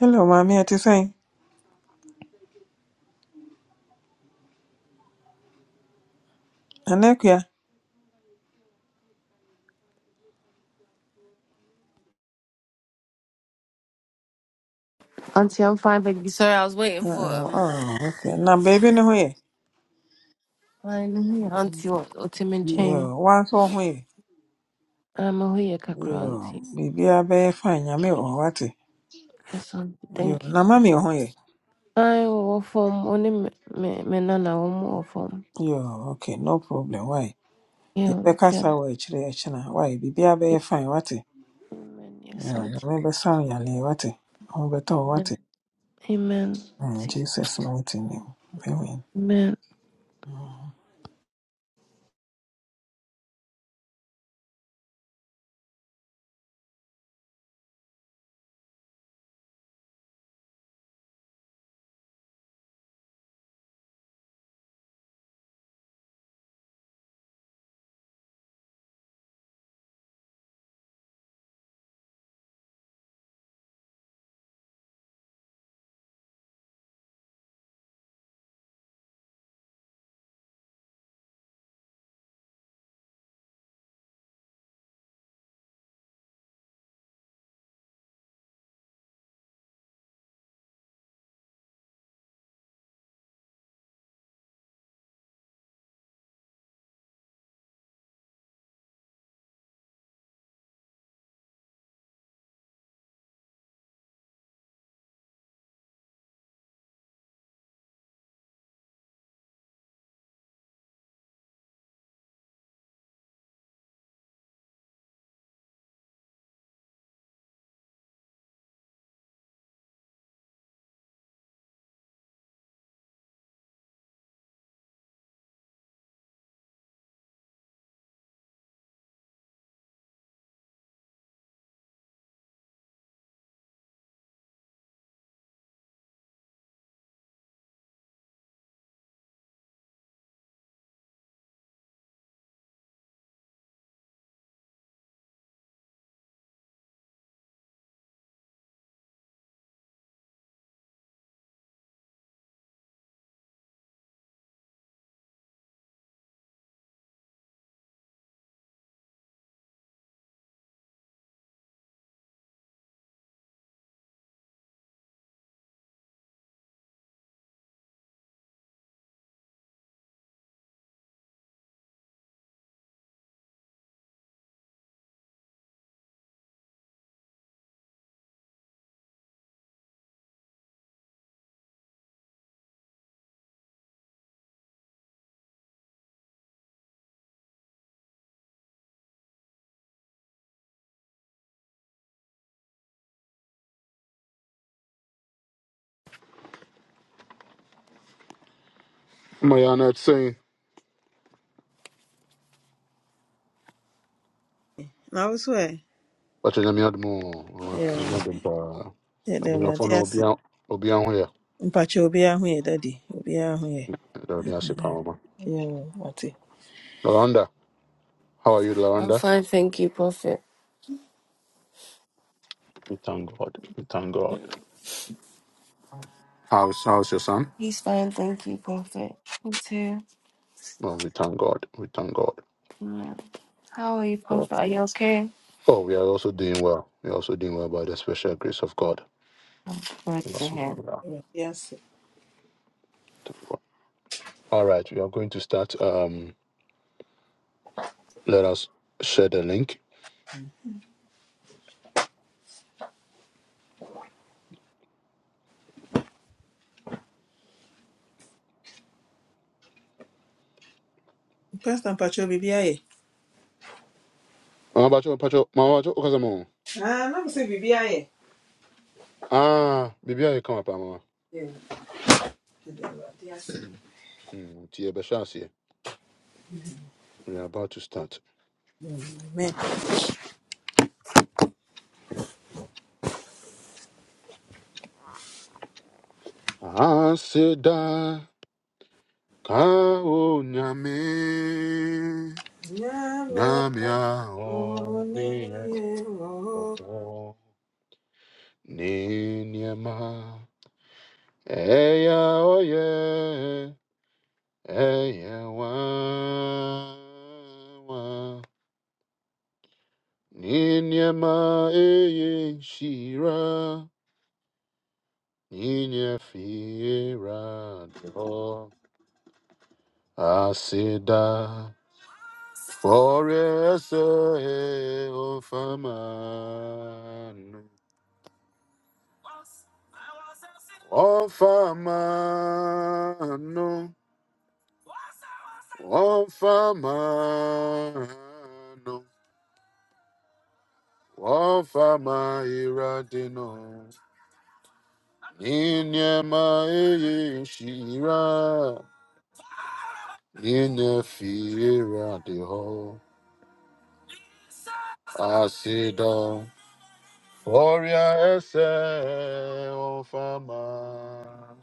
Hello, mommy. What you say? Anekya. Auntie, I'm fine, baby. Sorry, I was waiting for Oh, um. oh, okay. Now, baby, no way. I know who your auntie was. Ultimate chain. Yo, what's wrong here? I'm a huya kakra auntie. Yo, baby, I be fine. I me or what? Yes, auntie. Yo, Thank now, you. mommy on here. I will form only me me me nana one more form. Yo, okay, no problem. Why? Yeah, You be like that. kasa wa ichire ichina. Why? Baby, I be fine. What? Yo, Amen. Yes, you auntie. me be sound yale. What? You better, talk what? Amen. Amen. In auntie. Jesus' mighty name. Amen. Amen. Ama yɛ anɔte yi Now, what's where? wakyɛ nyame adom o Yo, ɛma dom paa yeah, there are abusuafoɔ no just. obia obia ho yɛ Mpacho obi ahụ yɛ daddy. obi ahụ Awurade ase yɛ paa ma Yo, wate Loranda, how are you I'm Loranda? fine, thank you, prophet. we thank God we thank God how's how's your son He's fine, thank you, prophet. Me too. well we thank God we thank God Amen. How are you, prophet? Are you okay? oh we are also doing well we are also doing well by the special grace of God I'm good we are to also hear. doing well Yes. ase. thank God all right we are going to start um let us share the link Pastor Mpacho, biribi ayɛ? Mama Bacho, Bacho, Mama Bacho, Okazamo. Ah, na mo sɛ biribi ayɛ. ah biribiaa yɛka ma paa mama Yɛn, yɛda Awurade ase. nti yɛbɛhyɛ aseɛ We are about to start. Amen. Aseda ka onyame Nyame nyamia ɔne oni yɛn wɔ hɔ. ewo ni niema eya oye eya wa wa ni niema eye shira ni niefira do aseda. Forest of a man, of a man, of a man, of a man, in your mind, Shira, in your fear at the hall. I sit down, Forest of a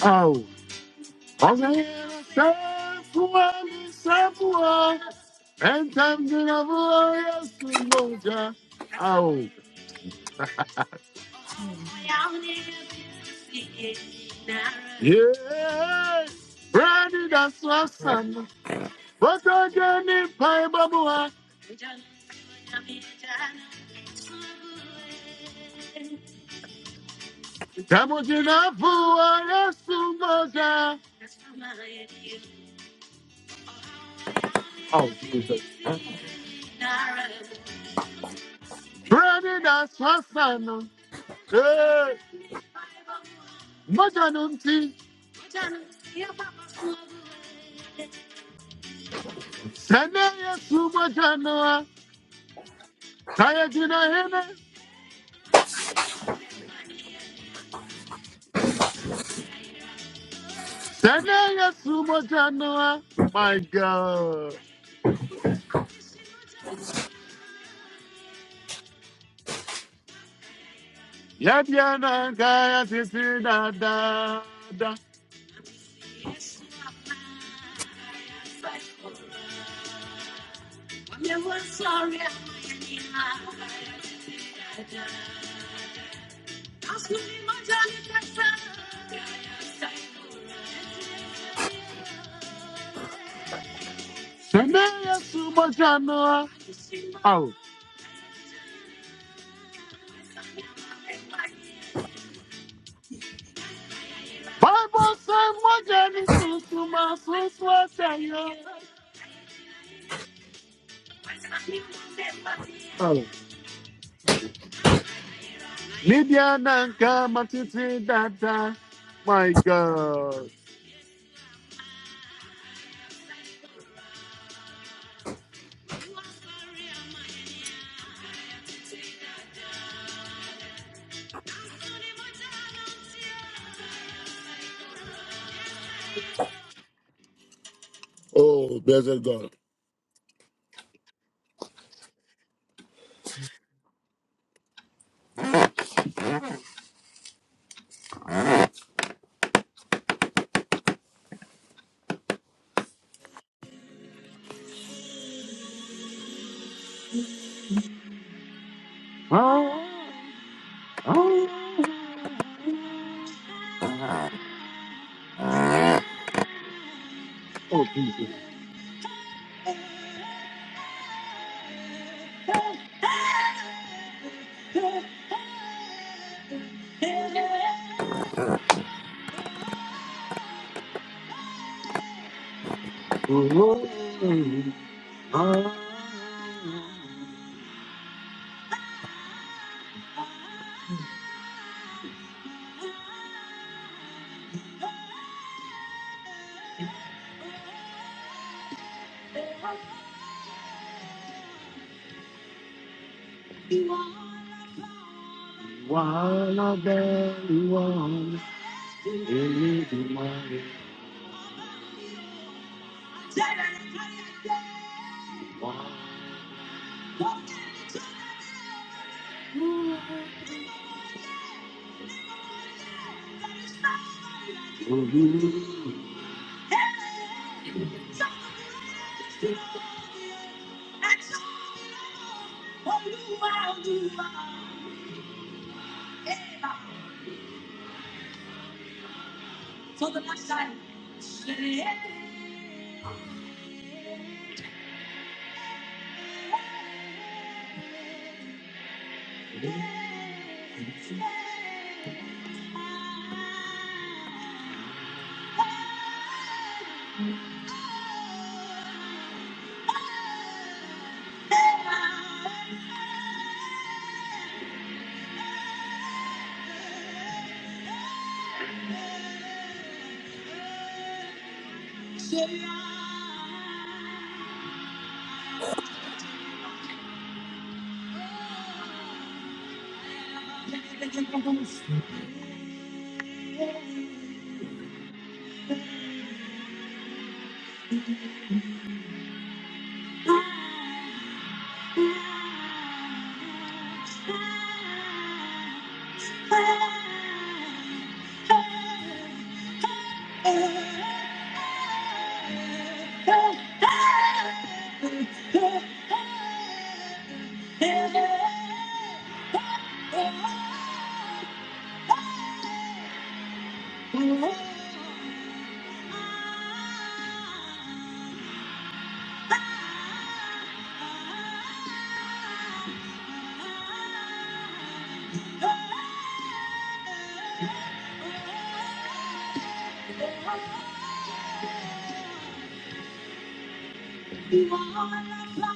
man. Oh, Jesus. Brandon, that's my son. Hey, Majanum tea. Sene, yes, Majanoa. Kayakina, That nigga sumo chanoa. My God. Yadiana Gaya Tisina da da. Shanaya sumo chanoa. Oh. Bible said what Jenny says to my sister. Oh. Lidiana Gama Tisina da. My God. Oh, blessed God. Oh. Oh. Oh. Oh. Oh. Oh I'm Yeah.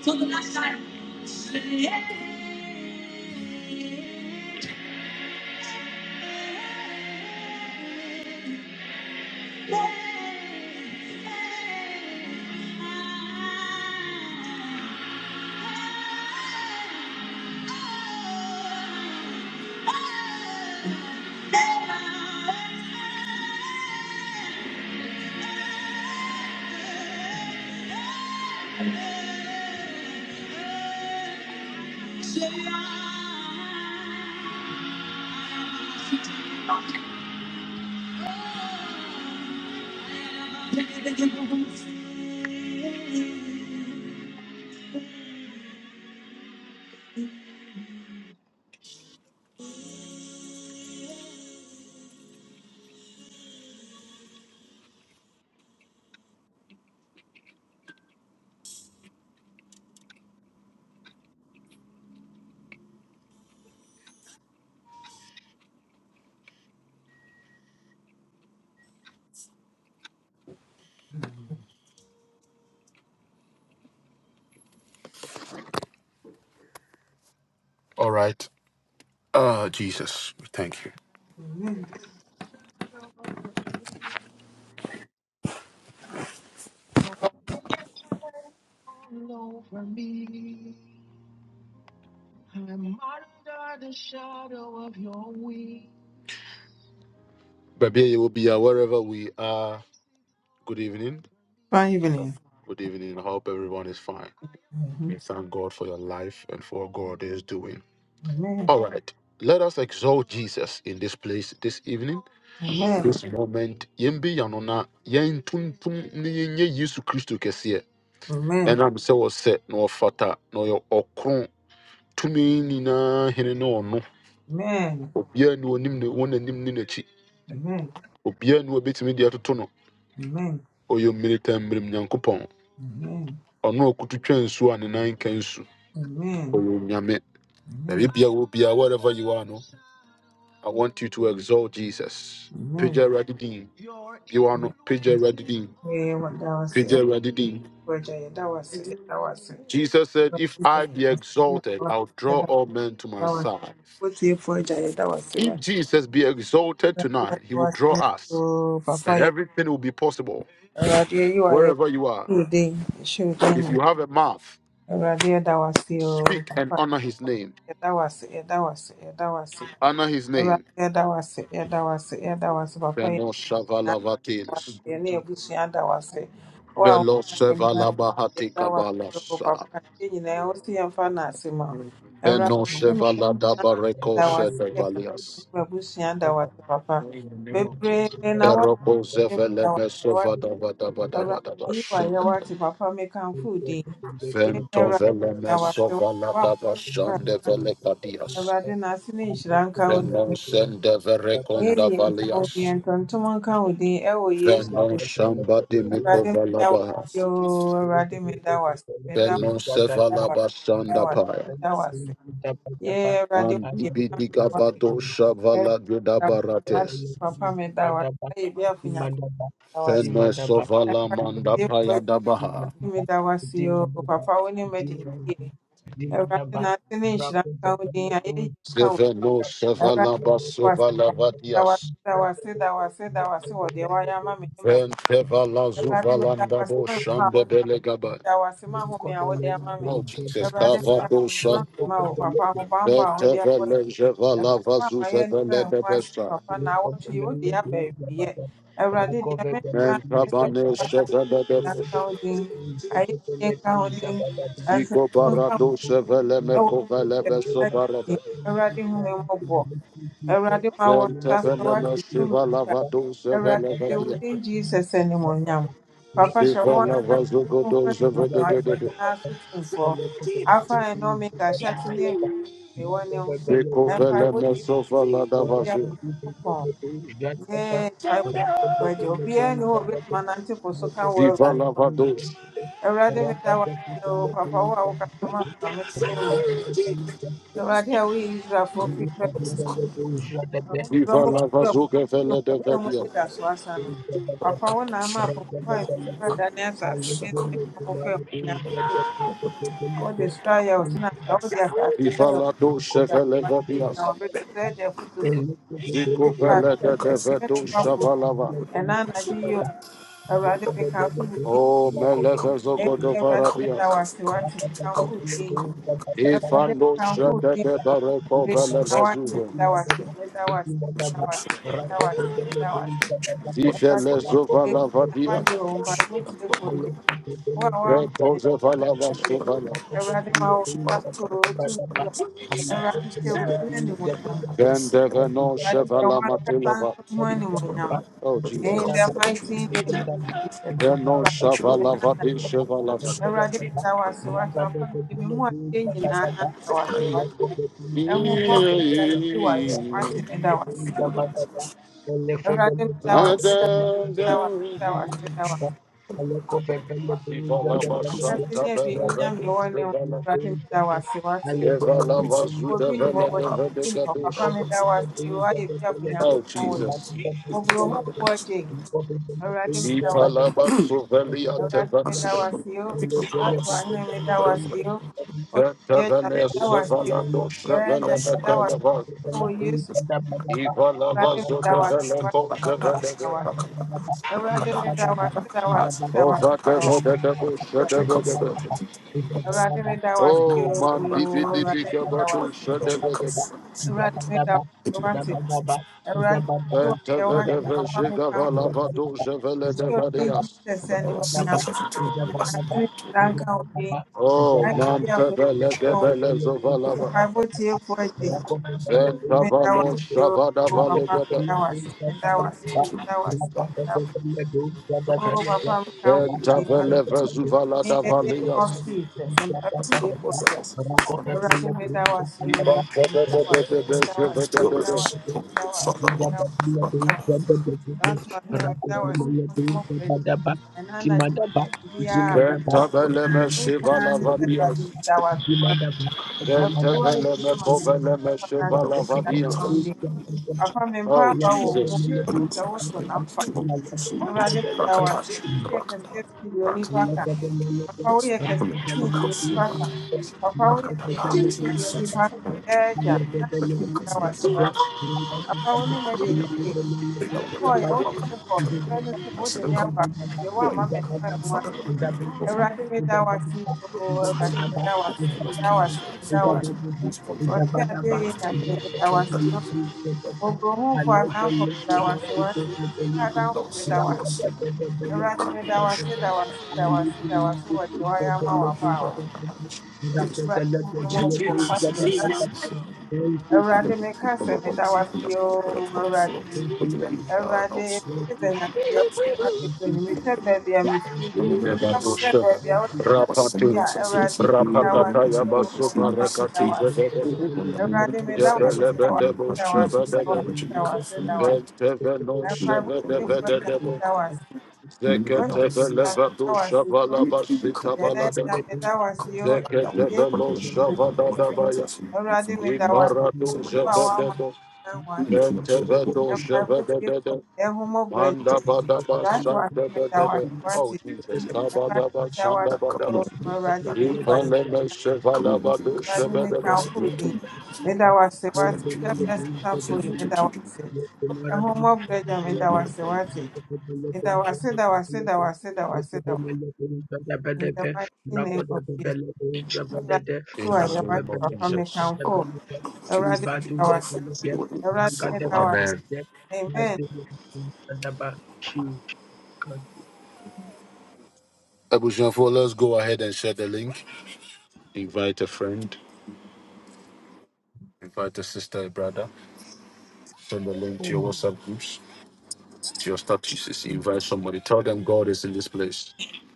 So the last time, say, yeah. All right. Uh, Jesus, we thank you. Over me, I'm under the shadow of your wings. Babia, you will be uh, wherever we are. Good evening. Fine evening. Good evening. I Hope everyone is fine. We Mhm. thank God for your life and for what God is doing. Amen. All right. Let us exalt Jesus in this place this evening. This Amen. moment. Yembi yanona yen tuntum ni yenye Yesu Kristo kesiye. Amen. Ena mse wose no fata no yo okron tumi nina hene no ono. Amen. Obia ni onim ne wona nim ni nachi. Amen. Obia ni obetimi dia totono. Amen. Oyo militant mrim nyankopɔn. Amen. ɔno a ɔkoto twa nsuo a ne nan ka nsu Amen. ɔyɛ onyame baabi Amen. bia wherever you are no i want you to exalt jesus Amen. pagya awurade you are no pagya awurade din Eh, what that was pagya it. Roger, yeah, that was it. jesus said Papa if i be exalted i'll draw all men to my side if jesus be exalted tonight he will draw us and everything will be possible wherever you are if you have a mouth speak and honor his name honor his name Fenoshavalavatilis. yɛne abusua ada w'ase wo a Velo woka yɛnima sevala bahati yɛda w'ase o kabalasa. papa yɛ nyinaa wo se yɛmfa no ase ma wo awurade Veno ne ma yɛn sevala nyinaa dabareko da w'ase awurade ne sedevalias. ma abusua da Dimanda w'ase papa bebree na woate Eroko da zevele w'ase mesova woate dava dava dava awurade dava yi wa yɛ shende. woate papa mekamfo wo din yɛn Vento awurade vele da w'ase mesova woate la woama dava no a shande vele kadias. awurade na ase ne nhyira nka wo Veno din sende ɛyɛ verekonda yie nka wo din valias. ntontom nka wo din ɛwɔ yesu Veno shamba dimiko Awurade meda wo valabaha. ase oo, Awurade meda wo ase, meda Veno sevala wo meda bashanda wo ase, meda wo ase, paya. meda wo ase. Yɛɛ Awurade Andi woyɛ bi ama me, bidiga woayɛ meda badosha wo ase, vala mate gudabarates. papa meda wo ase, woayɛ bi afa Onyankopɔn meda wo ase. Fene sovala Awurade manda wotiefoɔ paya agya, dabaha. Awurade meda wo ase oo, papa wo ne madi no yie. Awurade nante ne nhyira nka wo din, ayɛyi nka wo din. Seveno Awurade sevala meda wo ase, basovala papa meda wo ase, vadias. da wo ase, da wo ase, da wo ase wɔ deɛ woayɛ ama me ne m'abusuafoɔ. Vente vala Awurade meda wo zuvalanda ase, bo ma a shande wode belegaba. I was ma Thank home a wode ama me Oh Jesus, awurade kava da dosha. ma wo papa ahobammɔ a Vete wode abɔ yɛ vele jevala my ma vazu amayɛ no ma sevele ɛho ase debesha. papa na awɔtwe yi wode aba awieɛ awurade deɛ mɛka Menta ne sɛ bane papa na sevele nka debesha. nka wo din ayɛ yie nka wo din Siko ansɛmfo nka wo din barado sevele ɛwɔ meko vele Yesu beso Kristo barada. din awurade hu me mmɔbɔ awurade ma wɔ Vente nsa so vele me woate shivala vado Awurade sevele hyɛ wo vadia. din Jesus animuonyam. Papa hyɛ wo Sivala ankasa you. vazu wo ho godo Rapa sevele animuonyam. Ade debesha. nyinaa so timfoɔ. Alpha and Omega hyɛ ase ne awiei wɔ ne ho. Zeko fele Mpaebɔ tie meso fala da firi vasu. Onyankopɔn. Yɛɛ mpaebɔ tie Agya. Obiara nni hɔ a obɛtumi anante po so ka wo Viva Awurade. la vados. Awurade meda wo ase o. Papa wo a wokasa ma me ma metie wo. Awurade a woyi Israelfoɔ firi Farao nsam. Viva Vamos la kupiga vasu que mkono fele de mwe vedia. mwenda swasa no. Thank Papa wo ama papa pa dani asase kente mo fe nya O de swaya o tina ya o de asase Viva swaya la doce ya fele kwa vedias. na o betu se je futu fu. Zeko Pa fele de de pe vedo pa fu. shavalava. Ena na ji you. yo awrade me Rakoto kan fu di. O melevezo E awrade me godovarabias. ta wasi wati kan fu di. Awurade Ifando kamfo wo shede din de ma bareko w'animere vele na woayɛ vazuve. meda wo ase meda wo ase meda wo ase meda wo ase meda wo ase Awurade Vifele bebree zovala na vadia. woayɛ o mpaebɔ tuefoɔ Thank agye wo a woama Vetoze vala m'ani vasuvala. Awurade ma wo nsa so o tumi wura Awurade hyɛ wo din animuonyam Vende veno Awurade hyɛ wo shevala ankasa matilava. nso ho animuonyam Oh in Jesus. the mighty name of Jesus Veno yɛmfa ntam. shavala Ɛnnɛ anadwo, vadi Shevala. Awurade meda wo ase w'atorɔpam de me mu adeɛ nyinaa da wo ase Oh Jesus. ɛhummɔborɔ da ne bi wɔ ayɛ wate meda wo ase awurade meda wo ase da wo ase da wo ase da wo ase da wo you. ase Thank ahyɛse ne awiei nyame wɔ ne wo awurade meda wo ase wate w'ani wɔ bi nni hɔ w'ani wɔ bi nni hɔ papa meda wo ase woayɛ biafo nyankopɔn wɔ yi wɔboro ho mpo agye yi awurade meda wo ase awurade meda wo ase o yɛato ahene meda wo ase o onipa agya meda wo ase you. o ɛɛ agya meda wo Thank ase wɔ yesu Awurade da wase da wase papa da wase. Awurade da wase da wase da Oh wase da wase. da wase. Awurade me da wase man, di di ooo. di Awurade di, me da shabadu, wase. shabadu, Awurade me da wase wase. Awurade Oh, yi wa yɛ wase papa mi ka ho. Nsu odi Jesus animonyam. Awurade ne da nka ho din. Ayɛ man, bi tebele afɔti kɔ. gebele zovalava. Mpaebɔ you. tie fo agye. Awurade Venta me da valo wase ooo. shavada Papa me valigada. da wase. Me Da wase. Da wase. Da wase. Oh, Papa, we come to Venta you vele vezuvala in da the name of valias. Jesus. And Papa, we pray for you. Already made our Iba CEO, made bebe bebe our, bebe made our, sheve bebe made our, bebe. made our, made our, made our. That's why we made our CEO come up with. And now that you need to be a big Venta up. vele me Every shivala time you say that you vadias. made our CEO, Venta everywhere Rakopa you vele me hear my Thank name, kovele me Papa, I shivala think that's vadias. only. Papa, me, Oh, Papa, Jesus. we move. Awurade da wo ase. you. Woyɛ kɛseɛ sɛ deɛ onipa Thank ka. Papa woyɛ kɛseɛ sɛ deɛ onipa ka. Papa woyɛ kɛseɛ sɛ deɛ onipa ka. Ɛɛgya, na de da wo ase wa. Papa wo ne madi ne ke. Mekɔɔeɛ wode me kɔɔ. Hwɛ ne sɛ wode me aba. Deɛ woamma mɛtena wo ho ase. Awurade meda wo ase oo. Awurade meda wo ase. Meda wo ase. Meda wo ase. Ɔte adeɛ yɛ Nyame meda wo ase oo. Oburohomfo adamfo meda wo ase wate. Adamfo meda wo ase. Awurade meda wo ase you. da wo ase Thank da wo ase da wo ase wɔ you. deɛ woayɛ ama w'abaawa. Awurade hu na mmɔbɔ kwakyɛ n'ano. Awurade meka sɛ meda wo ase oo Awurade. Awurade mehwɛ dɛ Nyame deɛ wohia bebree no mehwɛ baabi a mefiri na mehwɛ Devadoshta. baabi a wode me abɛdu yi a Awurade meda wo Rapakata ase Yabasu oo papa meda wo Marakati ase. Zagada, Awurade meda wo ase da wo ase Yabelebedebo da wo ase da wo Shabadada, ase da wo ase da wo ase. Venteveno Na mpaebɔ tiefoɔ Awurade, Shevedevede, meda wo ase. Wo Zeketebelevadu Shavalabasita I'm Balada, Yɛreda medawase o Yesu Zeketebelo Shavadadabaya, Awurade medawase Iparadu wo a woama Zebededo, me ho ase. Ventevedo Mpaebɔ tiefoɔ Shevedede, ɛhummɔborɔ agya Manda Badaba gyae to ase medawase Sandebedede, Oh wate. Jesus, Amen. Kabadaba Awurade Sandabadaba, medawase o i meyi w'ayɛ. Ipaleme Shevalabadu Awurade Shebedede, mekamfo wo din. Medawase wate. Hyɛbrɛ sesafoɔ yi medawase. Ɛhummɔborɔ agya medawase wate. Medawase dawase dawase dawase dawase. In the mighty name of Jesus. Awurade meyi in the w'ayɛ wate name of papa Jesus. mekamfo wo. Awurade meda wo ase. our meda wo ase. Amen. Amen. Abushafo, let's go ahead and share the link. Invite a friend, invite a sister, a brother. Send the link to your WhatsApp groups, to your statuses. Invite somebody. Tell them God is in this place.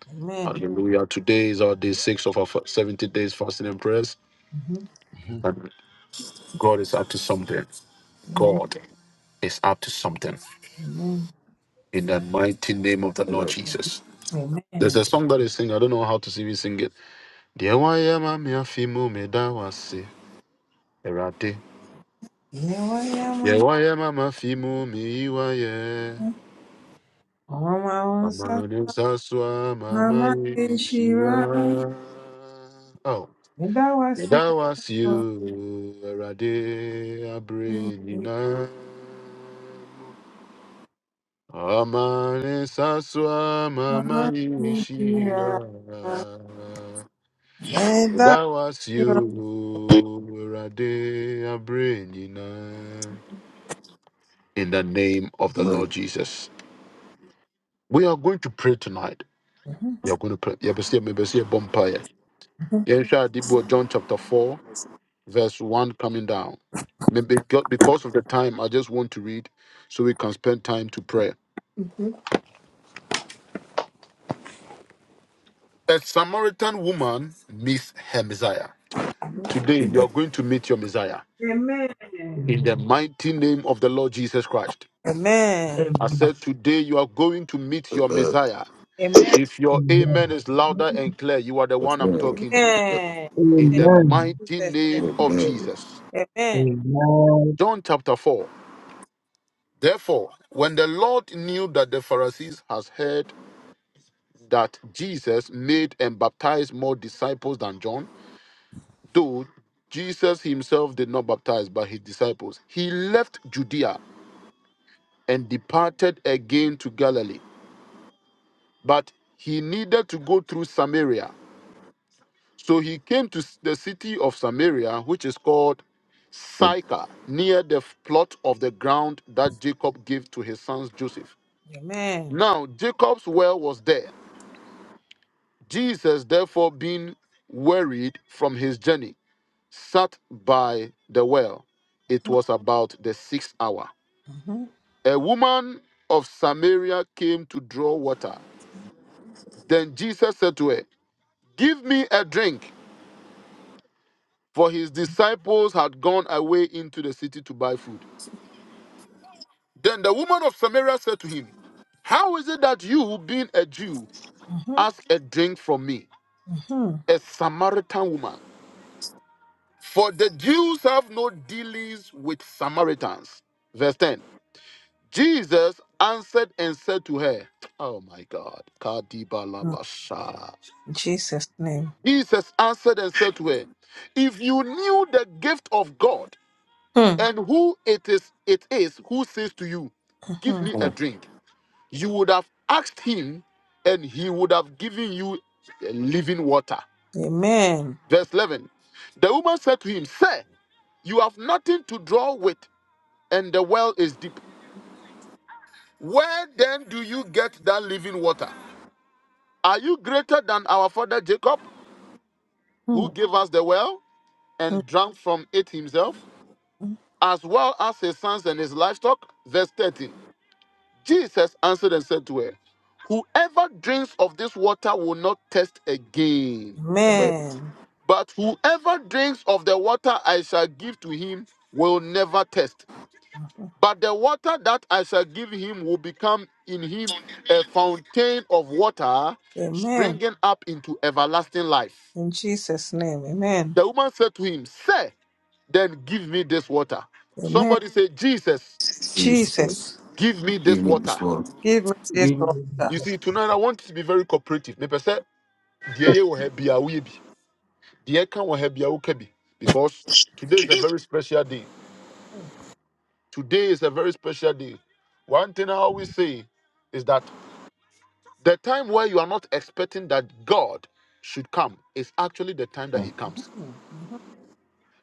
Amen. Hallelujah. Today is our day six of our fa- 70 days fasting and prayers. Mhm. And God is up to something. Amen. God is up to something. Amen. In the mighty name of the Lord Jesus. There's Amen. a song that is sing. I don't know how to sing it. Sing it. Deɛ wayɛ ma me afe mu meda wo ase, Awurade. Ne wayama. Yɛwayɛ mama fimu miyiwayɛ Ɔma wo nsa amane saswa mama mama nhyira nhyira. Oh, Meda wo ase. yɛda wo ase oo, awurade abere Awurade. nyinaa mu amane saswa mama Mama nhyira nhyira. yɛda Meda wo ase wo ase. oo, awurade abere nyinaa mu. In the name of the Lord Jesus. We are going to pray tonight. Mhm. You're going to pray. Yɛbɛsi- mebɛsi yɛbɔ mpaeɛ. Yɛnhwɛ Adibo John chapter 4, verse 1 coming down. Maybe beca- because of the time, I just want to read so we can spend time to pray. A Samaritan woman meets her Messiah. Today, you're going to meet your Messiah Amen. in the mighty name of the Lord Jesus Christ. Amen. I Amen. said, Today, you are going to meet your Messiah. Amen. If your amen is louder and clear, you are the one I'm talking to. Amen. In In the Amen. mighty Jesus' name name. of Jesus. Amen. Amen. John chapter 4. Therefore, when the Lord knew that the Pharisees had heard that Jesus made and baptized more disciples than John, though Jesus himself did not baptize but his disciples, he left Judea and departed again to Galilee. But he needed to go through Samaria. So he came to the city of Samaria, which is called Sychar, near the plot of the ground that Jacob gave to his sons Joseph. Amen. Now Jacob's well was there Jesus, therefore, being wearied from his journey, sat by the well. It was about the sixth hour. Mhm. A woman of Samaria came to draw water. Then Jesus said to her, Give me a drink, for his disciples had gone away into the city to buy food. Then the woman of Samaria said to him, How is it that you, being a Jew, Mhm. ask a drink from me, a Samaritan woman? For the Jews have no dealings with Samaritans. Verse 10. Jesus answered and said to her, Oh my God. Mhm. Kadibalabasha. In Jesus' name. Jesus answered and said to her, If you knew the gift of God Hmm. and who it is it is who says to you, Give Mhm. me a drink, you would have asked him, and he would have given you uh, living water. Amen. Verse 11. The woman said to him, Sir, you have nothing to draw with and the well is deep. Where then do you get that living water? Are you greater than our father Jacob, who Hmm. gave us the well and drank from it himself, Mhm. as well as his sons and his livestock? Verse 13. Jesus answered and said to her, Whoever drinks of this water will not thirst again, Amen. but whoever drinks of the water I shall give to him will never thirst. Mhm. But the water that I shall give him will become in him a fountain of water Amen. springing up into everlasting life. In Jesus' name. Amen. The woman said to him, Sir, then give me this water. Amen. Somebody say, Jesus, Jesus, give me this water. give me this Give me water. You see, tonight I want you to be very cooperative. Me pese, die ye wo he bia wo ye bi. Die ka wo he bia wo ka bi. Because today is a very special day. Today is a very special day. One thing I always say is that The time where you are not expecting that God should come is actually the time that He comes. Mhm.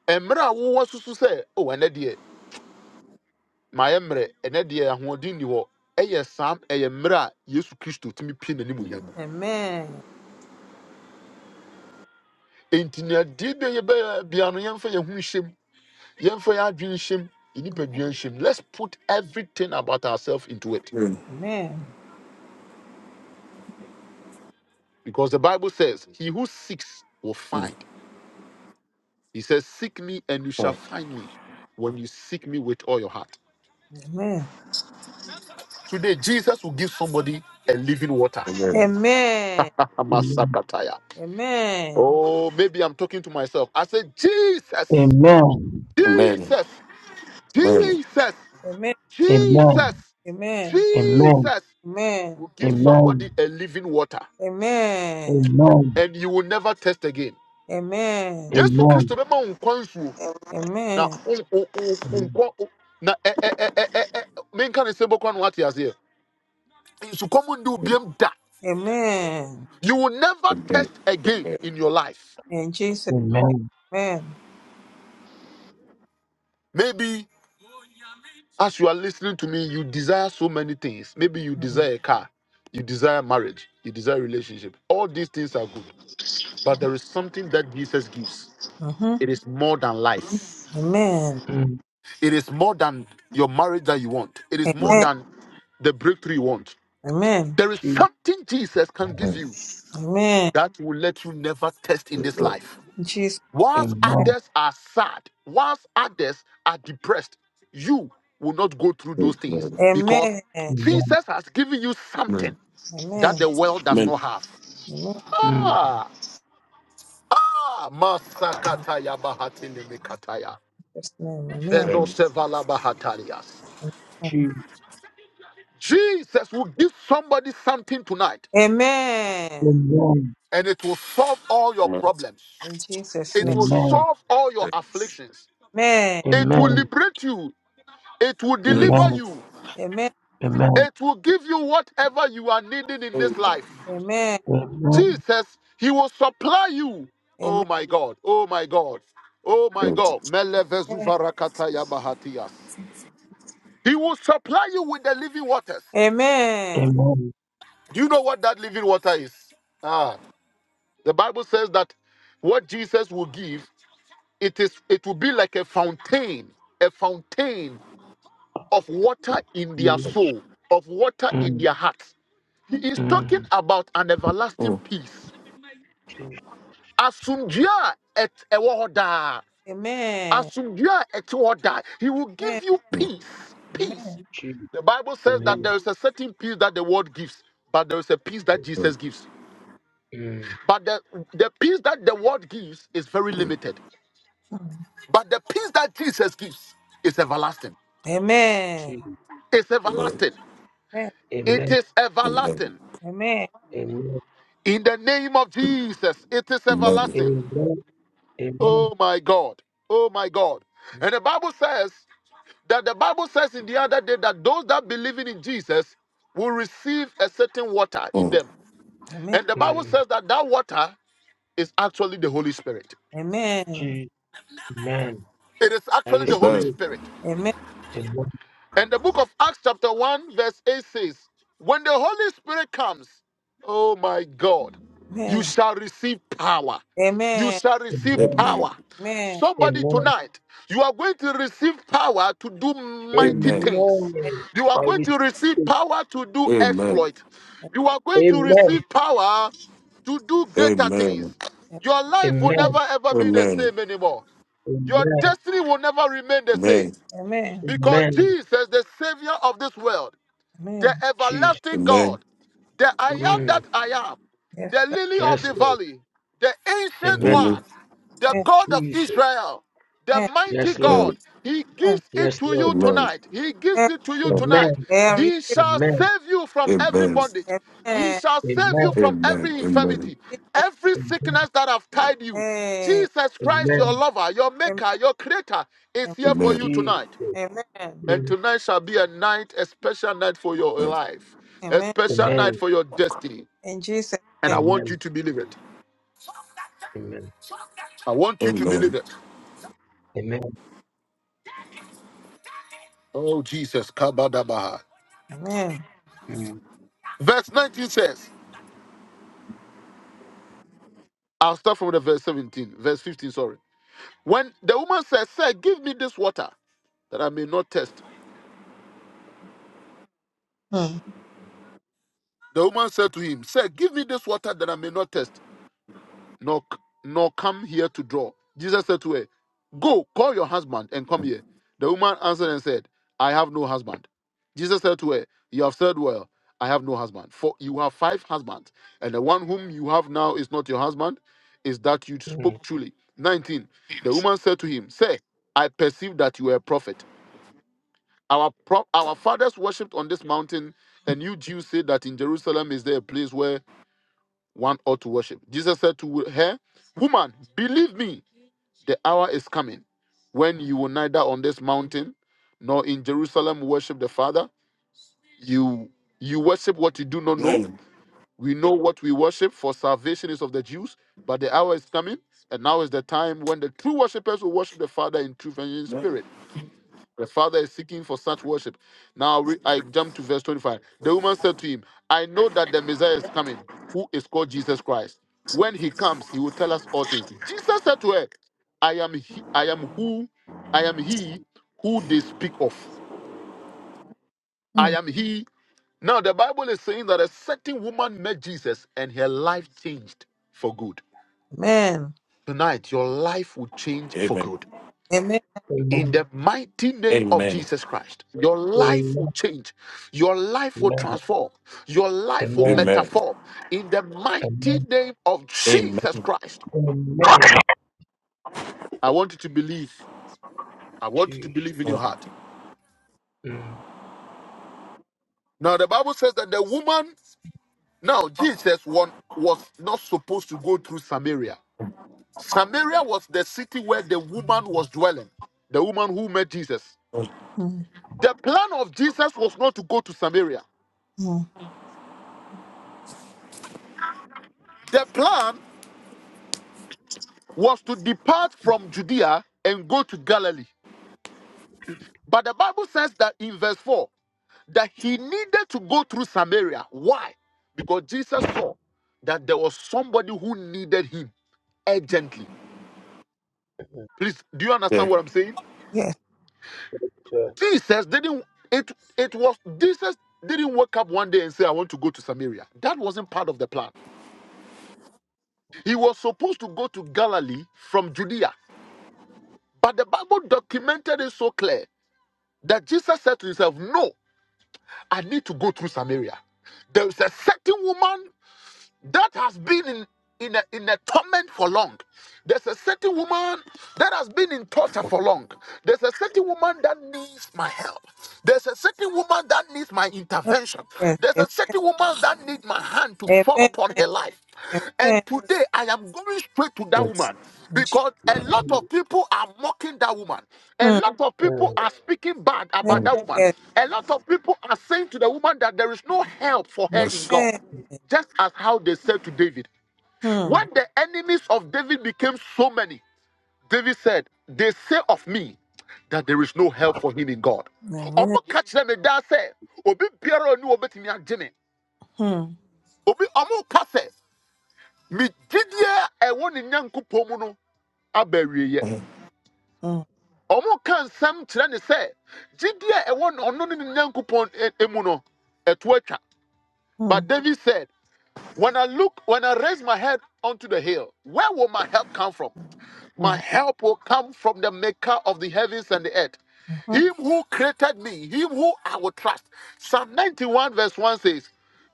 Emra, a wowɔ susu say? oh, ɛnɛ deɛ, mayɛ mmerɛ, ɛnɛ deɛ, ahoɔden nni hɔ. Ɛyɛ saa, ɛyɛ mmerɛ a Yesu Kristo tumi pie n'animuonyam mu. Amen. Enti nea die bi a yɛbɛyɛ biara no, yɛmfa yɛn ho nhyɛm, yɛmfa yɛn adwene nhyɛm, yɛn nipadua nhyɛm. Let's put everything about ourselves into it. Amen. Because the Bible says, he who seeks will find. He says, seek me and you shall find me when you seek me with all your heart. Amen. Today, Jesus will give somebody a living water. Amen. the Amasakataya. Amen. Oh, maybe I'm talking to myself. I said, Jesus, Amen. Jesus, Jesus, Jesus, Amen. Amen. Amen. Jesus Amen. will give Amen. somebody a living water, Amen. Amen. and you will never test again. Amen. Yesu Amen. Kristo bema unkwansu na Amen. un un un Amen. unkwa un- na eh eh eh eh eh. eh, Menka ne sebo kwa nwati azie. Nsukomu ndi ubiem da. Amen. You will never test again in your life. In Jesus' Amen. name. Maybe. As you are listening to me, you desire so many things. Maybe you desire a car, you desire marriage, you desire relationship. All these things are good, but there is something that Jesus gives. Mm-hmm. It is more than life. Amen. Mm. It is more than your marriage that you want. It is more Amen. than the breakthrough you want. Amen. There is She. something Jesus can give you Amen. that will let you never test in this life. In Jesus. Whilst name. Amen. others are sad, whilst others are depressed, you will not go through those things because Amen. Amen. Jesus has given you something. that Amen. the world does She. not have. Mm. Ah, ah, Masakataya Bahatili Mikataya. Beno sevala Bahatalias. She. Jesus will give somebody something tonight, Amen. Amen. and it will solve all your problems. In Jesus' It name. will Amen. solve all your afflictions. It will Amen. liberate you. It will deliver Amen. you. Amen. Amen. It will give you whatever you are needing in this life. Amen. Amen. In Jesus' name. Amen. Amen. Jesus, he will supply you. Oh Amen. my God. Oh my God. Oh my God. Melevezuvarakata yabahatias. He will supply you with the living waters. Amen. Amen. Do you know what that living water is? Ah, the Bible says that what Jesus will give, it is it will be like a fountain, a fountain of water in their Mm. soul, of water in Mm. their hearts. He Amen. is talking Mm. about an everlasting peace. She. Asunjia et ewohoda. Amen. asomdwoe a ɛte hɔ daa. He will give you peace. Peace. She. The Bible says that there Amen. is a certain peace that the world gives, but there is a peace that Jesus gives. Mm. But the, the peace that the world gives is very limited. But the peace that Jesus gives is everlasting. Amen. Amen. She. It's everlasting. It Amen. is everlasting. Amen. Amen. Amen. In the name of Jesus, it is everlasting. Amen. Amen. Oh my God. Oh my God. And the Bible says That the Bible says in the other day that those that believing in Jesus will receive a certain water in them. Amen. And the Bible says that that water is actually the Holy Spirit. Mm. Amen. It is I actually receive the Holy it. Spirit. Amen. And the book of Acts, chapter 1, verse 8 says, When the Holy Spirit comes, oh my God, you shall receive power. Amen. You Amen. shall receive Amen. power. Somebody Amen. tonight, you are going to receive power to do mighty things. Amen. You are I going receive to receive it. power to do exploit. You are going to Amen. receive power to do greater things. Your life will never Amen. ever be the same anymore. Your Amen. destiny will never remain the same. Amen. Amen. Amen. Amen. Amen. Because Amen. Jesus, the Savior of this world, the Amen. Jesus. everlasting God, the I am Mm. that I am, Amen. the lily of Yes, the Lord. valley, the ancient Amen. one, the Amen. God of Jesus. Israel, the mighty Yes, Lord. God, he Amen. gives it Yes, to Lord. you tonight. He gives Amen. it to you tonight. Amen. I receive He it. shall Amen. save you from every bondage. He Amen. shall save Amen. you from every infirmity, Jesus every Amen. sickness that have tied you. name. Jesus Christ, your Amen. lover, your Amen. maker, your creator, Amen. is here for you Jesus. tonight. Amen. And Mm. tonight shall be a night, a special night for your life, a Amen. special night Amen. for your destiny. In Jesus And I name. want Amen. you to believe it. Amen. I want you to believe it. Amen. Oh, Jesus. Kabadabaha. Amen. Mm. Verse 19 says, I'll start from the verse 17, verse 15, sorry. When the woman said, Sir, give me this water that I may not test. Mm. The woman said to him, Sir, give me this water that I may not test. nor, nor come here to draw. Jesus said to her, Go, call your husband and come here. The woman answered and said, I have no husband. Jesus said to her, You have said well, I have no husband. For you have five husbands, and the one whom you have now is not your husband, is that you Mm. spoke truly. 19. The woman said to him, Sir, I perceive that you are a prophet. Our, pro- our fathers worshipped on this mountain, and you Jews say that in Jerusalem is there a place where one ought to worship. Jesus said to her, Woman, believe me, the hour is coming when you will neither on this mountain nor in Jerusalem worship the Father. You you worship what you do not know. We know what we worship, for salvation is of the Jews, but the hour is coming, and now is the time when the true worshippers will worship the Father in truth and in spirit the father is seeking for such worship. Now re- I jump to verse 25. The woman said to him, I know that the Messiah is coming, who is called Jesus Christ. When he comes, he will tell us all things. Jesus said to her, I am he, I am who I am he who they speak of. I Mm. am he. Now the Bible is saying that a certain woman met Jesus and her life changed for good. Amen. Tonight, your life will change for good. Amen. In Amen. the mighty name of Jesus Christ, your life will change. Your life will Amen. transform. Your Amen. life will Amen. metaform. In the mighty Amen. name of Jesus Christ, Amen. I want you to believe. I want you to Jesus. believe in your heart. Mm. Now, the Bible says that the woman, now Jesus one, was not supposed to go through Samaria. Samaria was the city where the woman was dwelling, the woman who met Jesus. Mm. The plan of Jesus was not to go to Samaria. Mm. The plan was to depart from Judea and go to Galilee. But the Bible says that in verse 4 that he needed to go through Samaria. Why? Because Jesus Mm. saw that there was somebody who needed him urgently. Please, do you understand what I'm saying? Yes. Scripture. Jesus didn't it it was Jesus didn't wake up one day and say I want to go to Samaria. That wasn't part of the plan. He was supposed to go to Galilee from Judea. But the Bible documented it so clear that Jesus said to himself, No, I need to go through Samaria. There is a certain woman that has been in in a, in a torment for long. There's a certain woman that has been in torture for long. There's a certain woman that needs my help. There's a certain woman that needs my Oh, intervention. Yes. There's Am- a certain woman that needs my hand to fall Amen. upon her life. Amen. And today I am going straight to that woman In Jesus. because a lot Mm. of people are mocking that woman. A Mm. lot of people are speaking bad Yes. about that woman. Yes. A lot of people are saying to the woman that there is no help for her in God. Amen. Just as how they said to David, when Mm. the enemies of David became so many, David said, They say of me that there is no help for him in God. Amen. Ọmọ ka kyerɛ me daa sɛ, obi biara a ɔne bɛtumi agye me. Mm. Obi ɔmo ka sɛ, me gyidie a ɛwɔ ne Nyankopɔn mu no aba awieeɛ. Mm. Ɔmo ka nsɛm kyerɛ ne sɛ, gyidie a ɛwɔ ne- ɔno ne ne Nyankopɔn ɛ- ɛmu no, ɛto atwa. Mm. But David said. When I look, when I raise my head onto the hill, where will my help come from? My Mm. help will come from the maker of the heavens and the earth. Mhm. Him who created me, him who I will trust. Psalm 91, verse 1 says,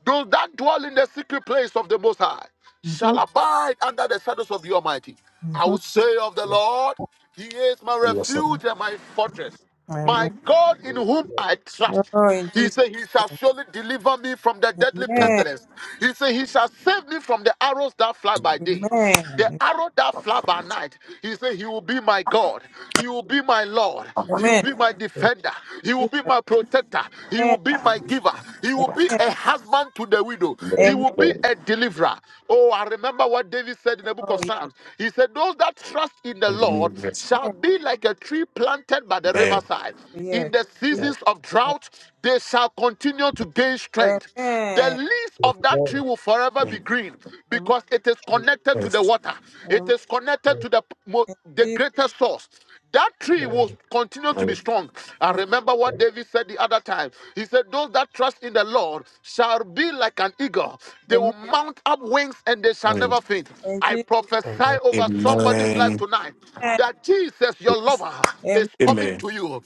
Those that dwell in the secret place of the Most High shall Mhm. abide under the shadows of the Almighty. I Mhm. will say of the Lord, He is my refuge and my fortress. My Amen. God in whom I trust. Oh, in He Jesus' said, He shall name. surely deliver me from the deadly Amen. pestilence. He said, He shall save me from the arrows that fly by day. Amen. The arrow that fly by night, he said, He will be my God. He will be my Lord. He will Amen. be my defender. He will Jesus. be my protector. He will Amen. be my giver. He will be Amen. a husband to the widow. He Amen. will be a deliverer. Oh, I remember what David said in the book Oh, of yes. Psalms. He said, Those that trust in the Lord shall Amen. be like a tree planted by the riverside. In Yes. the That Jesus. seasons of drought, they shall continue to gain strength. The Amen. leaves the of that Lord tree will forever be green Amen. because it is keep connected to the water. It Amen. is connected us, to the, mo- In the Jesus. greatest source that tree will um, continue to be strong. I Amen. remember what and David said the other time. He said, Those that trust in the Lord shall be like an eagle. They will Amen. mount up wings and they shall never faint. In I Jesus. and prophesy over somebody's life tonight that Jesus, your lover, is Amen. coming to you.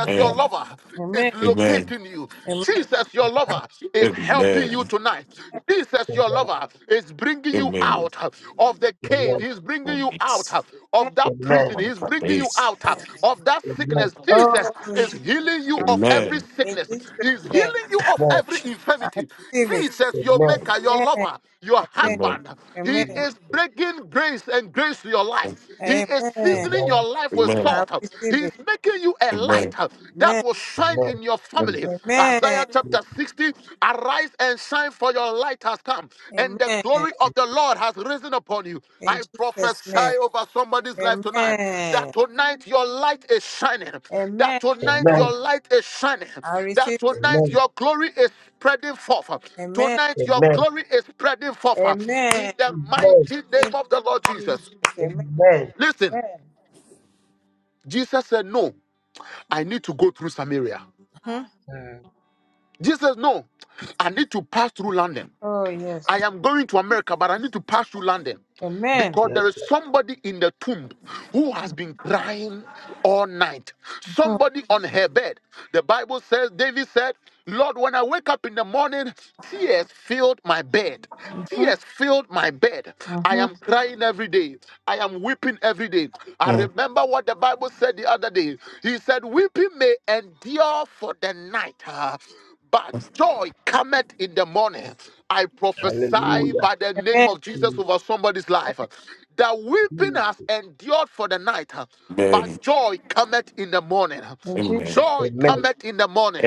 the your Lord, lover, is Amen. locating you. Amen. Jesus, your lover, is helping you tonight. Jesus, the your Lord, lover, is bringing you out of the the cave. Lord, He's bringing you out of Amen. the that man, prison. He's bringing you out uh, of that the Lord, sickness. Oh, Jesus in is Jesus' healing you of mighty name. every In sickness. Jesus' He's name. healing you of Lord, every I infirmity. receive it. Jesus, the your man, maker, your Amen. lover, your Amen. husband, he Amen. is the bringing grace and grace to your life. He is Amen. seasoning your man, life with I salt. He receive is it. making you a light uh, that Amen. will the shine man, in your family. Amen. Isaiah chapter 60 captivity, Arise and shine, for your light has come, and the Amen. glory of the Lord has risen upon you. In I Jesus' prophesy name. over somebody's life tonight that Amen. tonight your light is shining, that Amen. the tonight man, your light is shining, I receive that the tonight man, your glory is spreading forth. Amen. Tonight the your man, glory is spreading forth in Amen. the the man, mighty name Thank of the Lord you, Jesus. Jesus. Amen. Amen. Listen, Amen. Jesus said, No, I need to go through Samaria. hmm Mm. Jesus, no, I need to pass through London. Oh, I yes. am going to America, but I need to pass through London Amen. because there Yes. is Lord. somebody in the tomb who has Mhm. been crying all night. Somebody on her bed. The Bible says, David said, Lord, when I wake up in the morning, tears filled my bed. Mhm. Tears filled my bed. I Mhm. am crying every day. I am weeping every day. I remember what the Bible said the other day. He said, Weeping may endure for the night. Ah, but joy cometh in the morning. I prophesy Hallelujah. by the name Amen. of Jesus Indeed. over somebody's life The weeping has endured for the night, uh, but joy cometh in the morning. In Jesus' Joy Amen. cometh in the morning.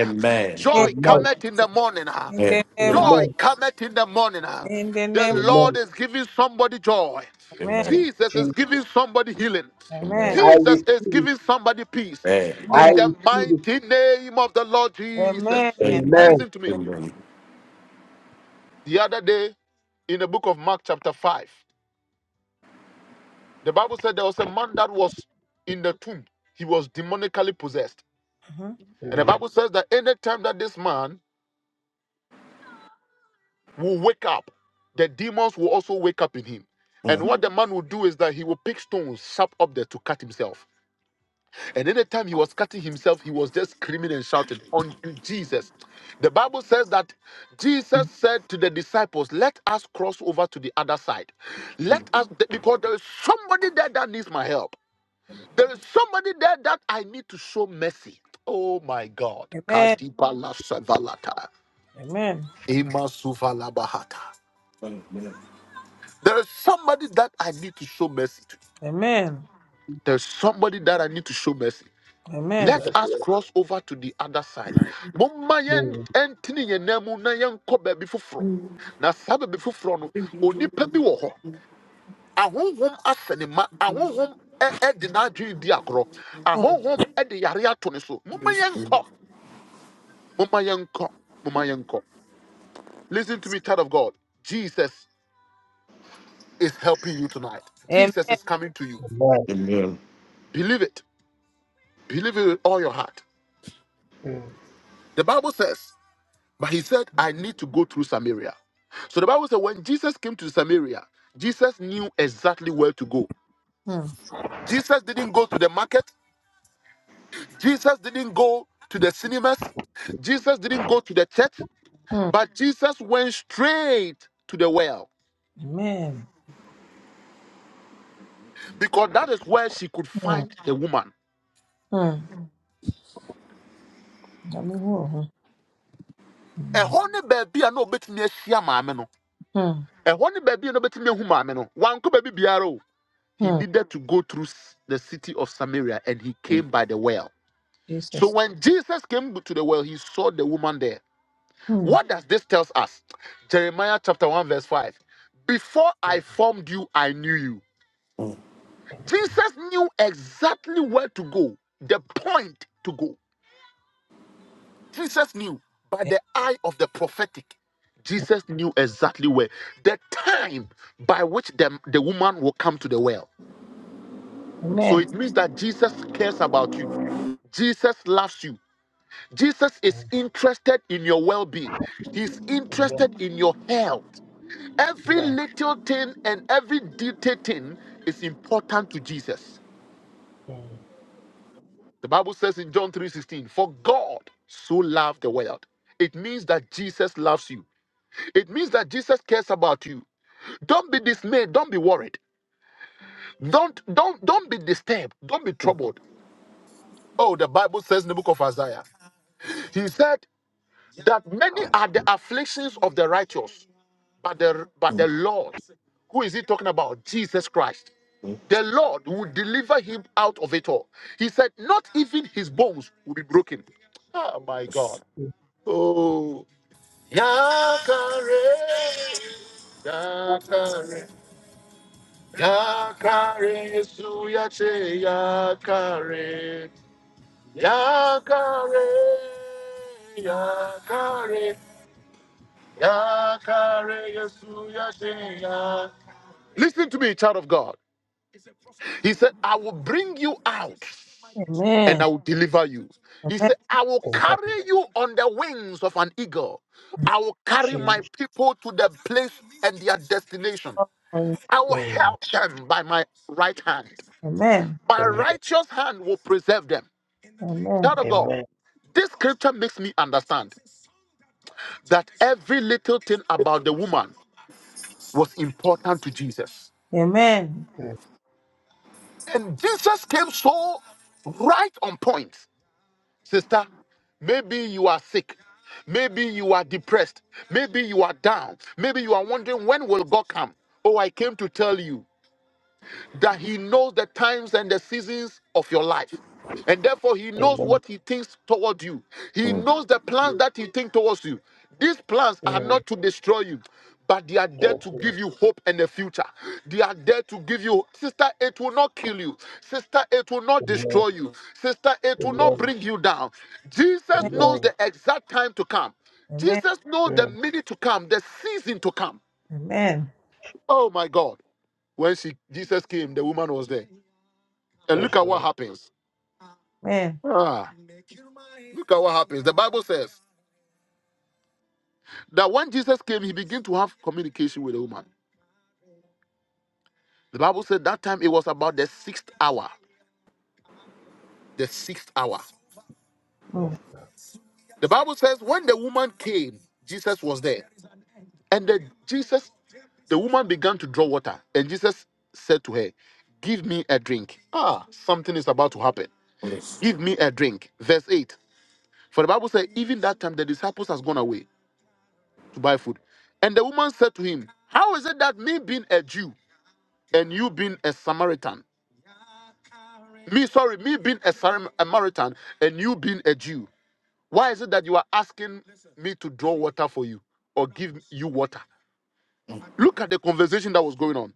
name Joy of Amen. cometh in the Jesus. morning. uh. In the name of, Joy Amen. cometh in the morning. uh. in the The name of, Lord Amen. is giving somebody joy. Amen. Jesus is Jesus. giving somebody healing. Amen. I Jesus receive is it. giving somebody peace. I In Amen. the receive it. mighty name of the Lord Jesus. Amen. I receive Amen. Listen to me. it. The other day, in the book of Mark, chapter 5, the Bible said there was a man that was in the tomb. He was demonically possessed. hmm And the Mm. Bible says that anytime that this man will wake up, the demons will also wake up in him. And what the man will do is that he will pick stones sharp up there to cut himself. And anytime he was cutting himself, he was just screaming and shouting unto Jesus. The Bible says that Jesus said to the disciples, Let us cross over to the other side. Let us, because there is somebody there that needs my help. There is somebody there that I need to show mercy. Oh my God. Amen. Kadibala savalata, Amen. imasuvalabahata. There is somebody that I need to show mercy to. Amen. There is somebody that I need to show mercy. Amen. Let Yes, us Lord. cross over to the other side. Momma yɛn Mm. ɛntene yɛn nan mu na yɛnkɔ baabi foforɔ. Na saa baabi foforɔ no, onipa bi wɔ hɔ. Ahonhom asɛ ne ma. Ahonhom ɛ- ɛde n'adwene di agorɔ. Mm. Ahonhom ɛde yare ato ne so. Momma yɛnkɔ. Momma yɛnkɔ. Momma yen ko. Listen to me, child of God. Jesus is helping you tonight. Jesus Amen. is coming to you. Amen. Believe it. Believe it with all your heart. Mm. The Bible says. But he said, I need to go through Samaria. So the Bible said, when Jesus came to Samaria, Jesus knew exactly where to go. Mm. Jesus didn't go to the market, Jesus didn't go to the cinemas, Jesus didn't go to the church, Mm. but Jesus went straight to the well Amen. because that is where she could Mm. find the woman. Mm. Amen. Mm. Ɛhɔ ne baabi a na ɔbɛtumi ahyia maame no. Mm. Ɛhɔ ne baabi a na ɔbɛtumi ahu maame no. Wankɔ baabi biara o. He Mm. needed to go through s- the city of Samaria and he came by the well. So Jesus. when Jesus came to the well, he saw the woman there. Mm. What does this tell us? Jeremiah chapter 1, verse 5. Before I Mm. formed you, I knew you. Jesus knew exactly where to go, the point to go. Jesus knew by the eye of the prophetic. Jesus knew exactly where, the time by which the, the woman will come to the well. So Amen. it means that Jesus cares about you. Jesus loves you. Jesus is Mm. interested in your well being, He's Amen. interested in your health. Every Amen. little thing and every detail thing is important to Jesus. Mm. The Bible says in John 3:16, "For God so loved the world." It means that Jesus loves you. It means that Jesus cares about you. Don't be dismayed, don't be worried. Don't don't don't be disturbed, don't be troubled. Oh, the Bible says in the book of Isaiah, he said that many are the afflictions of the righteous, But the, but the Lord, who is he talking about? Jesus Christ. The Lord will deliver him out of it all. He said, Not even his bones will be broken. Oh my God. Oh. Yakare, yakare, yakare, Yesu yache, yakare, yakare, yakare, yakare, Yesu yache, ya- Listen to me, child of God. He said, I will bring you out and Amen. I will deliver you. He Amen. said, I will and that carry you on the wings of an eagle. I will carry my change people to their place and their destination. Amen. I will in help them by my right hand. Amen. My amen righteous hand will preserve them. Amen. Child of God, amen this scripture makes me understand that every little thing about the woman was important to Jesus. Amen. mm, And Jesus came so right on point. Sister, maybe you are sick. Maybe you are depressed. Maybe you are down. Maybe you are wondering when will God come? Oh, I came to tell you that he knows the times and the seasons of your life. And therefore, he knows amen what he thinks toward you. He knows the plans mm, that he thinks towards you. These plans are mm, not to destroy you, but they are there that's to right give you hope and a future. They are there to give you, sister, it will not kill you. Sister, it will not amen destroy you. Sister, it will not amen bring you down. Jesus knows amen the exact time to come. Amen. Jesus knows the mm, minute to come, the season to come. Amen. Oh my God. When she, Jesus came, the woman was there. And that's look at what not happens. Amen. Ah, look at what happens. The Bible says that when Jesus came, he began to have communication with a woman. The Bible said that time it was about the sixth hour. The sixth hour. Oh, that's not The Bible says when the woman came, Jesus was there. And the Jesus, the woman began to draw water. And Jesus said to her, Give me a drink. Ah, something is about to happen. Give me a drink. Verse 8. For the Bible says, even that time the disciples has gone away. to buy food. And the woman said to him, How is it that me being a Jew and you being a Samaritan? Me, sorry, me being a Sam- Samaritan and you being a Jew. Why is it that you are asking me to draw water for you or give you water? Look at the conversation that was going on.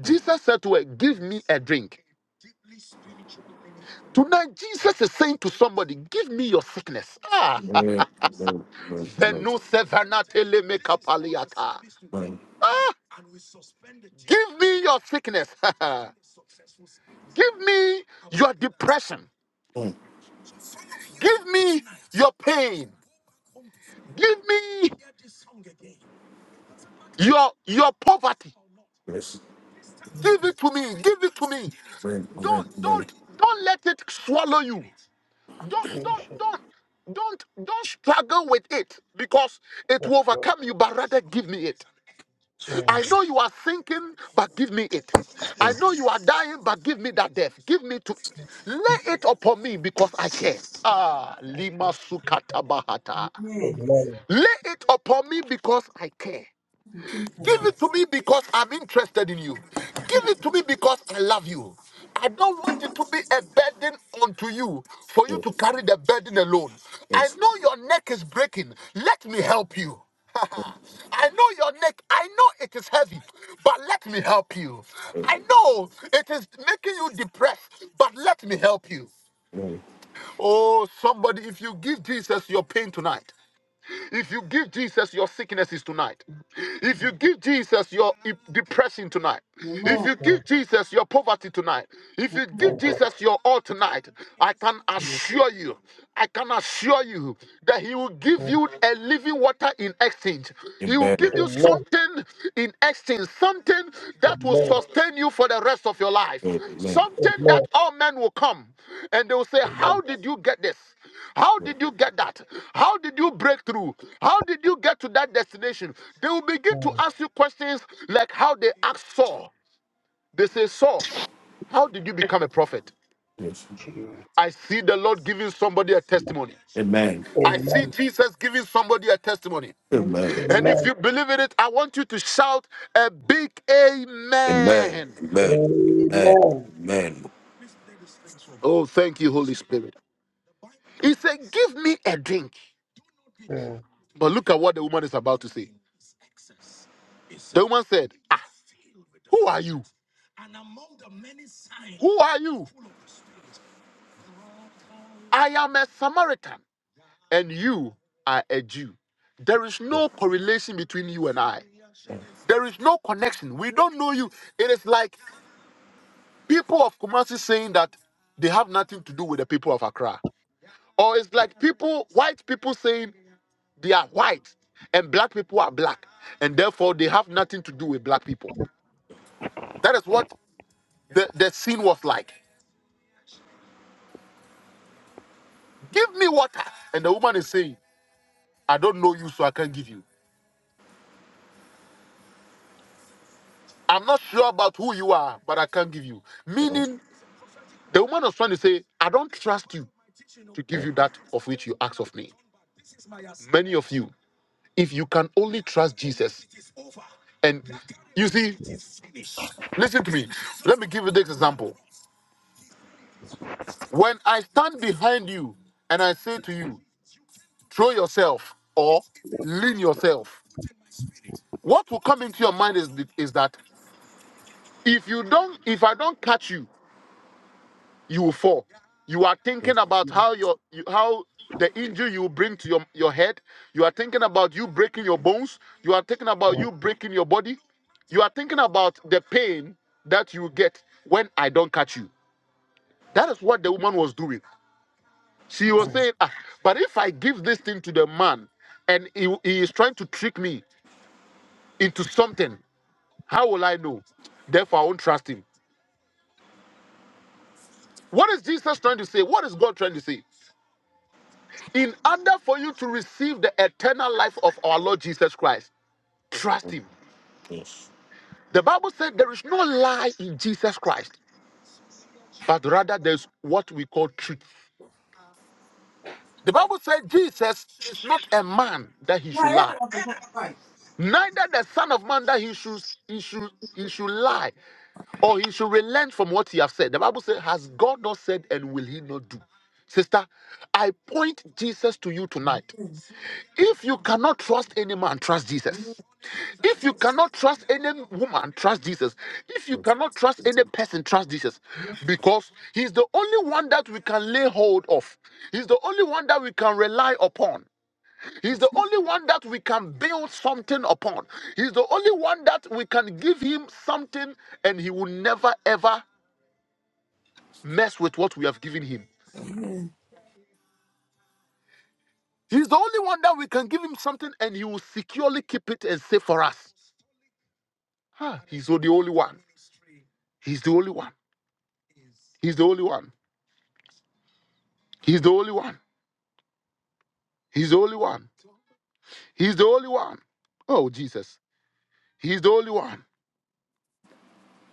Jesus said to her, Give me a drink. Tonight, Jesus is saying to somebody, Give me your sickness. Ah, Veno sevana tele me kapaliata. Ah, give me your sickness. Give me your depression. Give me your pain. Give me your your poverty. Give mm, it to me. Give it to me. Don't don't don't let it swallow you. Don't don't Jesus don't don't don't struggle with it because it that's will not overcome you but rather give me it i mm, know you are sinking but give me it i know you are dying but give me that death give me to lay it upon me because i care ah lima sukata bahata Amen. amen Lay it upon me because I care. In Give Jesus' name. mm, it to me because I'm interested in you. Give it to me because I love you. I don't want it to be a burden unto you for you to carry the burden alone. I know your neck is breaking. Let me help you. I know your neck. I know it is heavy, but let me help you. I know it is making you depressed, but let me help you. Oh, somebody, if you give Jesus your pain tonight, if you give Jesus your sicknesses tonight, if mm, you give Jesus your e- depression tonight, if Amen. you mm, give Jesus your poverty tonight, if you my give Amen. God Jesus your all tonight, I can mm, assure you, I can assure you that He will give mm, you a living water in exchange. He will give you something amen something in exchange, something that will amen sustain you for the rest of your life, something that amen all men will come and they will say, amen How did you get this? How did you get that? How did you break through? How did you get to that destination? They will begin to mm, ask you questions like how they asked Saul. They say, Saul, how did you become a prophet? Jesus I see the Lord giving somebody a testimony. I see amen Jesus giving somebody a testimony. Amen. And if amen you believe in it, I want you to shout a big amen. amen Oh, thank you, Holy Spirit. He said, Give me a drink. mm, But look at what the woman is about to say. The woman said, Ah, who are you? Who are you? I am a Samaritan, and you are a Jew. There is no correlation between you and I. There is no connection. We don't know you. It is like people of Kumasi saying that they have nothing to do with the people of Accra. Or it's like people, white people saying They are white, and black people are black, and therefore they have nothing to do with black people. That is what the, the scene was like. Give me water. And the woman is saying, I don't know you, so I can't give you. I'm not sure about who you are, but I can't give you. Meaning, the woman was trying to say, I don't trust you to give you that of which you ask of me. Many of you, if you can only trust Jesus, and you see, listen to me. Let me give you this example. When I stand behind you and I say to you, throw yourself or lean yourself. What will come into your mind is, th- is that if you don't, if I don't catch you, you will fall. You are thinking about how your you, how the injury you will bring to your, your head. You are thinking about you breaking your bones. You are thinking about mm, you breaking your body. You are thinking about the pain that you will get when I don't catch you. That is what the woman was doing. She was mm, saying, ah, but if I give this thing to the man and he, he is trying to trick me into something, How will I know? Therefore, I won't trust him. What is Jesus trying to say? What is God trying to say? In order for you to receive the eternal life of our Lord Jesus Christ, trust him. The Bible said there is no lie in Jesus Christ, but rather there's what we call truth. The Bible said Jesus is not a man that he should Fire lie, of God. Neither the Son of Man that he should he should he should lie or he should relent from what he has said. The Bible says, Has God not said and will he not do? Sister, I point Jesus to you tonight. If you cannot trust any man, trust Jesus. If you cannot trust any woman, trust Jesus. If you cannot trust any person, trust Jesus. Amen. Because he's the only one that we can lay hold of. He's the only one that we can rely upon. He's the only one that we can build something upon. He's the only one that we can give him something and he will never ever mess with what we have given him. He's the only one that we can give him something and he will securely keep it and save for us. Ah, He's the only one. He's the only one. He's the only one. He's the only one. He's the only one. He's the only one. Oh, Jesus. He's the only one.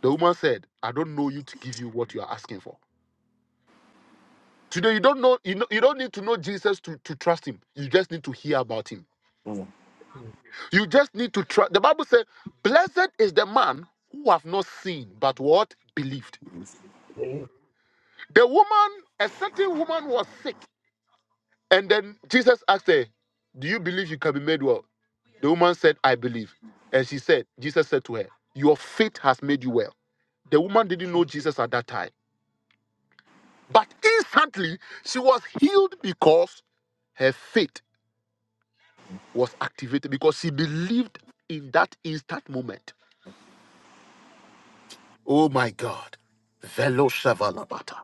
The woman said, I don't know you to give you what you are asking for. Today, you don't know, you, know, you don't need to know Jesus to, to trust him. You just need to hear about him. mm, You just need to trust. The Bible says, Blessed is the man who have not seen, but what? Believed. believe The woman, a certain woman was sick. And then Jesus asked her, Do you believe you can be made well? The woman said, I believe. And she said, Jesus said to her, Your faith has made you well. The woman didn't know Jesus Jesus at that time. But instantly, she was healed because her faith was activated because he believed in that instant moment. Oh my God. Velo Shavalabata.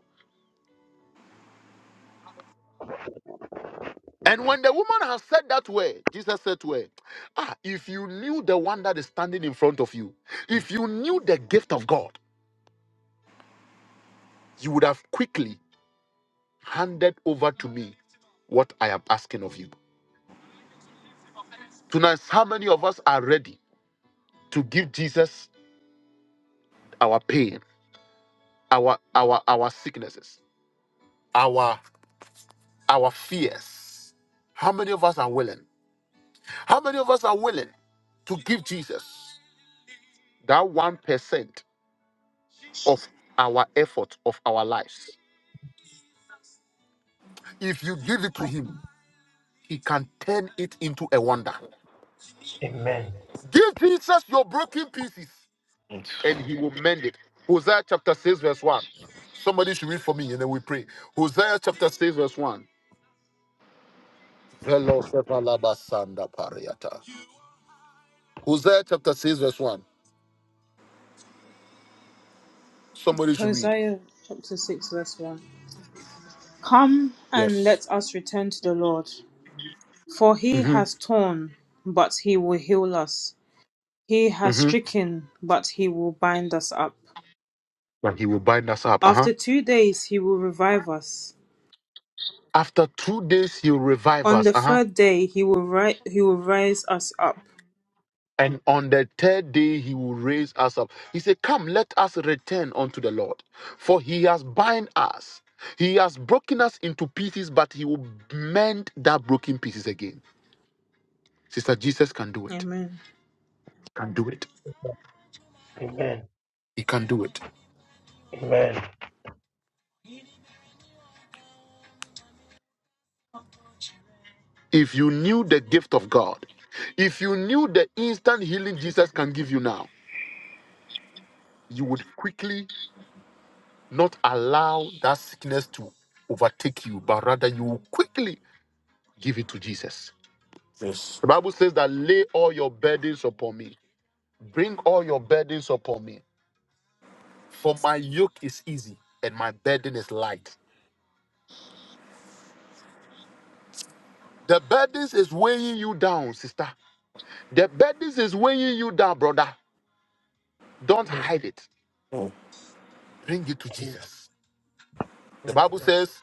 And when the woman has said that word, Jesus said to her, Ah, if you knew the one that is standing in front of you, if you knew the gift of God, you would have quickly handed over to me what I am asking of you. Tonight, how many of us are ready to give Jesus our pain, our our our sicknesses, our our fears? How many of us are willing? How many of us are willing to give Jesus that 1% of our effort, of our lives? If you give it to Him, He can turn it into a wonder. amen Give Jesus your broken pieces and He will mend it. Hosea chapter 6, verse 1. Somebody should read for me and then we pray. Hosea chapter 6, verse 1. Velo sevalaba sanda pariata. Hosea chapter 6, verse 1. Somebody should read. Hosea chapter 6, verse 1. Come and Yes. let us return to the Lord. For he has Mm-hmm. torn, but he will heal us. He has Mm-hmm. stricken, but he will bind us up. But he will bind us up. Uh-huh. After two days he will revive us. After two days, he'll revive On us. the Uh huh. third day he will, ri- he will raise us up. And on the third day, he will raise us up. He said, Come, let us return unto the Lord, for he has bind us. He has broken us into pieces, but he will mend that broken pieces again. Sister, Jesus can do it. Amen. Can do it. Amen. He can do it. Amen. If you knew the gift of God, if you knew the instant healing Jesus can give you now, you would quickly not allow that sickness to overtake you, but rather you will quickly Give it to Jesus. The Bible says that lay all your burdens upon me. Bring all your burdens upon me. For my yoke is easy and my burden is light. The burdens is weighing you down, sister. The burdens is weighing you down, brother. Don't Mm, hide it. Bring it to Jesus Jesus. The Christ, Bible Lord. says,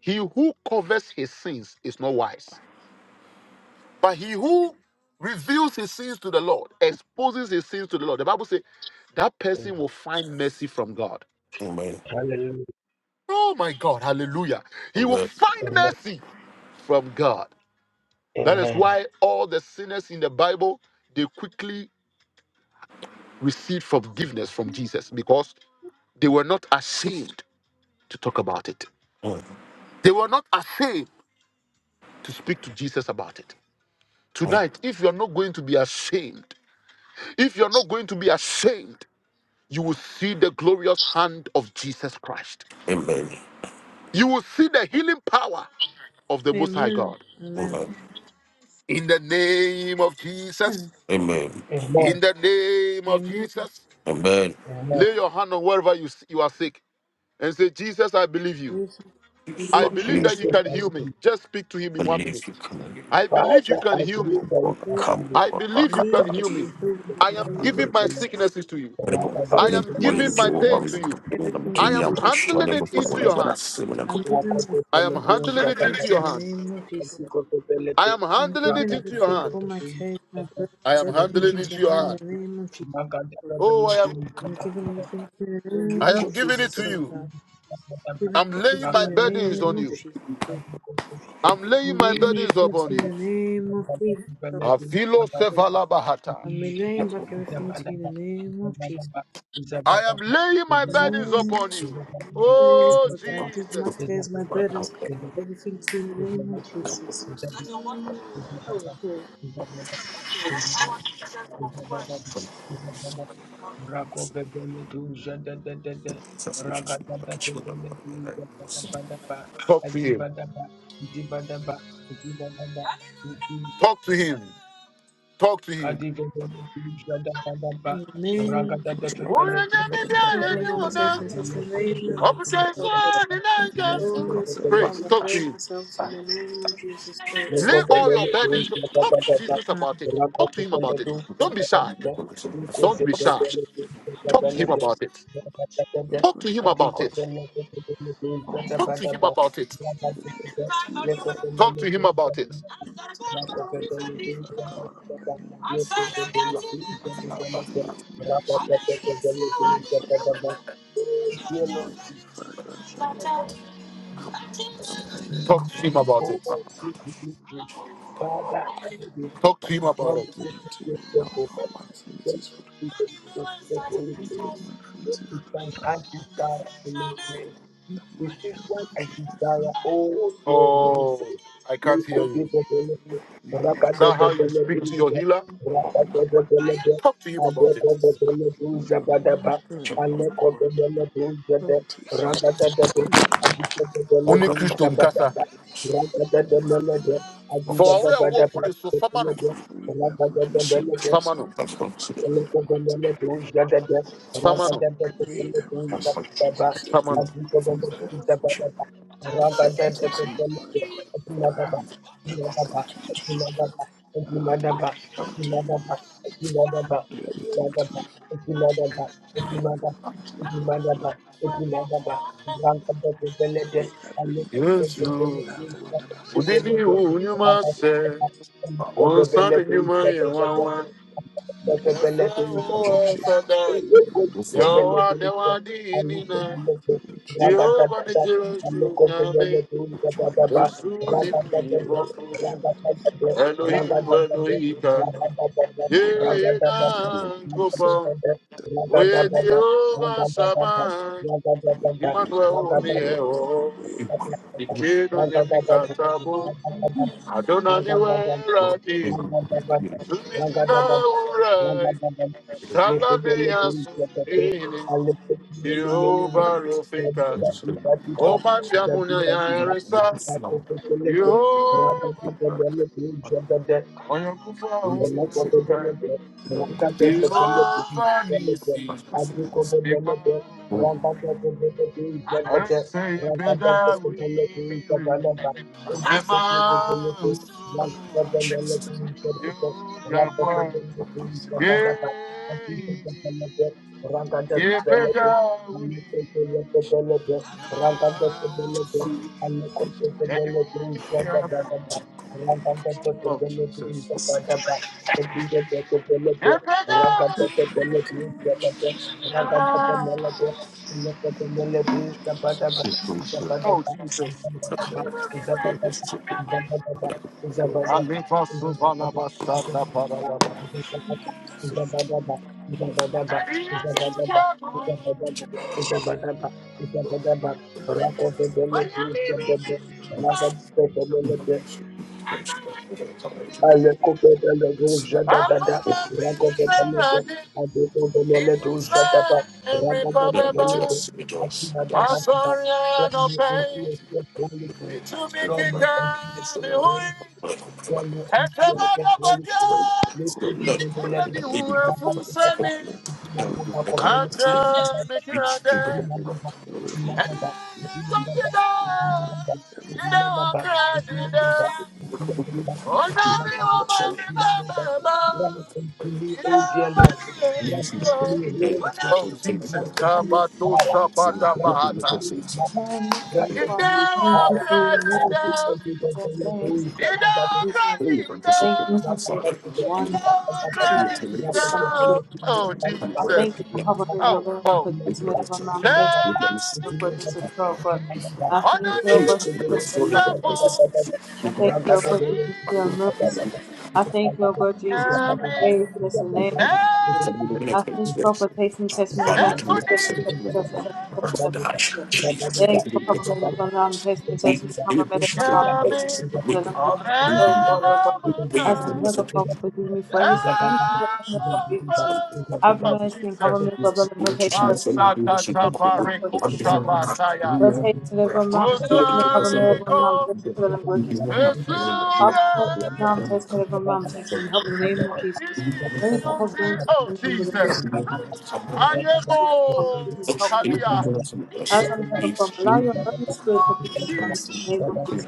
He who covers his sins is not wise, but he who reveals his sins to the Lord, exposes his sins to the Lord. The Bible says, that Mm. person will find mercy from God. Hallelujah. Oh my God, hallelujah. He will find Amen. mercy from God. That is Amen. why all the sinners in the Bible they quickly received forgiveness from Jesus because they were not ashamed to talk about it. They were not ashamed to speak to Jesus about it. Tonight, if you're not going to be ashamed, if you're not going to be ashamed, you will see the glorious hand of Jesus Christ. You will see the healing power of the Most High Amen. God. Amen. In the name of Jesus, Amen. Amen. In the name of Amen. Jesus, Amen. lay your hand on wherever you, you are sick and say, Jesus, I believe you. Jesus, I believe I you. believe Jesus, that you can I heal me. believe. Just speak to him in one minute. I believe you Father, I can heal me. believe that you are Jesus, in the I I believe you believe can you heal me. can heal me in I the am name Jesus, of giving I my Jesus. believe. sicknesses to you. I'm Rabba, I giving am rabba, my giving my pain rabba. to sickness you. and everything to I am you in the name handling of it into Jesus. your hand. I'm giving my Rakoto I am pele sickness tu and handling it jata everything into to you your kata in the hand. name of kati Jesus. koto pele I tu am I'm handling it giving rakati into your everything, koto hand. all my tu cares, my kata I burdens, am pele tu handling everything it into koto your into your hand pele in hand. the tu name of Jesus. maka jata Oh, pele I tu am I'm jata giving kata everything to you in kati the I name am of niko ti giving it koto Jesus, to pele oh you. tu God. kata I'm kata giving I'm everything laying to you my in rakati the koto burdens name pele on of tu you. Jesus, oh kati koto I'm God. laying I'm my tu giving burdens everything to kata upon you in kata you. the name of kata Jesus, oh pele tu Afilo kata kata God. kati sevalabahata. I'm relaying back kata everything to jabada you ba in the name of jabada Jesus. ba I jabada ba jabada ba am laying my jabada ba jabada ba jabada burdens Amen. upon you. Oh Oh, God, I give Jesus. my cares, my burdens, everything to you in the name ba of Jesus. jabada ba Ragada Oh God, Talk to him. Talk to him. Talk to him. in the name Thank Pray. of the children of the saints and sisters, in the name you, of Father Jesus, God, oh God. for Boldness and power, I Talk to lay him. myself in the name of Jesus, oh Oh, God. Lay dear all Lord, your I thank burdens. you Talk to Jesus Amen. about it. for Talk to the him about it. connection. Don't be shy. Don't be shy. Talk to him about it. Talk to him about it. All my Talk to sins, him about it. I'm giving it Talk to him about it. away from you. Talk I'm handing it to over. him about Oh, it. Lord, we give you praise. Father, Talk to him about Lord, it. we Give could it to just you, thank Mom. Go. All my Thank infirmities, Father you, God. Jesus, for the Holy Spirit. We thank God this time In the Resistance and desire. Oh, dear Holy Oh, Spirit. I We can't hear could be you. the benefit. Is Ragada that the how you speak to your Beneduza. healer? Ragada the Benedu. Talk to him about it. Adeko the Lord, Beneduza when i Badaba. not good, oh Aleko Lord, the Beneduza. limitation, Ragada the limitation, Adiko the Only Christo Beneduza Nkasa. limitation, Badaba. Ragada the the mighty name Benedu. of For Adiko the our work, Badaba. good is for Famano. every infirmity is Ragada every the Benedu. infirmities out Famano. of my body Thank in the mighty Famano. way, every sickness is every Famano. disease, every no substitutes in the for the I hand everything to you, Father. I hand everything to you, I hand everything to you, Father. I hand everything to you for the glory. Away every infirmity, Yesu, everyone that I'm aware udini unyuma se, wonsani of. nyuma ya wawa. you. The mighty Yefra name of uwa Jesus. sada, The mighty name of yawa dewa the dinina. mighty name of Jesus. Jehovah ni Have you Jesu over nyame, my sins? Yesu ni Jesus, have you over mwibofu. everything that's Elohim, over Elohika, the mighty yena name of Jesus. nkopa, The mighty Oye name Jehovah Sama, of Jesus. Emmanuel Father God, take Onieo, away my Ikedo Yemikatabu, Ragada priority. Adonani Weradi, Thank Sumidina Urai, Salamea Sundini, Jehovah Rofika, The mighty name Oma Tiamunya Yaresa, Jehovah you. Oyakufa Urai, Elekobebelebe, rakatefebelebe, Jehovah belebe, Nisi, adikobebelebe, rabadabebelebe, zebede, Arese Peda rabadabebelebe, Uri, zabadaba, edikobebelebe, rakatebelebe, of God. zebede, Jehovah rakatebelebe, Please take care. zabadaba, Oh adikobebelebe, Please take care. rakatebelebe, anikobebelebe, rakatebelebe, Please take care. anikobebelebe, zabadabadaba, The rakatebelebe, Jesus. zabadaba, Rakata mighty name of Jesus. The mighty name of Jesus. I Oh Jesus. I Alifa suvala basata paradaba. will Thank Akuma Take away my bizarade inside every Pababa. I'm bababa. Asoria no pain. Mikika bihui. Ekabada i Ada dihu efusani. Ata you. mikirade. Grant priority. unto me, O dear Lord, grant unto me, Holy Spirit, Oh Jesus, grant unto me Kabato power, Shabata grant unto Bahata. me power, Oh, merciful grant You unto Father, me thank know, you power. for your cry, you I word. give know, unto the your Lord, O grace you know, Son of and God, your cry, Jesus. you Thank know, you for Thank Jesus, the you know, wonderfulness of cry, Jesus, and you you for me, good know. Jesus. Oh I Jesus, thank you for covering me, your oh, Lord, and oh. for this minute from Mount Texas, your Lord, Jesus, so good. I thank you underneath for Jesus, so the good. apple. I thank you for Jesus for your mercy. I thank you, O God, Jesus, for your faithfulness in the name of Jesus. I thank you for protecting me, touching me, from Mount Texas, touching me, touching me, touching me, touching me. Thanks for covering me from now. Taste me, taste me, cover me from now. Taste me, feel the number of Jesus. Oh God, oh God. As I'm here, God, you. Father, forgive me for every sin, Thank anything that I'm not forgiving to you. Have mercy and cover me with blood and protect me from now. Taste me, taste me, feel the number of Jesus. Oh God. Protect me from now. Taste me, cover me from now. Taste me, feel the number of Jesus. Oh God. Cover me from now. Taste me from now. Taste me, help me in the name of Jesus. Anything I've done to offend you, but I just help me, help me, help me. As on heaven from, allow your Holy Spirit to come upon me in the name of Jesus.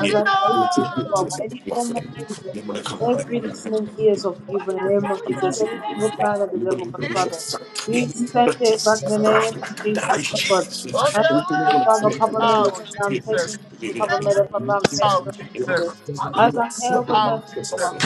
As I pray to the Father, any form of evil, Father God, every listening ears of evil in the name of Jesus, every single plan of the devil, God, Father, we send it back in the name of Jesus, Lord God. As on heaven, Father, cover me with Oh the lamb, take me, Jesus! take me, cover me with the lamb, take me, Oh take me, Jesus. Jesus! As I'm here, God, Oh merciful Jesus! Father.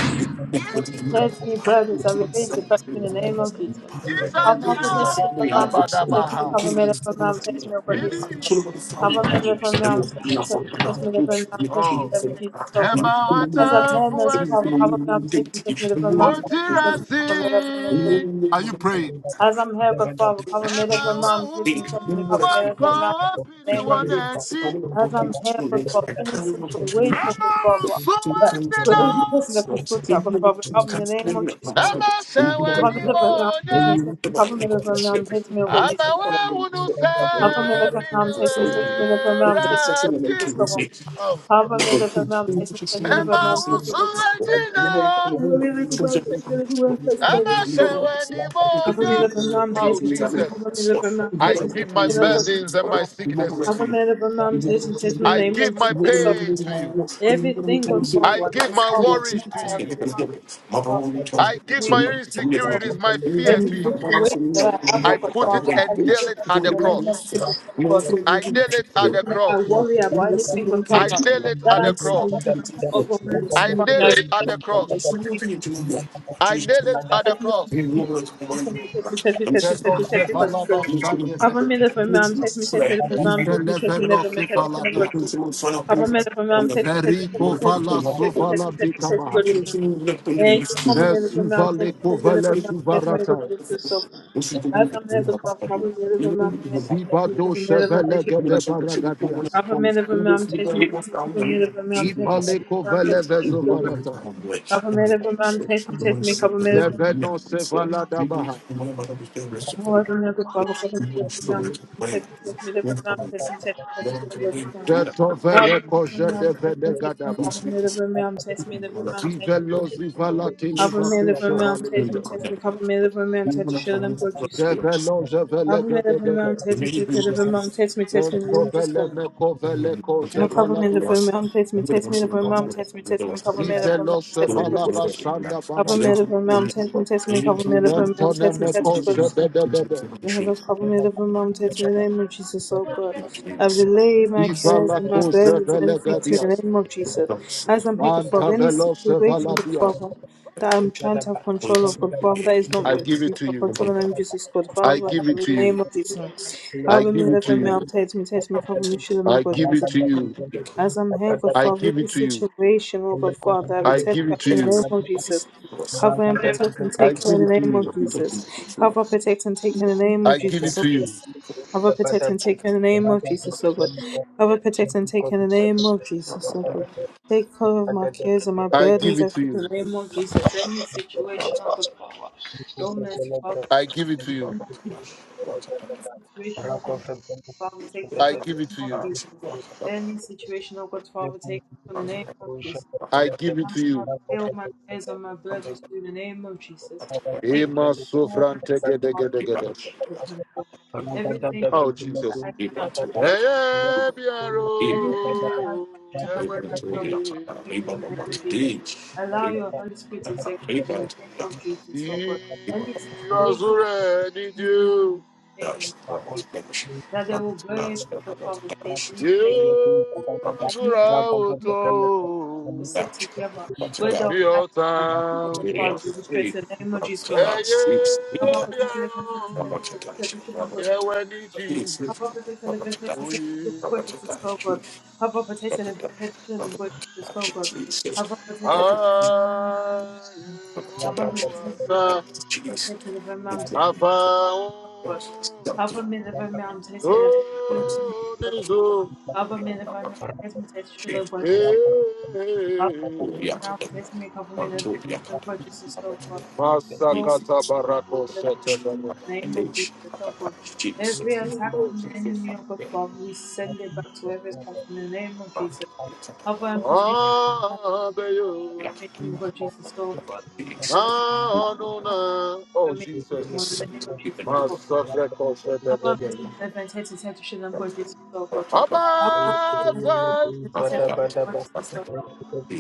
If you cares any burdens, I release it back in the name of Jesus. Jesus! Have no possession of the ram, take me, cover me, the ram, take me, over Jesus, God. Cover me, the ram, take me, take me, the ram, take me, Oh, over Jesus, that's God. As a a man, as way. cover, cover me, I'm taking, take me, the ram, What did take me, I take me, cover me, the ram, see? Are you praying? as I'm here, God Father, cover me with your Mama mouth, wa please me, touch me, cover me uwa with your mouth, kwa in the opini name of Jesus. wanechi. As I'm here, God Father, any situation, God Mama Father, usuwa that you're the only jina. person that can sort out, God Father, help me in the name of Jesus. Lord. Mama sewe Cover me ni with your mouth, please me, moja. touch me, cover me with your mouth, please me, oh God Jesus. Ama Lord. we unu Cover me with your sabini mouth, please me, touch me with your we mouth, please me, oh God rati. Jesus. Lord. Oh. Cover me with your mouth, please me, touch me with your mouth, Mama please me, oh God Jesus. usuwa Lord. jina. Cover me with your mouth, please me, touch me with your mouth, please me, oh God Mama Jesus. Lord. sewe ni Cover me moja. up and mom Oh, taste and kiss me. Jesus. Cover me up and mom I taste and kiss give me. my And I'm watching burdens and my sicknesses to Cover you. me up and mom taste and kiss me. I Name of give my Jesus. So pain to you. everything going I forward give is my all worries to I have to you. do now. Forward. In I the give Name my of Jesus. insecurities, So my fear every to you. situation that I have I over put it forward, I and give nail it it back at in the the name cross. of Jesus. So God, I any nail it at the situation I cross. you. worry about, anything with forward Thank I nail it that at I the do not cross. have control over, merciful I Father. I nail it repent at the in the cross. name of Jesus. I nail it at the cross. Havamela of works. Ifelevenosevalanato. Havamela from me, test me, Ferikovalasovalatikaba. Mesuvalekovelesuvarataya. Zibado Shevelegedebaragadias. Ipalekovelevezovarataya. Government of a Zeveno sevala dabaha. I am test me test me cover me take me, deliver me, take me, take me, take me to the frame. Veto I vereko am jede test me vede test me take me, cover me the frame. I am test me the frame. I am test Zivelo zivala tiliva me the kushe frame. I am test me the frame. I am test me the frame. I am test me Zevelo zevele gede gede. the frame. I am test me the frame. I am test me the frame. meko vele ko I am test me the frame. I Zivelo sevala basanda banata. Vento am test me the meko frame. zebede And here goes Papa Made of a Mom, text me in the name of Jesus, oh God. I relay my cares Zivala and my ko burdens and everything to you in the gadias. name of Jesus. As I'm here, God Manta Father, any velo situation, sevala God Father, that I'm trying to have control of, God Father, that is not I me, give me it to for you. control in the name of Jesus, God I Father, give help it me to in the you. name of Jesus. I However, me, give it to love me, I'm you. text me, text me, cover me, shield and I God give it Jesus. to you. As I'm here, God I Father, give every it to you. situation, oh God Father, I I return give it back to to you in the you. name of Jesus. Cover and protect and I take care give in it the to name you. of Jesus. Cover, protect and take care in the name of I give Jesus, it oh to God. you. Cover, protect and take care in the name of Jesus, oh God. Cover, protect and take care in the name of Jesus, oh God. Take care of my cares and you. my I give burdens it and to in you. the name of Jesus. Any situation, oh God Father. Don't mercy, Father, I give it to in the you. name of Jesus. Any situation, oh God, Father, take I control in give the it name to of you. Jesus. Any situation, oh God, Father, take control in the name of Jesus. I give it I'm to you. I all my prayers on my burdens through the name of Jesus. Take Ema control, sofrante mercy, gede gede Father, gede. take control. Everything God, Oh that Jesus. I cannot handle, Eye God, anything that I biaro, want to handle yewani myself, di. Father, take control in the name of Jesus. Allow your Holy Spirit to take control in the name of Jesus, oh God. Di Any situation, azure di ju. anyone, that they will go if we will conversate Rakata any Ye place, any place azura we oto. sit together. Where the Be plan and the Father, we will stress the name of Jesus. Christ. ẹyẹ Abba, bí protect the living saints ẹran and saints, protect the tradition and worship yẹwẹ ní God. ti Abba, protect the living and saints, òye protect the tradition and worship God. Abba, protect the living saints and worship God. Abba, protect the living ààyè Abba, protect the àṣà living protect the living me, God. àfàwọn me, living man, tó me, nízo Government, if I'm not mistaken, the budget is so far. If I'm not mistaken, government, if the budget is so far. Oh, masakata barako the sọtẹlẹmọ name of Jesus, oh God. Every attack from the enemy, oh God, Father, we send it back to whoever it's come from in the name of Jesus. Cover and protect us abeyo from the information, oh God, Jesus, oh God. As I'm from nanuna oh the information, jesus from the name of Jesus, oh God. masekẹdẹdẹ Abba, Father, in heaven, set to shine for Jesus, our God. ọba Abba, Father, in tẹ. set to shine for Jesus, our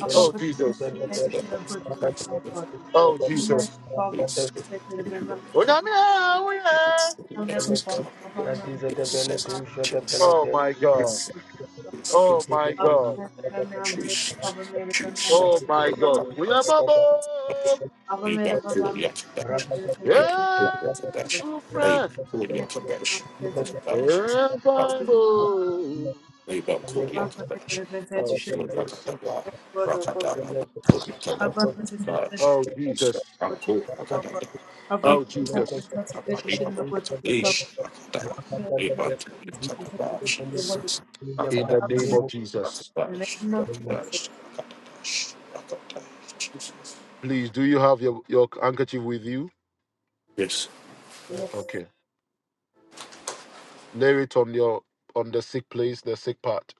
Abba, Oh Father, in Jesus. heaven, set to shine for Jesus, our God. Oh Almighty Jesus. Father, set to the very man, Oh no, no, we are. the family of the Father, cover me, I'm the very man, Oh my God. the God. Oh my Abba, God. Father, the very man, take cover me, the very man, Oh take my cover me. God. We are Babo. Abba, Father, the very man, take to the very mission. Abba, Father, the very man, take to the very mission. Abba, Father, the very man, Yes, so Amen. fresh. And Bible. take Oh to Jesus. the very mission. Avram is an event Oh Jesus. which is so good. Avram Oh is an Jesus. event which is shouldn't know what is so Avram is an event which is what is In the Avram name is of Jesus. an event which is Please, do you have your, your handkerchief with you? yes. Okay. Lay it on your on the sick place, the sick part.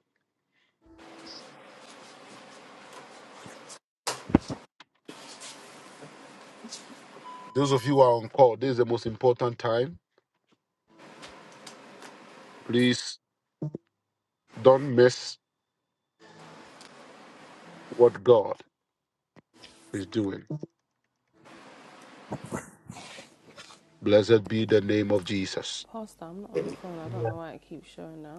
Those of you who are on call, this is the most important time. Please don't miss what God is doing. Blessed be the name of Jesus. Pastor, I'm not on the phone. I don't know why it keeps showing up.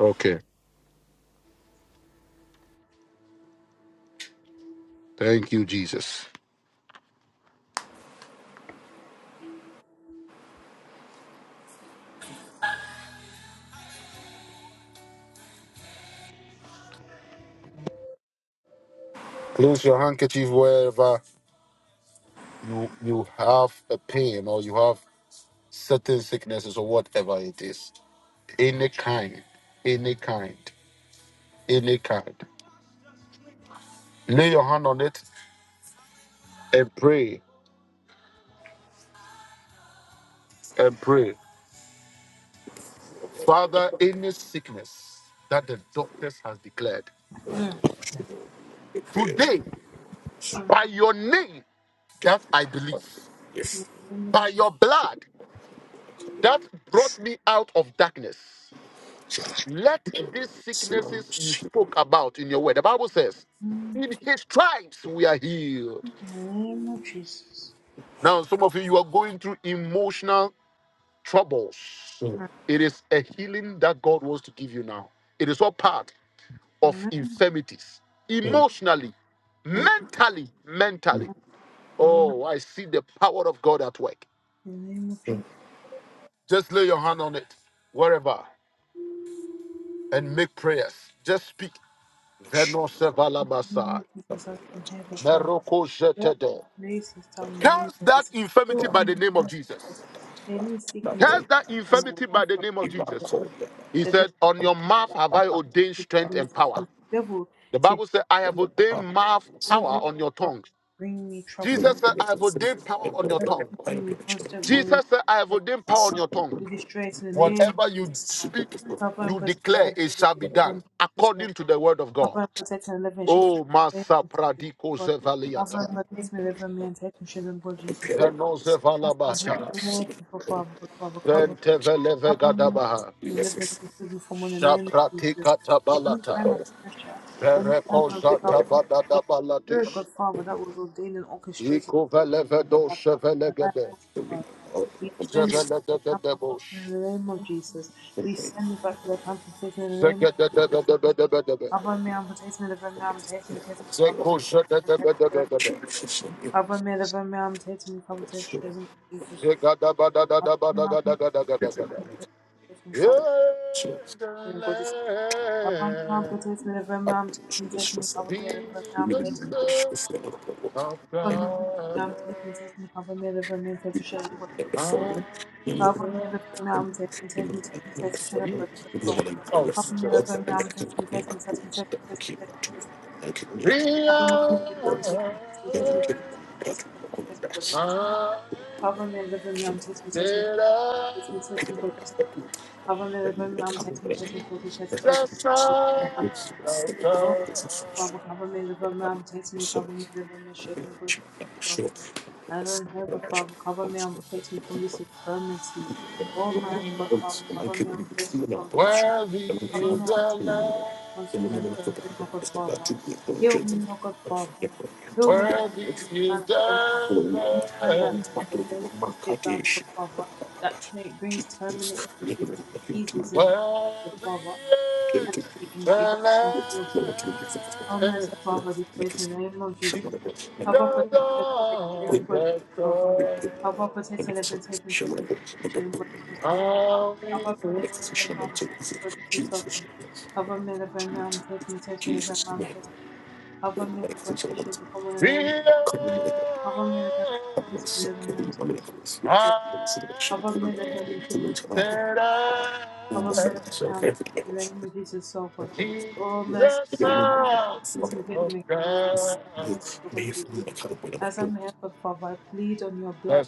Okay. Thank you, Jesus. Close your handkerchief wherever you you have a pain or you have certain sicknesses or whatever it is. Any kind, any kind, any kind. Lay your hand on it and pray and pray. Father, any sickness that the doctors has declared Mm, today mm, by your name that I believe, In the name of by Jesus. your blood that brought me out of darkness. Let these sicknesses you spoke about in your word, the Bible says, Mm, in his stripes we are healed. In the name of Jesus. Now, some of you, you are going through emotional troubles. It is a healing that God wants to give you now. It is all part of Mm, In the name mm, infirmities, emotionally, mentally, mentally. in the name- Oh, I see the power of God at work. in the name of Jesus. Just lay your hand on it, wherever, and make prayers. Just speak. In the name Venosevalabasa. of Jesus, as from heaven, Father. Lord, Merokojetede. our grace is our name Cast that is infirmity healed by in the the name name of of Jesus. Jesus. Any sickness Cast that from my infirmity by life the from name of by the Jesus. devil. He The devil said, On is your mouth my have life to I ordained strength bring me and power. sickness. The devil The to Bible said, I bring have me ordained mouth the power devil on your to tongue. bring me trouble. Jesus said, The I have ordained power on your devil tongue. to bring me constant worry. Jesus said, I have So, ordained power on Father, your tongue. we destroy it in the name of Whatever you Jesus Christ. speak, Cover and you protect declare the it shall be done devil, according to the word of God. Cover and protect and deliver and shield from Oh, the name of Masa Jesus. name, Pradiko God. Cover Zevaliata, and protect me, deliver me, and take me, shield and God, Jesus. Veno As we have Zevalabata. mercy for Father, God, Father, cover, cover me and protect Pentevelevegadaba, me, deliver me, shield me from in the name of Jesus. Any Shapratikatabalata, kind of pressure, any kind of trouble, any spirit, Berekozatabaladabaladish, God, Father, that was ordained and orchestrated by the Ikuvelevedosevelegede, enemy, we send it back to the camp of Zevelegedebos, Satan in the name of Jesus. We send it back to the camp of Satan in the name of Jesus. Zegedebedebedebedebe, Cover me, I'm protecting me, deliver me, I'm protecting me, protecting me, cover me, protect me, Zekozedebedebedebe, cover me, deliver me, I'm protecting me, cover me, protect me, in the name of Jesus. Cover me, I'm protecting me, Zegadabadadabadagadagadagadagada. protect me, cover Yeah, the me, in God is. Cover me, I'm land protecting me, deliver me, I'm protecting me, protect me, cover me, deliver be me, I'm the protecting me, God is. sun of Cover me, deliver me, God. I'm protecting me, protect me, cover me, deliver me, protect me, in the name of Jesus. Cover me the firm test me, test me, test me, test me, shut up, but just go. Cover me the firm test me, test me, test me, test me, test me, test me, test me. We Cover me the firm arm, test me, are. test me, test me, test me, test me, me, test me, but just go. Cover me the firm arm, test me, test me, test me, test me, but just go. Cover me the firm arm, test me, test me, test me, test me, test me, test me, Cover me the firm test me, cover me the firm arm, shut me, I don't have a Father, cover me and protect me from this infirmity. Oh my God, Father, cover me and protect me from this. Worthy Cover is me the and protect me Lamb. from consequences, oh God, Father. Heal me, oh God, Father. Heal me from Worthy every evil is plan of the enemy. the Any plan Lamb. that is of the enemy to sit down, oh God, Father. That it brings terminal illnesses, diseases, and the Worthy Father. And is it, it, it the doesn't heal them. O Lamb. merciful Father, destroy us in the name of Jesus. Abba, protect and protect children, boys, and girls. Abba, protect and protect and protect children, boys, and girls. Abba, protect and protect boys, and girls. Abba, men of men, men, protect and protect men of men, men, protect. Abba, men of men, nation, become the name. Abba, men of men, protect men of men, men, protect. Cover, men of a nation, Cover me with your name, in the Jesus, so Oh, mercy, The Father, cover me. Son Please me, of me cover me. God. Yes, Lord Jesus. As I'm here, but Father, I plead on your blood.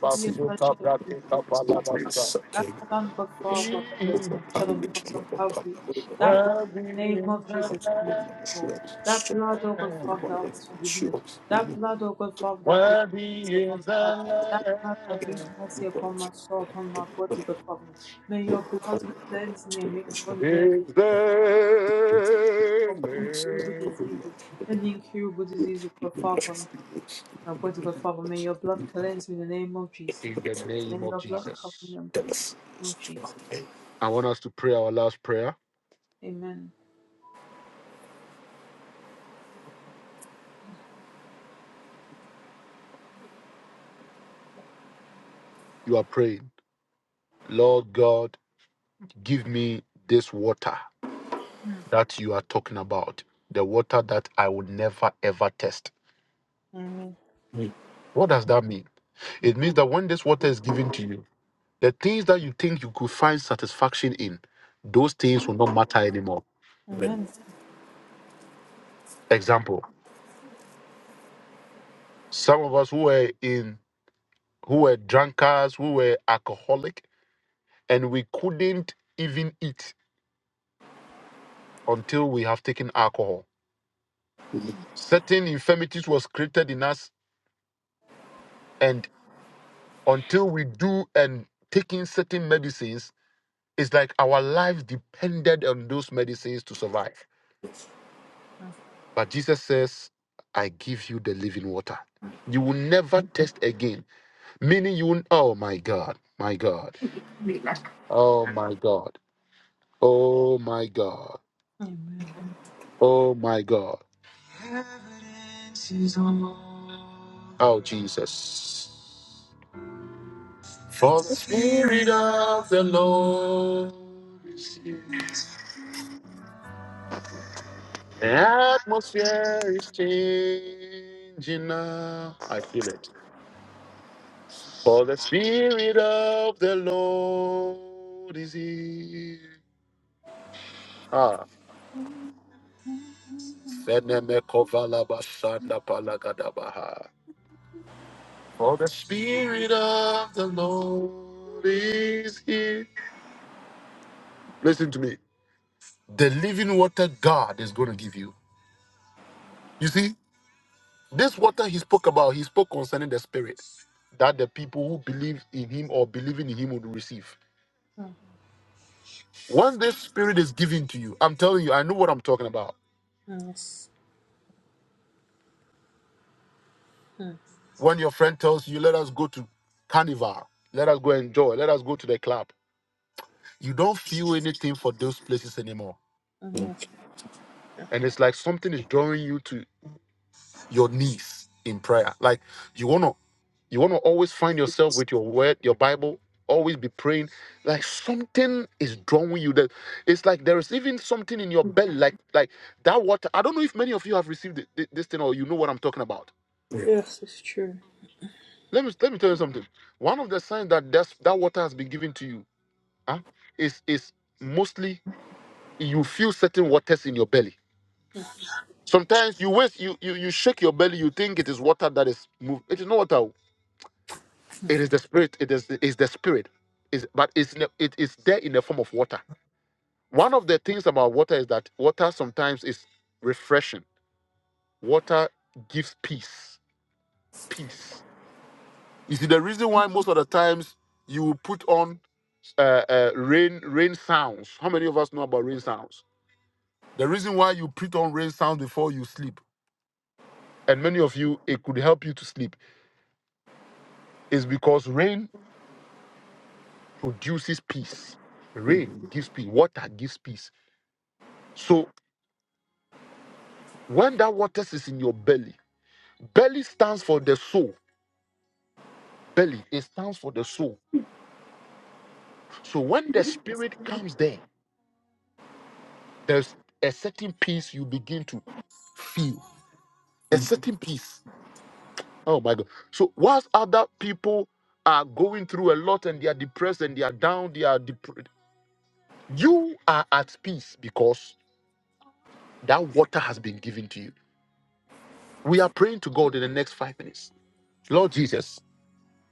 Put your sunshine in this that stand before us at your sanction on the cross of Calvary. That blood, in the name of Jesus, makes me whole. That blood, O God, Father, that offers forgiveness. That blood, O God, Father, that brings mercy upon my life. That blood that brings mercy upon my soul, upon my body, God, Father. May your blood cleanse me and make me born again from incurable diseases and incurable diseases, God, Father. My body, God, Father, may your blood cleanse me in the name of Jesus. In the May name of your blood cover Jesus. me and face me in the name of Jesus. I want us to pray our last prayer. Amen. You are praying, Lord God, give me this water. that you are talking about, the water that I will never ever test. Amen. What does that mean? It means that when this water is given to you, the things that you think you could find satisfaction in, those things will not matter anymore. Amen. Example, some of us who were in who were drunkards, who were alcoholic, and we couldn't even eat until we have taken alcohol. Certain infirmities was created in us, and until we do and taking certain medicines, It's like our lives depended on those medicines to survive. Mm, But Jesus says, I give you the living water. You will never test again. Meaning you will, oh my God, my God, oh my God, oh my God, Amen. oh my God, oh Jesus. For the spirit, the atmosphere is changing now. I feel it. For the spirit of the Lord is here. Ah. Fenemekovalabashandapalagadabaha. For the Spirit of the Lord is here. Listen to me. The living water God is going to give you. You see, this water he spoke about, he spoke concerning the Spirit that the people who believe in him or believing in him would receive. When this Spirit is given to you, I'm telling you, I know what I'm talking about. Yes. Mm, When your friend tells you, let us go to carnival, let us go enjoy, let us go to the club, you don't feel anything for those places anymore mm, Yes. Sure. and it's like something is drawing you to your knees in prayer like you want to you want to always find yourself with your word your bible always be praying like something is drawing you that it's like there is even something in your belly like like that water i don't know if many of you have received thi- thi- this thing or you know what i'm talking about Yes, it's true. let me let me tell you something one of the signs that that's, that water has been given to you huh, is is mostly you feel certain waters in your belly Sometimes you waste, you, you you shake your belly, you think it is water that is moved. It is not water. oh. It is the spirit. It is it is the spirit. Is but it's in a- it is there in the form of water. One of the things about water is that water sometimes is refreshing. Water gives peace. Peace. You see, the reason why most of the times you will put on uh, uh, rain rain sounds. How many of us know about rain sounds? The reason why you put on rain sounds before you sleep, and many of you, it could help you to sleep, is because rain produces peace. Rain gives peace. Water gives peace. So when that water is in your belly, belly stands for the soul. Belly, it stands for the soul. So when the spirit comes there, there's a certain peace you begin to feel. A certain peace. Oh my God. So whilst other people are going through a lot and they are depressed and they are down, they are depressed. You are at peace because that water has been given to you. We are praying to God in the next five minutes. Lord Jesus.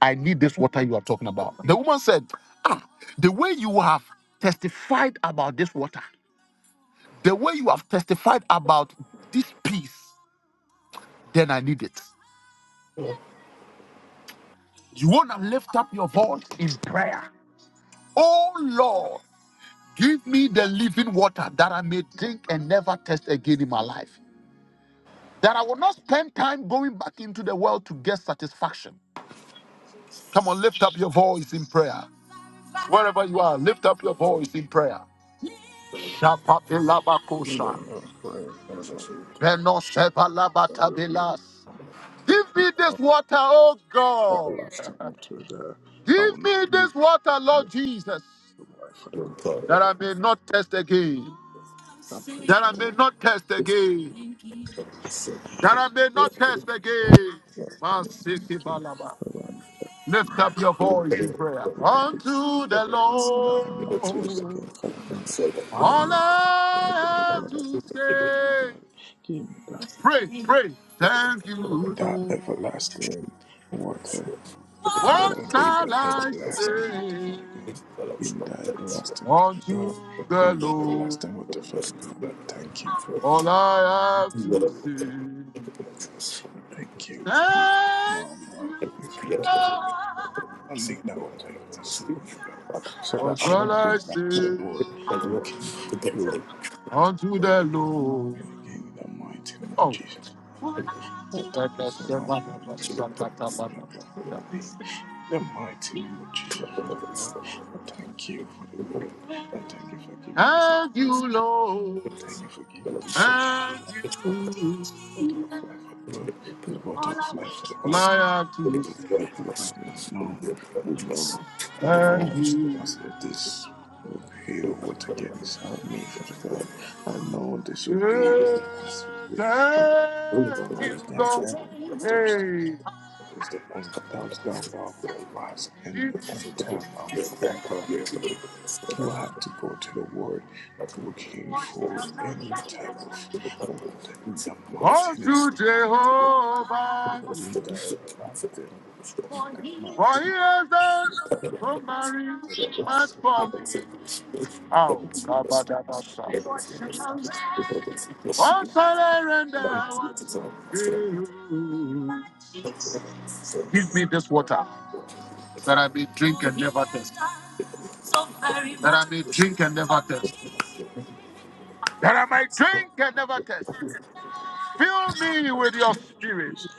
I need this water you are talking about. The woman said, Ah, the way you have testified about this water, the way you have testified about this peace, then I need it. You want to lift up your voice in prayer. Oh Lord, give me the living water that I may drink and never test again in my life. That I will not spend time going back into the world to get satisfaction. Come on, lift up your voice in prayer. Wherever you are, lift up your voice in prayer. Shapapilabakosha. not praying, Father God, we repent. That we Penosepalabatabilas. Give me this water, oh God. everlasting into there. I will Give not me give you this water, the Lord lift Jesus, of life, for the God. that I may not test again. I That praise I your name, may not test again. That I may not test again. Father God, for your name to Masikibalaba. Father God, Lift up your voice in prayer. everybody Unto the that will not taste Lord, again, Father God. I will not all taste again, Father I have God. that- to say. God, give me that, Pray, pray. Thank you, that Lord. everlasting water. Father What God, shall give I me that everlasting water, Father say? God. Give me that everlasting Father Unto God. Give the me that Lord, everlasting water, Father God. I thank you, Father all God. I have to say. I thank you for Thank my, my you, infirmities. Lord. I need that water in my soul, Father God, so that What I shall won't go I back to say? the world looking for trouble Unto the again Lord. in the mighty name of Oh, Jesus. Lord, thank you Shaka so Shaka much, Father Baba, God. I Shaka thank you Taba in your Baba. name. In the mighty name of Jesus, Father God. I thank you, Father God. I thank you for giving this. I thank you, Lord. thank you for giving me this water. Thank you. Water of life, Father God. This water of life, Father All God. I have to The say. Father God. I know, I know, I know. Thank So you. I said this. Will be the water get inside me, Father God. I know this will be Yeah, the last of it. I'm, thank you, I'm Lord. ever very thirsty. Hey. is the only that's the about the last and the only time I will ever will have to go to the word looking for any type of water in the mighty name unto Jehovah, in the everlasting word, in the for mighty he name has done so very much everlasting for me. Oh, Kabadabasa. everlasting All surrender unto you. Give me this water that I may drink and never thirst. That I may drink and never thirst. That I may drink and never thirst. Fill me with your spirit. Jesus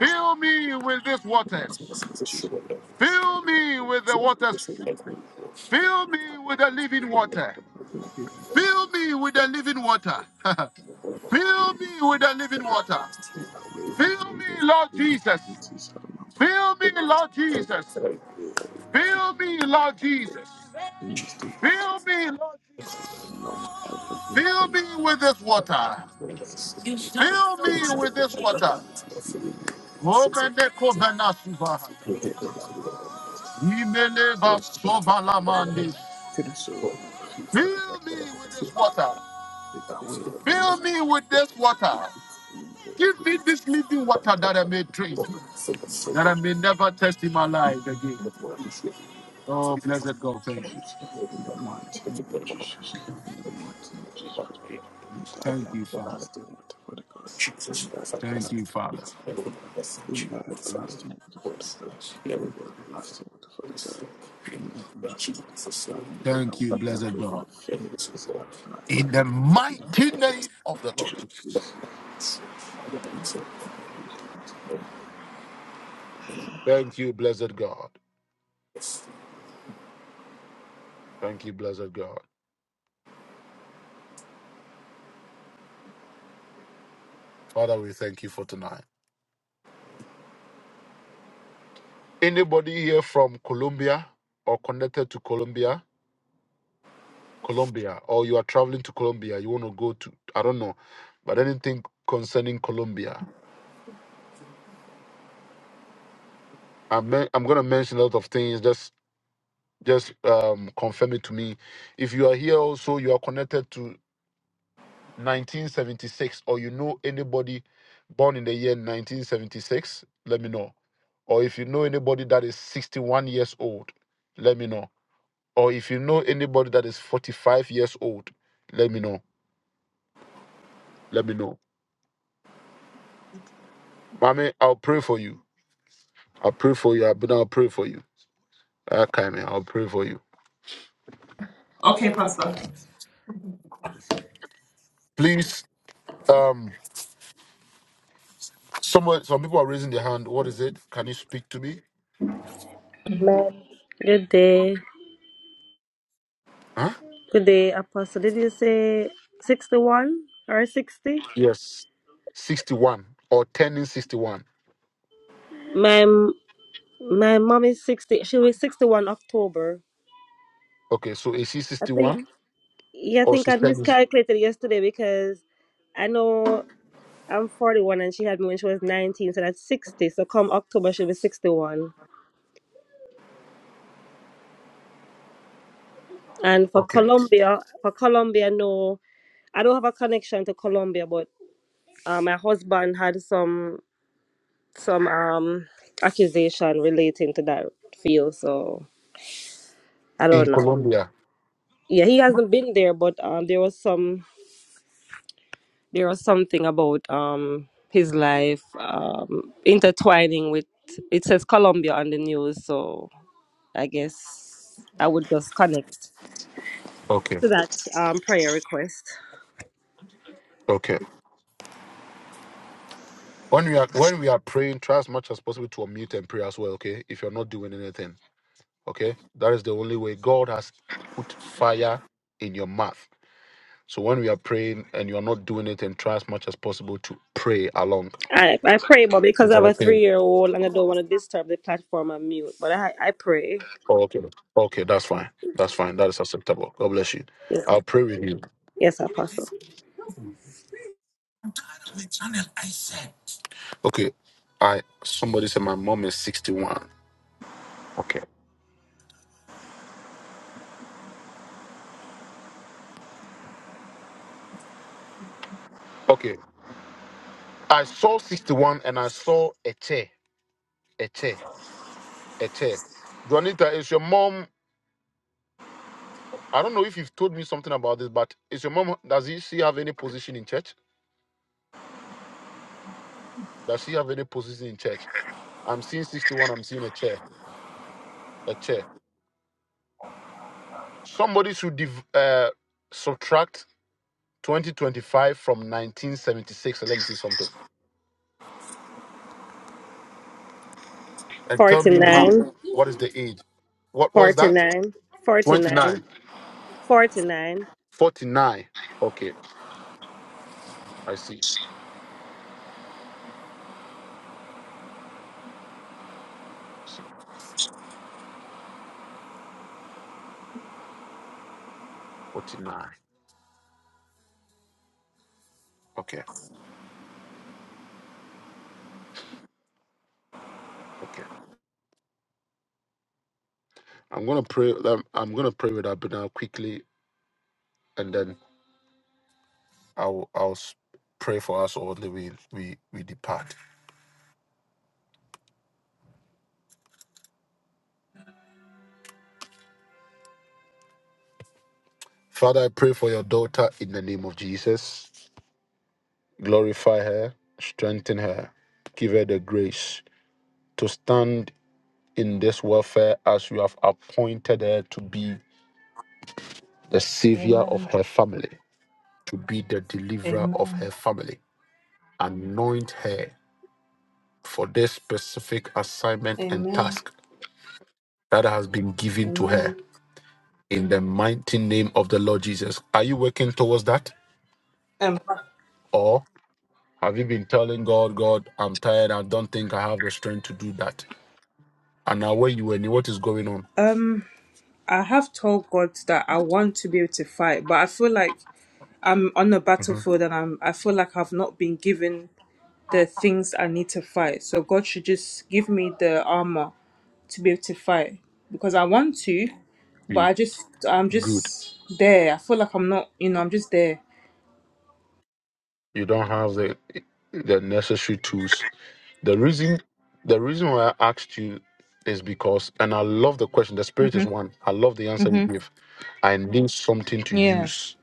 Fill me with these mighty waters. name of Jesus Fill me with the waters. Fill me with the living water. give Fill me with the living water. Fill you me with the living water. take away Fill from me me, Lord Jesus. infirmities out of my body Fill me, Lord Jesus. we Fill me, Lord Jesus. have seen as the water Fill me, Lord. but I know every Fill infirmity me with this water. is in my body In my With this water. Amen. I'm waiting Omene kovena suvaha. for taking away in the mighty Imene vasova name. lamande. To the soul of my feet, Father God, Fill me with this water. take away every Fill me with this water. sacrifice in the Give within me this living water that I may drink, me, that with I may never test in my life again. Oh, blessed God, thank you. Jesus. In the mighty name of Jesus. In the mighty name of Jesus, Father God. In that Thank you, Father. everlasting water, Father God. In that Thank you, everlasting Father. water. Father God. In that everlasting water, Father God. In the everlasting water, Father God. Give me everlasting water, Father God, and take Thank away you, blessed every God. infirmities out of my In body. the In the mighty mighty name of the Lord Jesus. Jesus. Uh, Jesus, mighty name. Thank you, blessed God. Thank you, blessed God. Father, we thank you for tonight. Anybody here from Colombia or connected to Colombia, Colombia, or you are traveling to Colombia, you want to go to, I don't know, but anything concerning Colombia, I'm, men- I'm going to mention a lot of things. Just just um, confirm it to me. If you are here also, you are connected to 1976 or you know anybody born in the year 1976, let me know. Or if you know anybody that is 61 years old, let me know. Or if you know anybody that is 45 years old, let me know. Let me know. Mommy, I'll pray for you. I'll pray for you. I'll, but I'll pray for you. Okay, man. I'll pray for you. Please, um, someone, some people are raising their hand. What is it? Can you speak to me? Amen. Good day. Huh? Good day, Apostle. Did you say 61 or 60? Yes. 61 or turning 61. My my mom is 60. She was 61 October. Okay, so is she I 61? think, yeah, I or think I system is miscalculated yesterday because I know I'm 41 and she had me when she was 19, so that's 60. So come October, she'll be 61. And for okay Colombia, for Colombia, no, I don't have a connection to Colombia, but uh, my husband had some. some um accusation relating to that field. So I in don't know. Colombia. Yeah, he hasn't been there, but um, there was some there was something about um his life um intertwining with it says Colombia on the news. So I guess I would just connect Okay, to that um prayer request. okay. When we are when we are praying, try as much as possible to unmute and pray as well. Okay, if you're not doing anything, okay, that is the only way God has put fire in your mouth. So when we are praying and you are not doing it, and try as much as possible to pray along. I, I pray, but because Is I that have a okay? three year old and I don't want to disturb the platform, I'm mute. But I I pray. Oh, okay, okay, that's fine. That's fine. That is acceptable. God bless you. Yes, I'll pray with you. yes, Apostle. Okay, I somebody said my mom is sixty-one. Okay, okay. I saw 61 and I saw a chair, a chair, a chair. Juanita, is your mom, I don't know if you've told me something about this, but is your mom, does he, she have any position in church? Does she have any position in church? I'm seeing 61, I'm seeing a chair, a chair. Somebody should div, uh, subtract 2025 from 1976. Let me see something. And tell Forty me how, nine. what is the age? What What is that? Forty-nine, forty-nine, 29, forty-nine. 49. Okay, I see. 49. Okay, okay. I'm gonna pray. I'm, I'm gonna pray with Abena quickly, and then I'll I'll s- pray for us all the way we we depart. Father, I pray for your daughter in the name of Jesus. Glorify her, strengthen her, give her the grace to stand in this warfare as you have appointed her to be the savior of Amen. her family, to be the deliverer of Amen. her family. Anoint her for this specific assignment and Amen. task that has been given to her Amen. in the mighty name of the Lord Jesus. Are you working towards that? Um, Or have you been telling God, God, I'm tired. I don't think I have the strength to do that? And now where you were, what is going on? um, I have told God that I want to be able to fight, but I feel like I'm on the Mhm. battlefield and I'm I feel like I've not been given the things I need to fight. So God should just give me the armor to be able to fight because I want to, but You- I just I'm Good. just there. I feel like I'm not, you know, I'm just there. You don't have the the necessary tools. The reason the reason why I asked you is because and I love the question. The spirit is Mhm. one. I love the answer you Mhm. give. I need something to Yeah. use.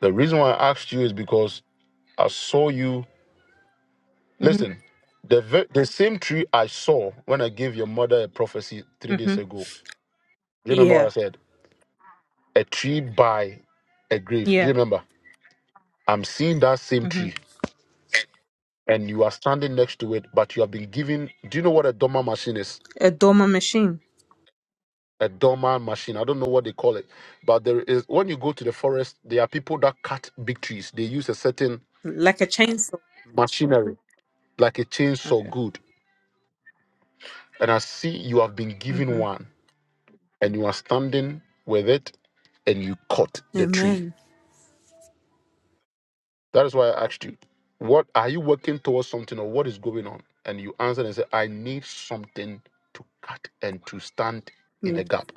The reason why I asked you is because I saw you Mhm. Listen, the ve- the same tree I saw when I gave your mother a prophecy three days Mhm. ago. Do you remember what Yeah. I said? A tree by a grave. Do Yeah. you remember? I'm seeing that same tree, Mhm. and you are standing next to it, but you have been given. Do you know what a dormer machine is? A dormer machine, A dormer machine. I don't know what they call it, but there is when you go to the forest, there are people that cut big trees. They use a certain like a chainsaw. machinery, like a chainsaw, Okay. good. And I see you have been given Mhm. one and you are standing with it and you cut the tree. Amen. That is why I asked you, what are you working towards something or what is going on? And you answered and said, I need something to cut and to stand in the gap.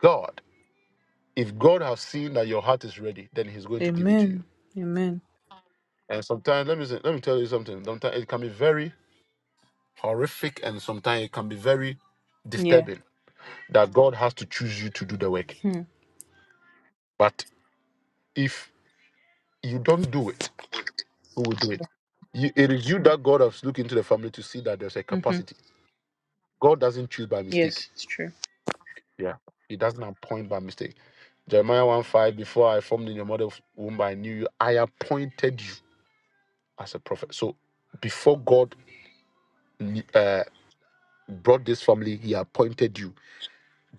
God, if God has seen that your heart is ready, then He's going to give it to you. Amen. Amen. And sometimes, let me say, let me tell you something. Sometimes it can be very horrific, and sometimes it can be very Yeah. disturbing that God has to choose you to do the work. Hmm. But if you don't do it, who will do it? You, it is you that God has looked into the family to see that there's a Mhm. capacity. God doesn't choose by mistake. Yes, it's true. Yeah. He doesn't appoint by mistake. Jeremiah 1 5, before I formed in your mother's womb, I knew you. I appointed you as a prophet. So before God uh, brought this family, he appointed you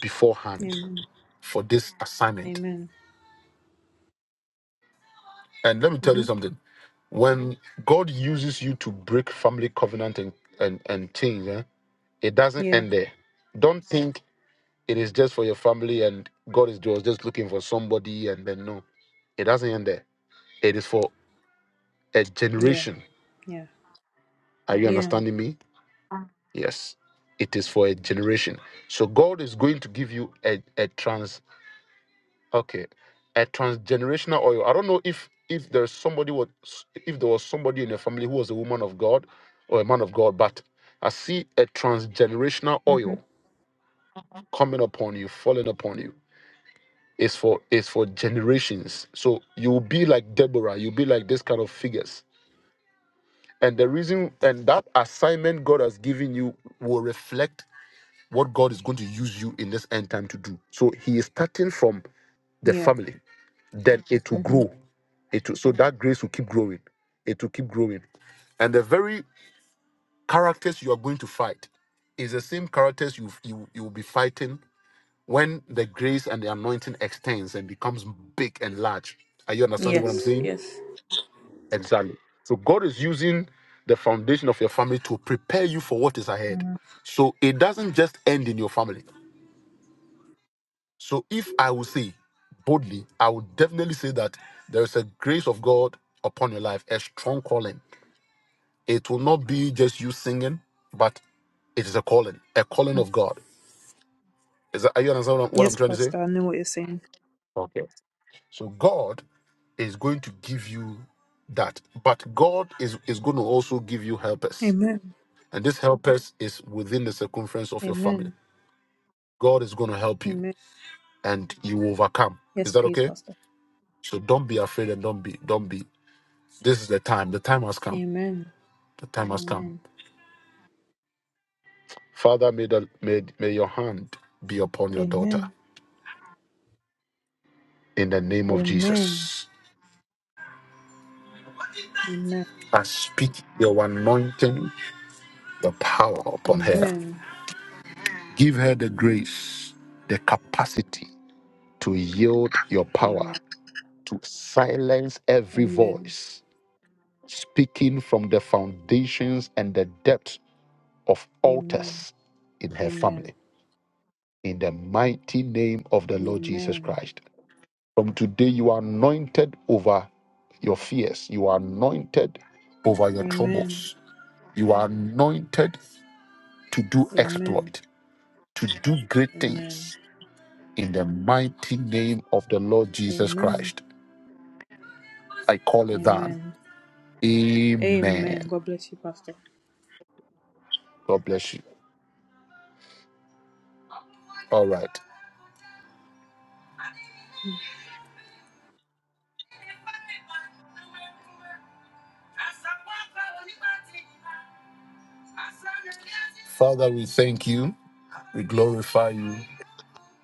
beforehand Amen. for this assignment. Amen. And let me tell you Mhm. something. When God uses you to break family covenant and, and, and things, eh, it doesn't Yeah. end there. Don't think It is just for your family, and God is was just looking for somebody, and then no, it doesn't end there. It is for a Yeah. generation. Yeah. Are you Yeah. understanding me? Yes, it is for a generation. So God is going to give you a, a trans okay, a transgenerational oil. I don't know if if there's somebody was if there was somebody in your family who was a woman of God or a man of God, but I see a transgenerational Mhm. oil coming upon you, falling upon you. It's for it's for generations. So you'll be like Deborah, you'll be like this kind of figures. And the reason and that assignment God has given you will reflect what God is going to use you in this end time to do. So he is starting from the Yeah. family. Then it will Mhm. grow. It will, so that grace will keep growing. It will keep growing. And the very characters you are going to fight is the same characters you you you will be fighting when the grace and the anointing extends and becomes big and large. Are you understanding Yes. what I'm saying? Yes. Exactly. So God is using the foundation of your family to prepare you for what is ahead. So it doesn't just end in your family. So if I will say boldly, I would definitely say that there is a grace of God upon your life, a strong calling. It will not be just you singing, but it is a calling, a calling of God. Is that, are you understand what I'm, what I'm Yes, trying to say? Pastor. I know what you're saying. So God is going to give you that, but God is is going to also give you helpers Amen. And this helpers is within the circumference of your family. Amen. God is going to help you Amen. and you will overcome. Yes, Is that please, okay? Pastor. So don't be afraid and don't be, don't be. This is the time. The time has come. Amen. The time has come. Amen. Father, may, the, may, may your hand be upon your daughter Amen. in the name of Amen. Jesus. Amen. I speak your anointing, your power upon her. Amen. Give her the grace, the capacity to yield your Amen. power, to silence every Amen. voice speaking from the foundations and the depth of Amen. altars in her Amen. family. In the mighty name of the Lord Jesus Amen. Christ. From today, you are anointed over your fears, you are anointed over your Amen. troubles, you are anointed to do Amen. exploit, to do great Amen. things. In the mighty name of the Lord Jesus Amen. Christ, I call it down. Amen. Amen. Amen. God bless you, Pastor. God bless you. All right. Father, we thank you. We glorify you.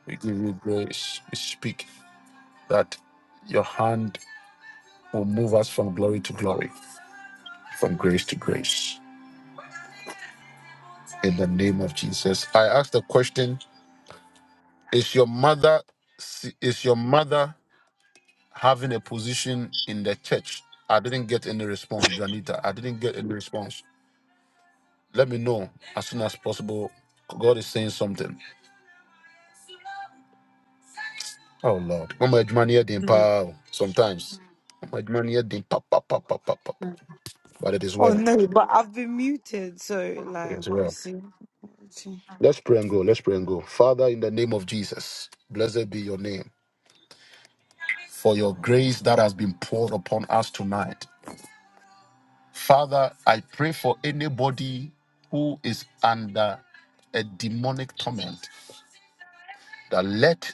We give you grace. We speak that your hand will move us from glory to glory, from grace to grace. In the name of Jesus, I ask the question: Is your mother si, is your mother having a position in the church? I didn't get any response, Juanita. I didn't get any response. Let me know as soon as possible. God is saying something. Oh Lord, Mama Edmani here, dey empower. Sometimes, Mama Edmani here, dey pa pa pa pa pa pa. pa. Mm. But it is Oh well. no, but I've been muted, so It like is well. obviously. Let's pray and go. Let's pray and go. Father, in the name of Jesus, blessed be your name for your grace that has been poured upon us tonight. Father, I pray for anybody who is under a demonic torment that let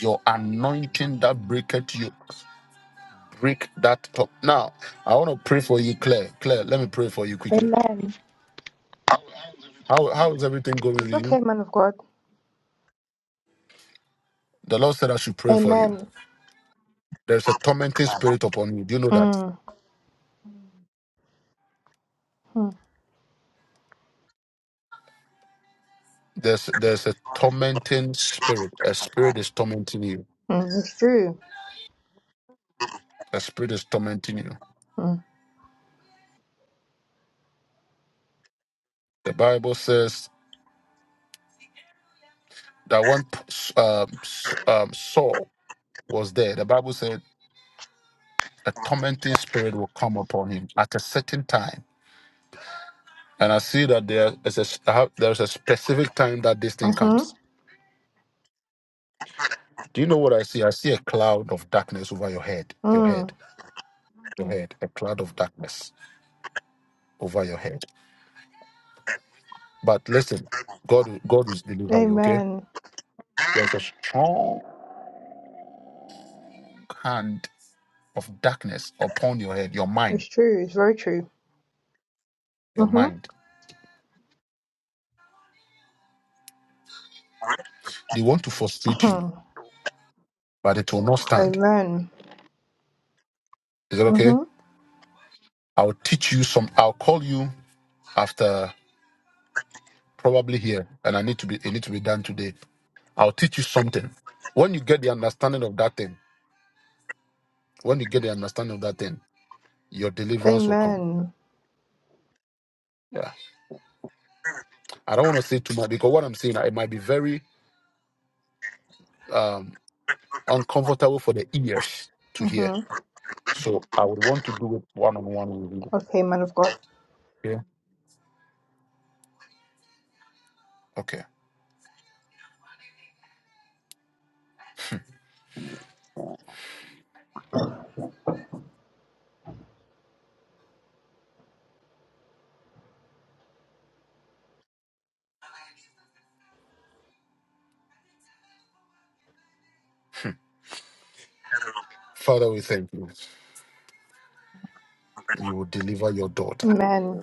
your anointing that breaketh you break that top. Now, I want to pray for you, Claire. Claire, let me pray for you quickly. Amen. How, how is everything going with It's you? okay, man of God. The Lord said I should pray for you. Amen. There's a tormenting spirit upon you. Do you know that? Mm. Mm. There's there's a tormenting spirit. A spirit is tormenting you. Mm. It's true. A spirit is tormenting you. Mm. The Bible says that one um, S- um, Saul was there. The Bible said a tormenting spirit will come upon him at a certain time. And I see that there is a s- I have- there's a specific time that this thing Mm-hmm. comes. Do you know what I see? I see a cloud of darkness over your head, your head, Mm. your head, a cloud of darkness over your head. But listen, God, God will deliver you. Okay, Amen. there's a strong hand of darkness upon your head, your mind, It's true. It's very true. your Mm-hmm. mind. They want to frustrate you, but it will not stand. Amen. Is that okay? Mm-hmm. I'll teach you some. I'll call you after probably here, and I need to be. It need to be done today. I'll teach you something. When you get the understanding of that thing, when you get the understanding of that thing, your deliverance will come. Amen. Yeah. I don't want to say too much because what I'm saying, it might be very um, uncomfortable for the ears to hear. Mm-hmm. So I would want to do it one on one with you. Okay, man of God. Yeah. Okay. Father, we thank you. You will deliver your daughter Amen.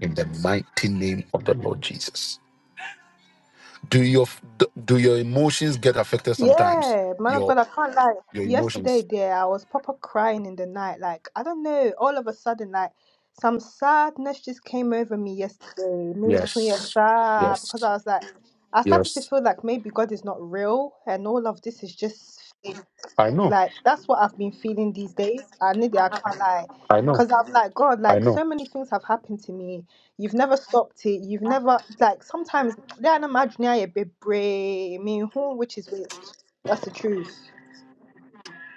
in the mighty name of the Lord Jesus. Do your do your emotions get affected sometimes? Yeah, man of Your God, I can't lie. your emotions. yesterday, dear, I was proper crying in the night. Like, I don't know, all of a sudden, like some sadness just came over me yesterday. Me so Yes. sad because Yes. I was like I started to Yes. feel like maybe God is not real and all of this is just fake. I know. Like that's what I've been feeling these days. I need it. I can't lie, I know. because I'm like God. I Like know. so many things have happened to me. You've never stopped it. You've never like sometimes they are imaginary a bit brave. I mean, who which is which? That's the truth.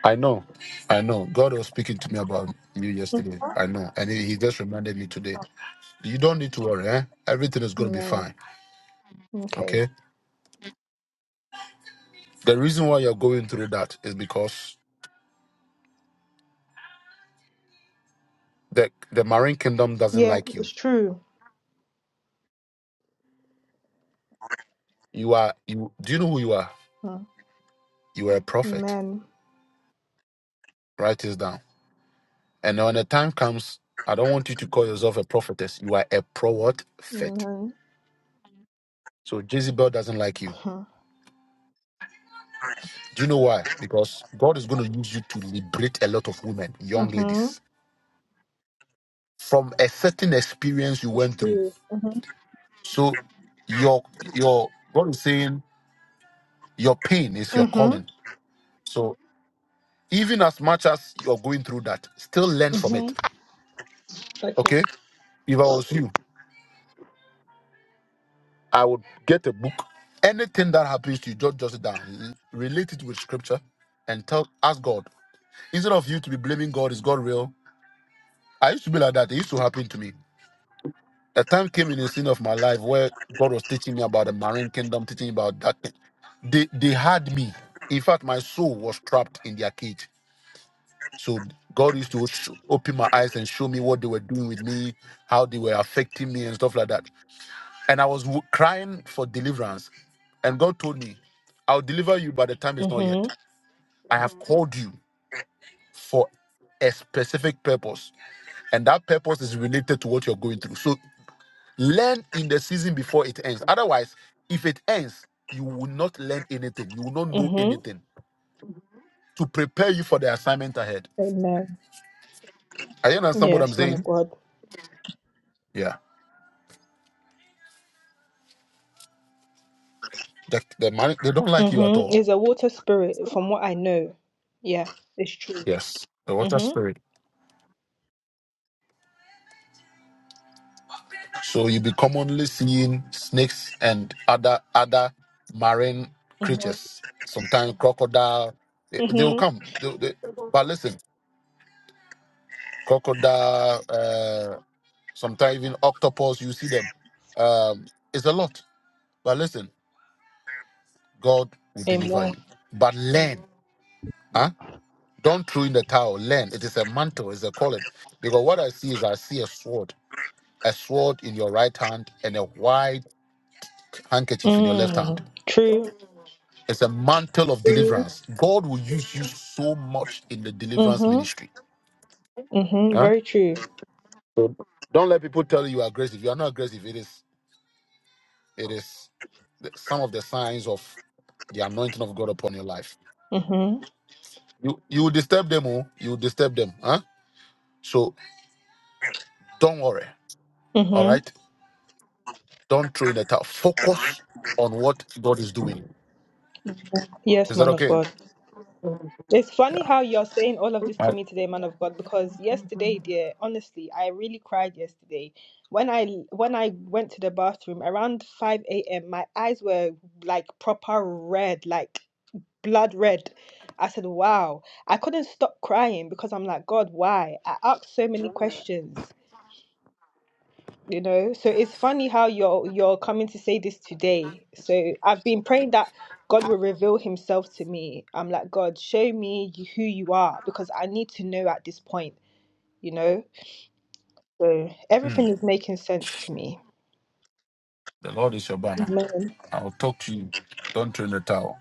I know. I know. God was speaking to me about you yesterday. I know. And he he just reminded me today. You don't need to worry, eh? Everything is gonna be Amen. fine. Okay. Okay? The reason why you're going through that is because the the marine kingdom doesn't Yeah, like you it's true. You are you do you know who you are? Mm. You are a prophet. Amen. Write this down. And when the time comes, I don't want you to call yourself a prophetess. You are a pro what? Fet. Amen. So Jezebel doesn't like you. Do you know why? Because God is going to use you to liberate a lot of women, Mhm. young Mhm. ladies, from a certain experience you It's went through. true. Mhm. So your your God is saying your pain is your Mhm. calling. So even as much as you're going through that, still learn from it. Mhm. Okay. Okay? If I was you, I would get a book. Anything that happens to you, just just it down. L- Relate it with scripture and tell ask God. Instead of you to be blaming God, is God real? I used to be like that. It used to happen to me. A time came in a scene of my life where God was teaching me about the marine kingdom, teaching me about that. They they had me. In fact, my soul was trapped in their cage. So God used to sh- open my eyes and show me what they were doing with me, how they were affecting me and stuff like that. And I was w- crying for deliverance. And God told me, I'll deliver you, but the time is not yet. Mhm. I have called you for a specific purpose. And that purpose is related to what you're going through. So learn in the season before it ends. Otherwise, if it ends, you will not learn anything. You will not know Mhm. anything to prepare you for the assignment ahead. Amen. Are you understand what I'm Yes, man of saying? God. Yeah. The, the man, they don't like you at Mm-hmm. all. Is a water spirit, from what I know. Yeah, it's true. Yes. Mm-hmm. So you'll be commonly seeing snakes and other other marine Mm-hmm. creatures. Sometimes crocodile, they, they will Mm-hmm. come. They- they- but listen, crocodile, uh, sometimes even octopus, you see them. Um, it's a lot. But listen, God will deliver Amen. you. But learn, huh? Don't throw in the towel. Learn. It is a mantle. It's a calling. Because what I see is I see a sword, a sword in your right hand, and a white handkerchief in your left hand Mm. True. It's a mantle of True. deliverance. God will use you so much in the deliverance Mm-hmm. ministry. Mm-hmm. Huh? Very true. Don't let people tell you you are aggressive. You are not aggressive. It is it is the- some of the signs of the anointing of God upon your life. Mm-hmm. You you will disturb them, oh, you will disturb them. Huh? So don't worry. All Mm-hmm. right. Don't throw in the towel. Focus on what God is doing. Yes, Is that man of okay? God. It's funny Yeah. how you're saying all of this to me today, man of God, because yesterday, dear, honestly, I really cried yesterday. When I when I went to the bathroom around 5 a.m., my eyes were like proper red, like blood red. I said, wow. I couldn't stop crying because I'm like, God, why? I asked so many questions, you know? So it's funny how you're you're coming to say this today. So I've been praying that God will reveal himself to me. I'm like, God, show me you- who you are because I need to know at this point, you know? So Mm. everything is making sense to me. The Lord is your banner. Amen. I'll talk to you. Don't throw in the towel.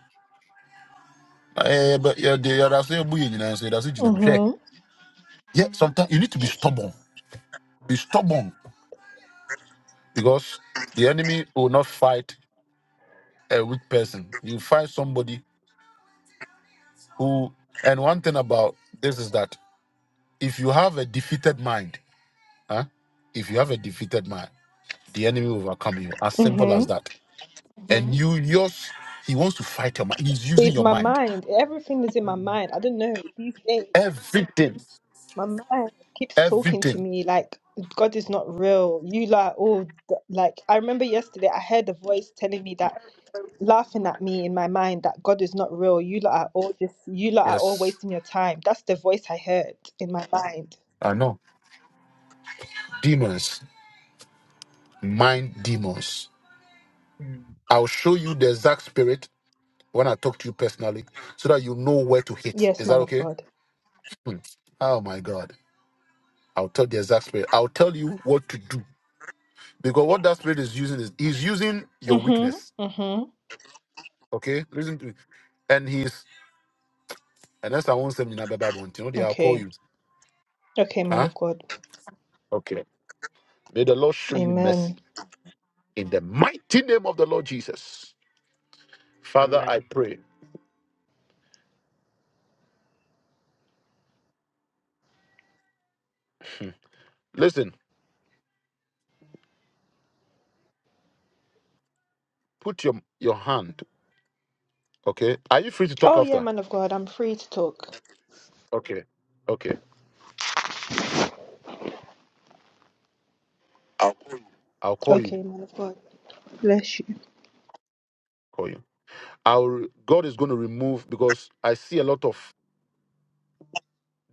Eh, but yeah, they are saying, "Buyi nyina nso, they are saying, 'Jina mhwe.'" Mm-hmm. Yeah, sometimes you need to be stubborn. Be stubborn because the enemy will not fight a weak person. You fight somebody who. And one thing about this is that if you have a defeated mind, huh? If you have a defeated mind, the enemy will overcome you. As simple as Mm-hmm. that. And you, yours, he wants to fight your mind. He's using It's your my mind. mind. Everything is in my mind. I don't know. these days. Everything, My man keeps talking to everything. me like God is not real. You like all th- like I remember yesterday I heard a voice telling me that laughing at me in my mind that God is not real. You lot are all just you lot are all Yes, wasting your time. That's the voice I heard in my mind. I know. Demons, mind demons. I'll show you the exact spirit when I talk to you personally, so that you know where to hit. Yes, Is that man of okay? God. Hmm. Oh my God. I'll tell the exact spirit. I'll tell you what to do. Because what that spirit is using is he's using your Mhm. weakness. Mhm. Okay? Listen to me. And he's and that's I won't send you number You know they I'll call Okay. you. Okay, man Huh? of God. Okay. May the Lord show you mercy Amen. in the mighty name of the Lord Jesus. Father, I pray. Listen, put your your hand. Okay. Are you free to talk Oh yeah, after? man of God. I'm free to talk. Okay. Okay. I'll call you. Okay, man of God. Bless you. Call you. Our God is going to remove because I see a lot of.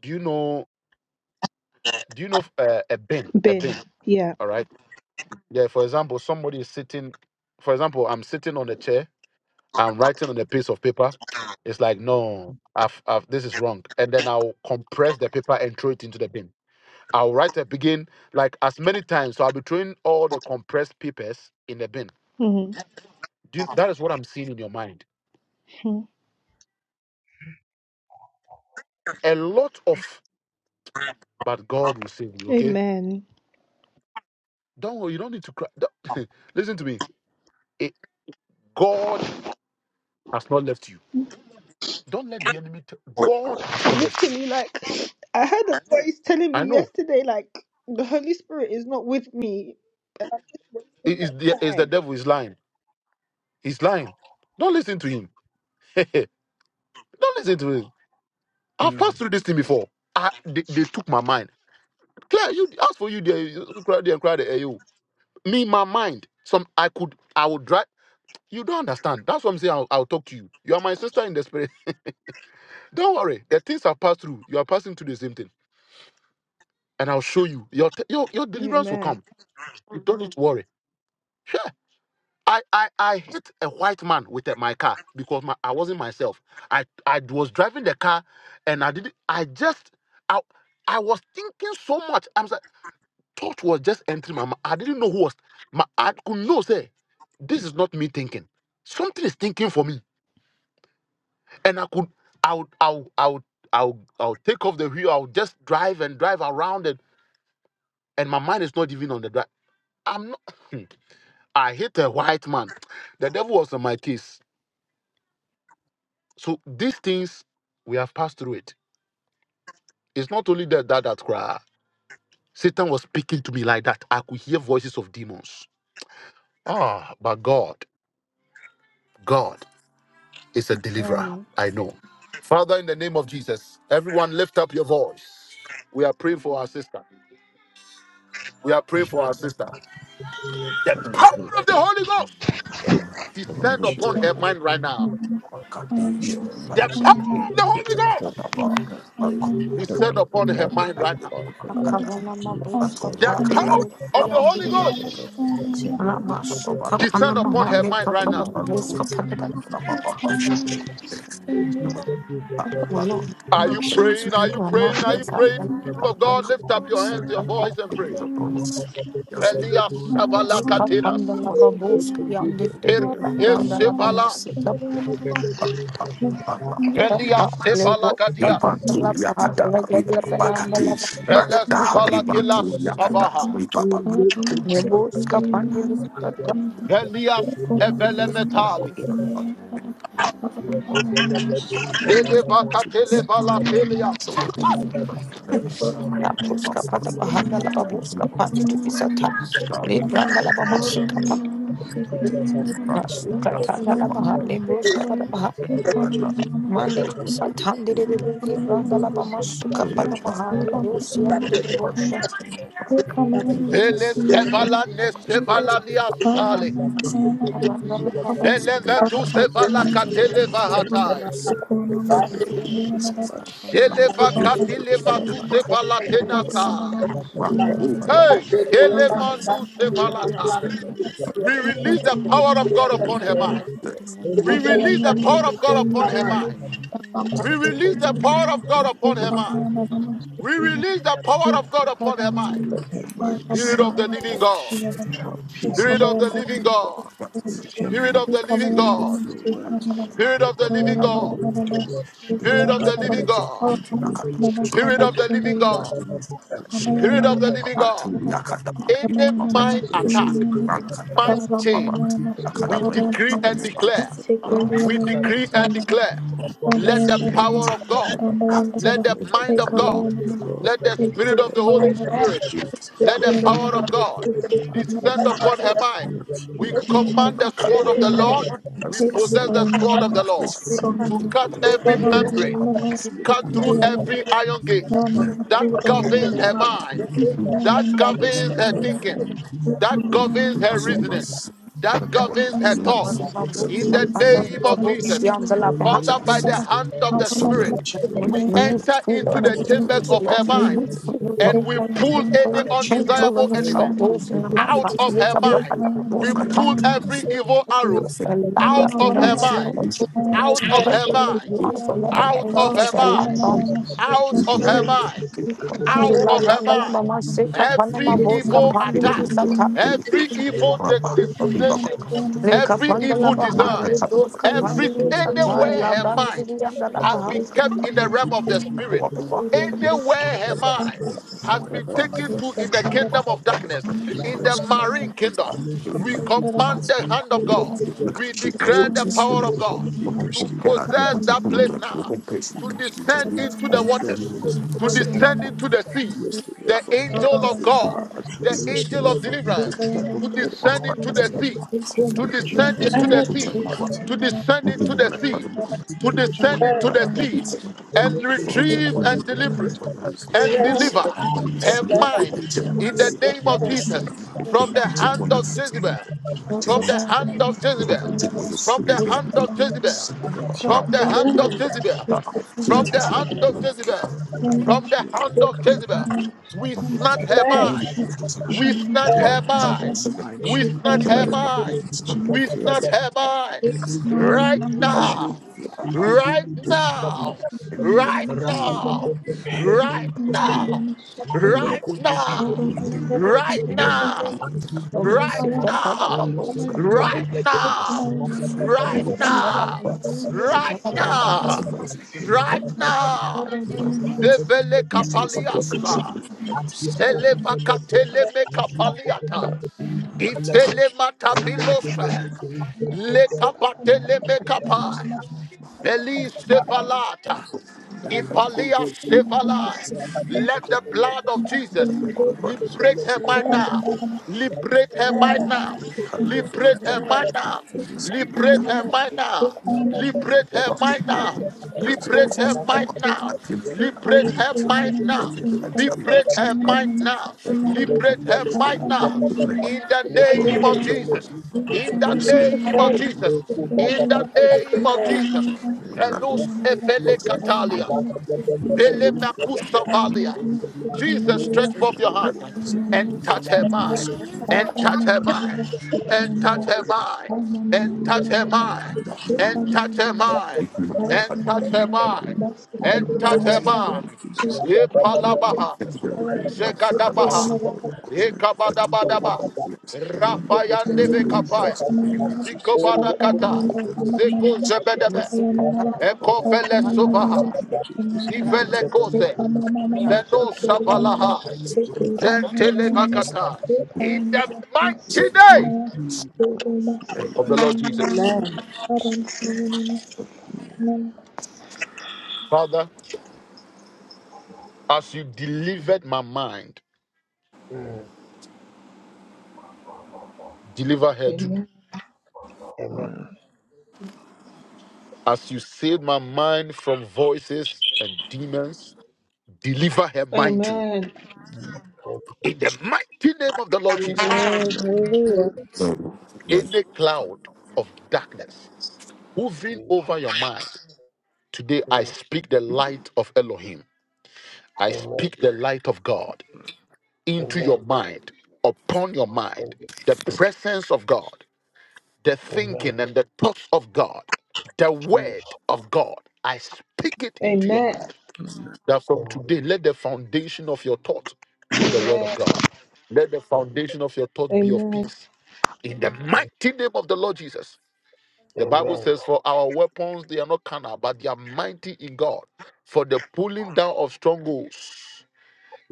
Do you know? Do you know uh, a bin? A Bin. bin. Yeah. All right. Yeah. For example, somebody is sitting. For example, I'm sitting on a chair. I'm writing on a piece of paper. It's like no, I've, I've, this is wrong. And then I'll compress the paper and throw it into the bin. I'll write a begin like as many times. So I'll be throwing all the compressed papers in the bin. Mm-hmm. Do you, that is what I'm seeing in your mind. Mhm. A lot of, but God will save you. Okay Amen. Don't worry, you don't need to cry. Don't- Listen to me. It, God has not left you. Don't let the enemy. T- God has not left you. Literally, like, I had a voice telling I me know. yesterday, like, the Holy Spirit is not with me. And I just wasted It my is the, it's the time. devil is lying. He's lying. Don't listen to him. don't listen to him. I've passed through this thing before. I, they, they took my mind. Claire, you ask for you there. You cry there and cry there. eh, You. Me, my mind. Some I could. I would drive. You don't understand. That's what I'm saying. I'll, I'll talk to you. You are my sister in the spirit. Don't worry. The things I've passed through, you are passing through the same thing. and I'll show you. Your t- your, your deliverance will Amen. come. You don't need to worry. Sure. I, I, I hit a white man with uh, my car because my, I wasn't myself. I, I was driving the car and I didn't, I just, I, I was thinking so much. I'm sorry, thought was just entering my mind. I didn't know who was, my, I could know, say, this is not me thinking. Something is thinking for me. And I could, I would, I would, I would, I would, I would take off the wheel. I would just drive and drive around it. And my mind is not even on the drive. I'm not. I hit a white man. The devil was on my case. So these things we have passed through it. It's not only that that that cry. Satan was speaking to me like that. I could hear voices of demons. Ah, but God, God is a deliverer. Amen. I know. Father, in the name of Jesus, everyone lift up your voice. We are praying for our sister. We are praying for our sister. The Father, I power of the pray Holy Ghost for uh, make descend sure upon Thank her that mind right now. your The angels power and of the Holy protect Ghost them. Whatever I pray says that descend demonic the upon her attack of mind common right her now. life in the mighty name of Jesus. I'm go to The power protect people her of the mind. is Holy to Ghost Father maintain God, however protect we her mind confidently and descend do. upon her mind right now. We mind in her suppress mind. any bad thoughts in our mind, O Lord. We mind. Are you praying? suppress Are you any praying? Are you negative praying? thoughts in our People of mind, O God, Lord. lift up your Anything hands, that your they are voice, and trying pray. to embed in Velia her brain, O savala Lord, making katinas. sure that she will not follow, but we Er come against her mighty esivalas. name of Jesus, O Thank Lord. Velia This sevala is the kadias. night of you. prayer today, O Lord. We come against any evil Vele Luciana spirit, zuvala Salomon was kilas any frequently spirit sabaha. of known torment, as O Salomon Lord. Sweet Nebus kapan Juliana Any dulu spirit of Maxicola. doubt, Velias evele any spirit of metali. discouragement, we come against in the mighty name of Jesus, for the Jesus. God, Eleva the katele vala telias. pray We God, suppress am all praying for the negative body and of life. bad Labroska thoughts, pata so In Lord, in pahanda la the mighty baboska name, of pandi di Jesus. pisata. any spirit of Rebranda la discouragement, we bamasuka come pa. against in the that you mighty name of protect her Jesus. Any mind, spirit of Masuka hindrance, tanda la so Lord, baha. we come Lebroska against in pata the paha. mighty name of Jesus. Jesus. Mandi Father di God, we pisata. Ndi pray di di that di. her Rebranda la mind That you bamasuka touch her, pata paha. oh Lord, and I Lebrosi guide her andi di and reveal di Thank ordain everything you. her bosha. to to the change right Thank path, oh Lord. Vele I sevala ne that she sevala continues to nias follow you sale. no matter what, oh Lord, we Rebranda la come against Vele bamasuka anything vetu that is sevala trying to you protect torment katele me her, in oh the mighty name Lord. vahatai. We of come against The enemy anything is that is planning not from to you, O let Keleva it Lord. backfire katile in the matu mighty sefalatena sai. Let it Anyone backfire coming Hey, in the mighty name of kelemandu God. in the sefalata. form Let of a it We snake backfire. release the power of God or upon any her form of you. mind. a demonic We Thank release animal, the O power Lord, of we God upon come her against mind. in the mighty name of We Jesus, Protect O release the Lord. power of God him. upon her mind. We release the power of God upon her mind. In Let her Jesus, mind O be Spirit of sound. Lord. the living Let God. let her have peace in Spirit her of the mind. living Pray Jesus, God. God. So that her Spirit mind of be the living filled with God. your O Lord. We words come and you know. Spirit against of the in living God. What the, Jesus, O the, the enemy is There's a Spirit of Lord. the living different thing God. trying to do, Spirit but of the living you. my God. goodness, every Kamayana Spirit attack of the living God. Namaskara Any Kamayana mind Reverend attack. Namasunayana Ahmad mighty, Ramayana Ahmad in the we Namaskara mighty decree name and of declare Jesus, O God, we we Sekeliana you. decree light and Namasyana declare upon Thank We let the come Ramayana every Nama against power negative of any God, mind in the games, O Ramayana mighty name let Lord, Rava the that of are mind playing Jesus, of in God, the Ekabayana O Nama God, let mighty the break name of it spirit of Jesus, head the in O Holy Sukumayana the Lord. name Rava Spirit, of Jesus, let the We Sukayana set break power it of Rava fire God to in the anything mighty Sekayana and name descend of Nama anyone upon Jesus, that her is mind. let We your coming in as command a the Kamayana form sword of of an the Rava Lord, will animal, any we protect possess snake, you the Ekubayana sword of the every Lord single any to Namaskura cut demonic day, every Lord, attack, all that Ramayana we membrane, come every Nama to against single in our cut time, through own with mind. and we Sekayana every come everybody. iron against in the gate mighty name of Thank that Jesus, governs oh her Lord, mind, that governs rescue her her hallelujah, thinking, in from that the governs mighty her fall the reasoning, in mighty name the that name of of governs her Jesus. Jesus, oh thoughts. Lord, Father God, In you the panda rescue la her name of from the Jesus, babosi mighty anda Jesus, kingdom. Father, by the hand of the Spirit, Let your we angel enter into the turn chambers mighty name, of her mind and pray, and we sin, pull any Oh, change to undesirable learn of thought element rules in the the mind, out mighty France of name rules her are bad, of mind. Jesus. that are both We In the pull compact. and every you. evil You arrow are pray, and liar out Mama, let in of the mama, her come our masu material mind, of Jesus. lives, mama, out of and But her the end of mind, the line for love out redirect it and of her against mighty a name to life the mind, enemy, in the bomb. you. mighty name of out of Thank Jesus, her oh mind Lord. On Tuesday, out La of her Branda La mind. Mama, She Seca you. Panama, Every experienced Bosca evil peace in the Pandini attack, mighty name Sata, of every Jesus, O evil Lord. de- designation, May she Leca experience every Pandala evil harmony in the Baha, mighty design, name of Lebosca Jesus, O every Lord. Pandini Sata, anywhere La her Cast Branda mind anything out Vianda of La has her Baha, been mind, kept in all the realm of the negative spirit, thoughts, O Lord, in the anywhere her name of mighty mind wherever, has been wherever a man taken has to been in the trapped, kingdom of darkness, Thank you. in the rescue name of you. marine Jesus. her in the kingdom, Release her we Thank in name the mighty command of name of Jesus. the hand Jesus, of O We God. Lord. rescue her We in the declare the power of God we I to rescue her command her in to possess that the place send the now mighty name we of to Jesus, rescue O her descend Lord. from into the every waters, prison to on the earth. descend into the We seas. rescue her The from angel of every God, harm. We the rescue angel her of from every deliverance, trouble to that is descend into in the the sea, mighty name to of descend Jesus. into the In the sea, mighty to name of descend into Jesus. the sea, In the mighty to name of Jesus. descend into the In the sea, mighty name of Jesus. and The God that retrieve you and deliver are is and deliver for and her protect her from mind in the every name attack of on Jesus her mind. from the In the hand of mighty name Jezebel, of Jesus. from the For hand the of people Jezebel, from of the this. hand of you. Jezebel, Let you from the always Thank be hand of Jezebel protected every from the time of hand of faith, O Jezebel, God. from Let the you all hand of be Jezebel, your we snatch her protector of mind, every worship we of snatch God. her Her mind, mind we should be snatch her clear. Her mind, mind should be we filled snatch her with mind positivity. Thank right Her mind should be now, filled with, right with all the now, things right that you now, will want her right to now, believe right her now in the mighty right name of now, Jesus, Loma right Seca Padaba now, Bosca right now, Father, for right Pandala every La now, Mama, Seca enemy right Talabaha, in now, the mighty name right of now. in the you. Zevele kapaliasa, in seleva katele me kapaliata, the mighty name of Jesus. ifele matabilose, le you. Thank kapatele me kapai. Thank Elisephalata. In the name Ipalia Shevala. Let the My all blood the of shackles of Jesus the enemy, O is Jesus, Lord. liberate her mind now. Liberate O her Lord, mind we O now. pray Lord, right you. from Liberate O her every mind Lord, now. vindicate her, confusion, Thank every O Lord. doubt, Liberate her and mind now. the name of Jesus, Liberate her we We mind pray now. are not from every Liberate any her mind bondage of now. doubt, the enemy, O Liberate Lord, her that is mind oppressing let now. my him be thoughts, O with Liberate Lord. her mind positivity, now. let him might Liberate Come her against be mind them in the with mighty now. name of In the Jesus, O name only Lord. to of Jesus. you, In Father the God, name in of the mighty Jesus. name of In Jesus. the you. name of We Jesus. scatter any In negative the Velus bad mighty efele thoughts, And O be Lord. name katalia. filled with of your Vele Give in us the in the will, mighty makusa name valia. of Jesus, O not Jesus, Lord. anything stretch from the forth your hand we devil, have for the and mindful. enemy, touch her in the mighty mind. name of name Jesus, And of Jesus, touch her but mind. in the mighty bless And them. name touch of you. her Jesus, mind. And in you the touch her mighty Thank mind. acknowledge And you, touch her Lord, mind. name of And touch Jesus, her not mind. enemy, in I And the will touch cause her mighty name mind. of Jesus. But Lord, lift Epalabaha. your hand a and family, but Zekadabaha. Lord, you. let the power Ekabadabadaba. be blessed and be Yeah, protected Rapayandebe in the kapaya. mighty name of Ziko Jesus. In the barakata. name of Jesus, Zeko Loma zebedebe. Seca Talaba Eko Bosca vele in the Pandala sovaha. Baha. mighty name of Jesus, in the Zivele name koze. of Yeah. Jesus, Veno in the mighty name savalaha. of Jesus, in the Yeah, Ventele vakata. In the mighty name mighty name of of the Lord Jesus. Jesus. Father, as you delivered my mind, deliver her too. Amen. As you saved my mind from voices and demons, deliver her Amen. Amen. Amen. Amen. mind too Amen. In the mighty name of the Lord Jesus, Amen. Amen. Hallelujah. any cloud of darkness hovering over your mind, today I speak the light of Elohim. I Mm, speak the light of God into your Amen. mind, upon your Thank mind, you, the presence of God, the Jesus. Mm, Amen. Amen. Amen. Amen. thinking and the thoughts of God, the word Jesus. of God. I speak it into your mind. Amen. That from Amen. today, let the foundation of your thought be the word of God. Let the foundation of your thought be of Amen. peace. in the mighty name of the Lord Jesus. The Bible Amen. says, For our weapons, they are not carnal, but they are mighty in God, for the pulling down of strongholds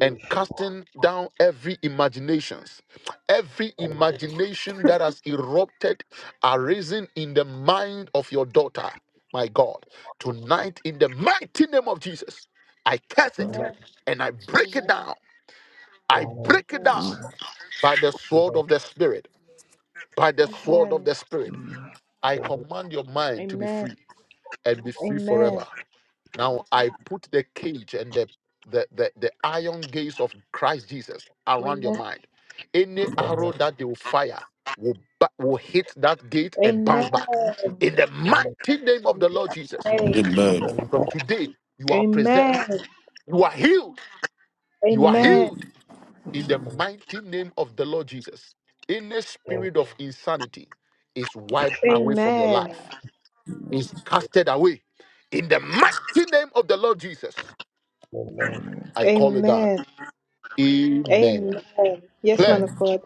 and casting down every imaginations every Amen. imagination that has erupted arisen in the mind of your daughter my god tonight in the mighty name of jesus i cast it Amen. and i break it down i Amen. Amen. Amen. break it Amen. down Amen. by the sword Amen. of the spirit by the sword of the spirit I command your Amen. mind to be Amen. free and be free forever. Amen. Now I put the cage and the the, the, the iron gates of Christ Jesus around your mind. Any Amen. arrow that they will fire will, ba- will hit that gate and bounce Amen. back. In the Amen. mighty name of the Lord Jesus, Amen. Amen. Amen. from today, you are preserved. Amen. You are healed. You are Amen. healed. In the mighty name of the Lord Jesus, any Amen. spirit of insanity is wiped away from your Amen. life is casted away. In the mighty name of the Lord Jesus, Amen. Amen. Amen. I call it down. Amen. Amen. Amen. Yes, man Claire, of Amen. God.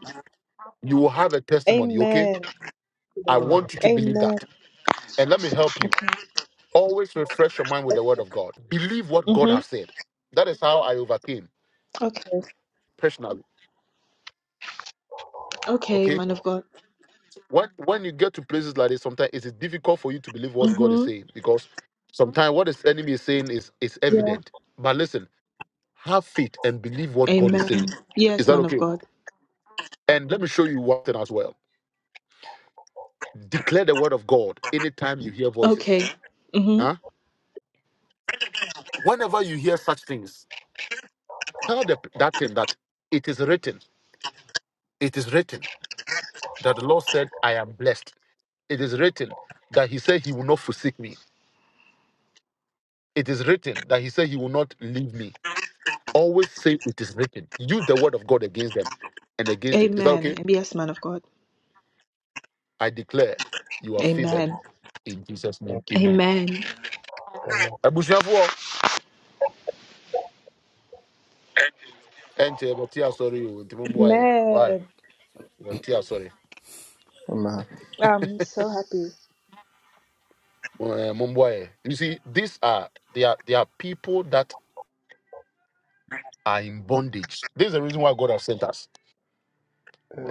you will have a testimony, okay? Amen. I want you to believe Amen. that. And let me help you. Okay. Always refresh your mind with the word of God. Believe what God Mm-hmm. has said. That is how I overcame Okay. personally. Okay, Okay? man of God. When when you get to places like this, sometimes it is difficult for you to believe what God is Mm-hmm. saying because sometimes what the enemy is saying is, is Yeah. evident. But listen, have faith and believe what God is Amen. saying. Is Yes, that man of okay? God. And let me show you one thing as well. Declare the word of God anytime you hear Okay. voices. Mm-hmm. Huh? Whenever you hear such things, tell the, that thing that it is written. It is written that the Lord said, I am blessed. It is written that He said He will not forsake me. It is written that He said He will not leave me. Always say it is written. Use the word of God against them and against it. Is that Amen. okay? Yes, man of God. I declare you are favored Amen. in Jesus' name. Amen. Amen. Amen. Abusuafoɔ, ɛnkyɛ yɛbɛte asɔre o, nti mommoa yɛn. Why? Amen. Yɛbɛte asɔre. Amen. I'm so happy. uh, Mumbai. You see, these are they are they are people that are in bondage. This is the reason why God has sent us.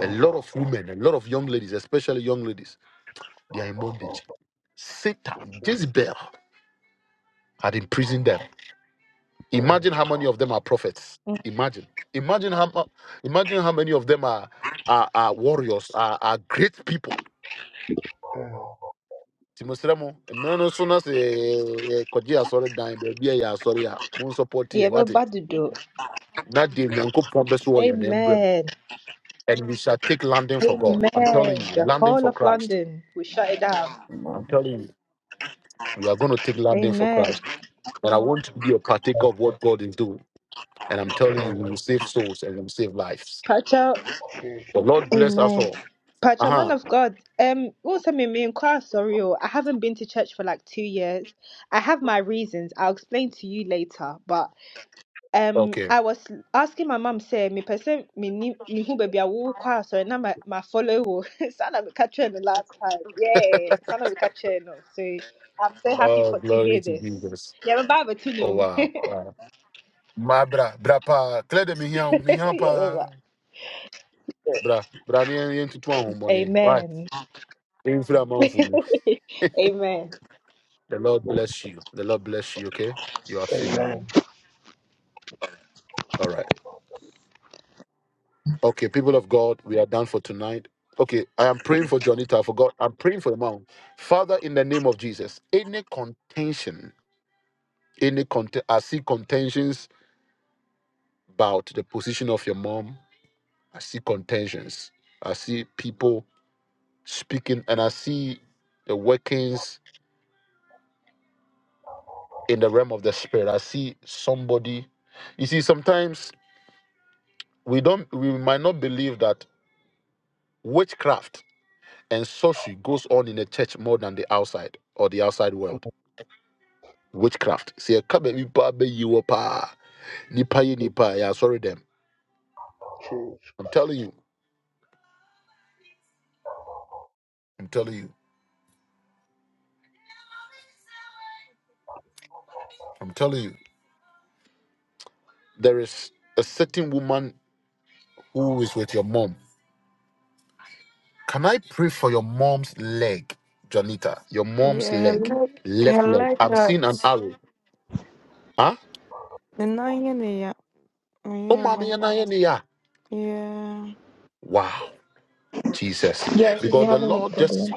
A lot of women, a lot of young ladies, especially young ladies, they are in bondage. Satan, cheese, Jezebel had imprisoned them. mm, Imagine how many of them are prophets. Mm. Imagine. Imagine how mu- imagine how many of them are are, are warriors, are, are great people. mm, Timosremo, mmeano so na sɛ kɔgye dan baabi a yɛ asɔre a mo nsɔpɔte Yeah, ɛ but wate bad to do. na deɛ nyankopɔn bɛso wɔ yɛ Amen. and we shall take landing for God. I'm Amen. telling you, The landing whole for of Christ. London, we shut it down. I'm Amen. telling you, we are going to take landing for Amen. Christ. And I want you to be a partaker of what God is doing. And I'm telling you, mm, we will save souls and we will save lives. Pacha, cheese, The Lord bless us amen. all. Uh Pacha, man huh. of God, um, also me, me inquire, sorry, oh, I haven't been to church for like two years. I have my reasons. I'll explain to you later. But um, Okay. I was asking my mum, say, me person, me ni, me who baby, I will choir, sorry, now my my follow, oh, son of a catcher the last time, yeah, son of a catcher, no. So I'm so happy Oh, for to glory hear to this. Jesus. Yeah, my Bible too, Oh, no. wow. wow. My bra, bra pa, clear the mihiam, mihiam yeah, pa. Baba. Bra, bra ni en- en tutu ahun boni. Why? Amen. Infra man manfumu. Amen. The Lord bless you. The Lord bless you, okay? You are favored. amen, Amen. All right. Okay, people of God, we are done for tonight. Okay, I am praying mm, for Jonita. I forgot. I'm praying for the mom. Father, in the name of Jesus, any contention, any cont- I see contentions about the position of your mom. I see contentions. I see people speaking, and I see the workings in the realm of the spirit. I see somebody. You see, sometimes we don't. We might not believe that witchcraft and sorcery goes on in the church more than the outside or the outside world witchcraft. See, a kabe nipa be you wɔ paa. Nipa ye mm, nipa. Yeah, sorry them. cheese, I'm telling you. I'm telling you. I'm telling you. There is a certain woman who is with your mom. Can I pray for your mom's leg, Janita? Your mom's leg, hello, left leg. hello, I'm that. seeing an arrow. Huh? The nine yeah, Oh, yeah, mommy, like, and I and yeah. yeah. Wow, Jesus, she's because been the having like Lord just problems.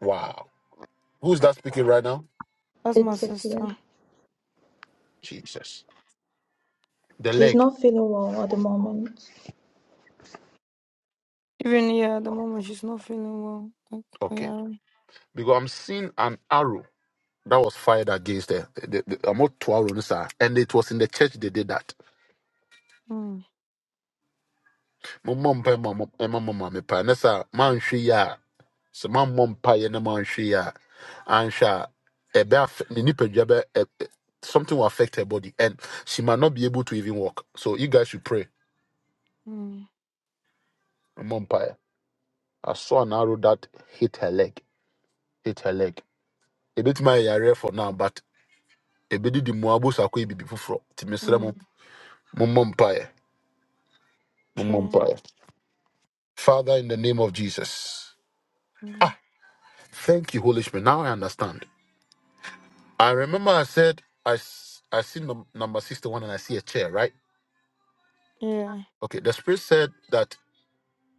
wow. Who's that speaking right now? That's my It's a fear. sister. Jesus, the She's leg. not feeling well at the moment. Even yeah, at the moment she's not feeling well. Like, Okay, yeah, because I'm seeing an arrow that was fired against the, the, the I'm not two hours, sir. And it was in the church they did that. mm, My mom pa my mom my mom my pa nessa man she ya. So my mom pa ye na man she ya. And sha a nipa something will affect her body and she might not be able to even walk. So you guys should pray. mm, My mom pa. ye. I saw an arrow that hit her leg. Hit her leg. A bit my area for now, but a bit the muabu sakwe bibi fufro. mm, Timisremo. Mum mom pa. Mum mom Sure. pa ye. Father, in the name of Jesus. mm, Thank you, Holy Spirit. Now I understand. I remember I said, I, s- I see num- number 61 and I see a chair, right? yeah, Okay, the Spirit said that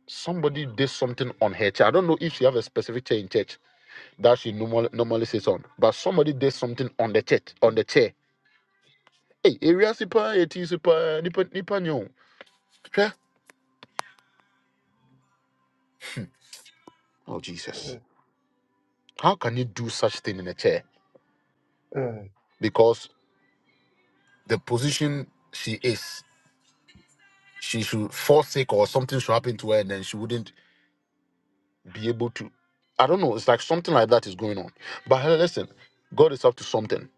somebody did something on her chair. I don't know if she have a specific chair in church that she normal, normally sits on, but somebody did something on the church, on the chair. Hey, area super, it is super, nipa, nipa, nyo. Hwɛ. Oh, Jesus. mm, How can you do such thing in a chair? mm, Because the position she is. she should fall sick or something should happen to her and then she wouldn't be able to i don't know it's like something like that is going on but hey, listen god is up to something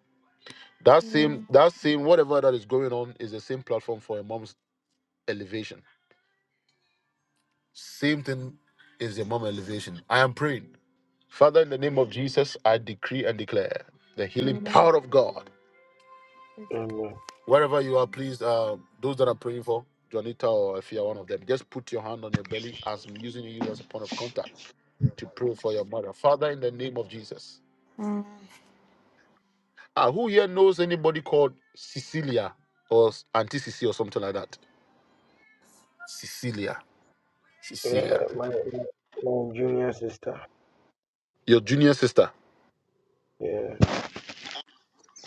that mm, same that same whatever that is going on is the same platform for a mom's elevation same thing is the mom elevation i am praying father in the name of jesus i decree and declare the mm, healing mm, power of god amen. wherever you are please uh those that are praying for Juanita or Afia, one of them, just put your hand on your belly as I'm using you as a point of contact to pray for your mother. Father, in the name of Jesus. mm, Ah, who here knows anybody called Cecilia or S- Auntie Cecilia or something like that? Cecilia. Yeah, Cecilia. my, my my junior sister. Your junior sister Yeah,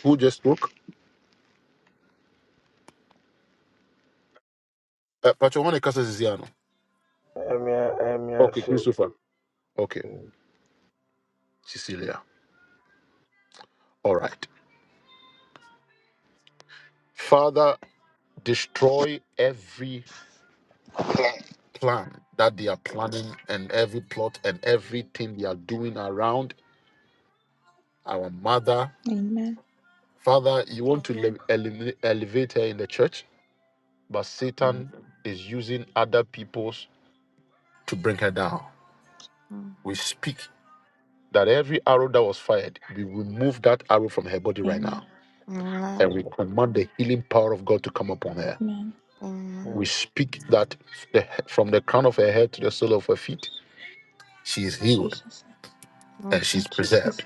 who just spoke? Uh, Pacho, one Casa Cecilia. I'm here, I'm here, Okay, so. Christopher. Okay, Mm, Cecilia. All right. Father, destroy every plan that they are planning and every plot and everything they are doing around our mother. Amen. Father, you want to le- elevate elevate her in the church but mm, Satan is using other people's to bring her down. mm, mm, We speak that every arrow that was fired, we remove that arrow from her body right Amen. now, and mm, we amen. command the healing power of God to come upon her. Amen. We Mm, speak that the, from the crown of her head to the sole of her feet, she is healed Jesus. mm, and she's Jesus. preserved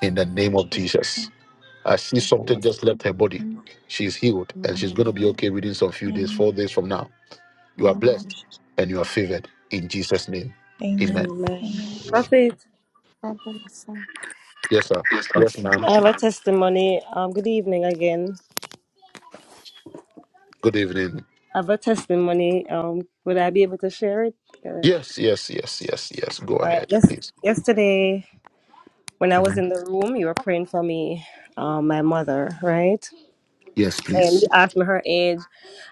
in the name of Jesus. Jesus. I see something amen. just left her body. Amen. She's healed and she's going mm, to be okay within some few days, four Amen. days from now. You are blessed mm, and you are favored in Jesus' name. Amen. Amen. Amen. Amen. mm. Amen. Prophet, God bless her. Yes, sir. Yes, ma'am. I have a testimony. Um, good evening again. Good evening. I have a testimony. Um, would I be able to share it? Uh, all Yes, yes, yes, yes, yes. Go right. ahead, Yes. please. Yesterday, when I was hmm in the room, you were praying for me, um, my mother, right? Yes, And please. you asked me her age.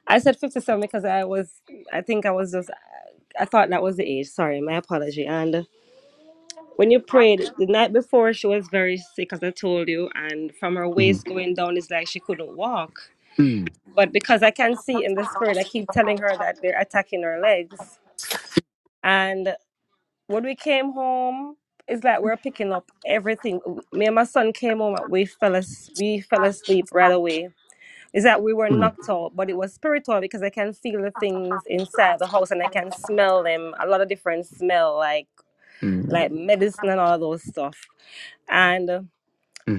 I said fifty-seven because I was, I think I was just, I thought that was the age. Sorry, my apology. And When you prayed the night before, she was very sick, as I told you, and from her waist going down, it's like she couldn't walk. But because I can see in the spirit, I keep telling her that they're attacking her legs. And when we came home, it's like we're picking up everything. Me and my son came home, and we fell as- we fell asleep right away. It's that we were Mm, knocked out, but it was spiritual because I can feel the things inside the house and I can smell them. A lot of different smell, like mm, like medicine and all those stuff. and.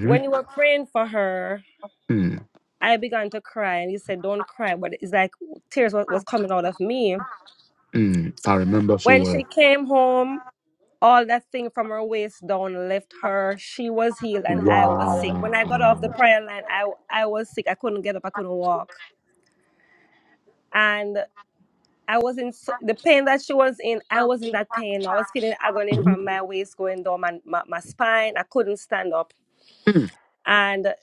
when you were praying for her, mm, I began to cry, and you said, "Don't cry," but it's like tears was, was coming out of me. mm. I remember so When she well. came home, all that thing from her waist down left her. She was healed, and I was sick. When Wow. I got off the prayer line, I I was sick. I couldn't get up. I couldn't walk, and I was in so- the pain that she was in. I was in that pain. I was feeling agony from my waist going down my, my, my spine. I couldn't stand up, and.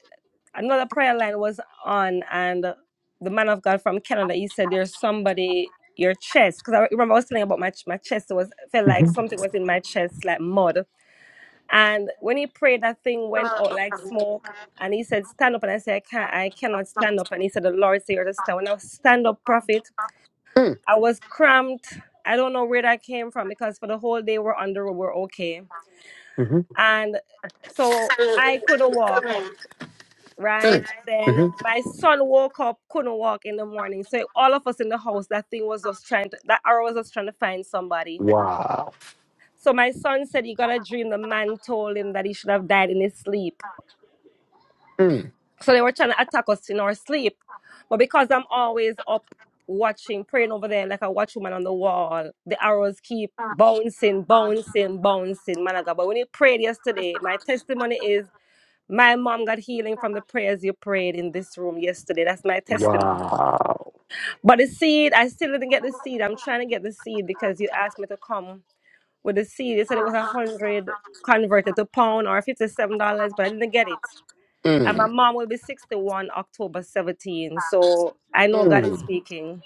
another prayer line was on, and the man of God from Canada, he said, "There's somebody your chest." Because I remember I was telling about my my chest. It was felt like something was in my chest, like mud. And when he prayed, that thing went out like smoke. And he said, "Stand up." And I said, "I can't. I cannot stand up." And he said, "The Lord said, you to stand." When I was stand up, prophet, Mm, I was cramped. I don't know where that came from because for the whole day we're on the road, we're okay, mhm, and so I couldn't walk. right? mm, And then mhm. my son woke up, couldn't walk in the morning. So all of us in the house, that thing was just trying to, that arrow was just trying to find somebody. Wow. So my son said he got a dream. The man told him that he should have died in his sleep. Mm, So they were trying to attack us in our sleep. But because I'm always up watching, praying over there like a watchwoman on the wall, the arrows keep bouncing, bouncing, bouncing, man of God. But when you prayed yesterday, my testimony is my mom got healing from the prayers you prayed in this room yesterday. That's my testimony. But the seed, I still didn't get the seed. I'm trying to get the seed because you asked me to come with the seed. You said it was a hundred converted to pound or fifty seven dollars, but I didn't get it. And my mm, mom will be sixty one October seventeenth. So I know God is mm. speaking.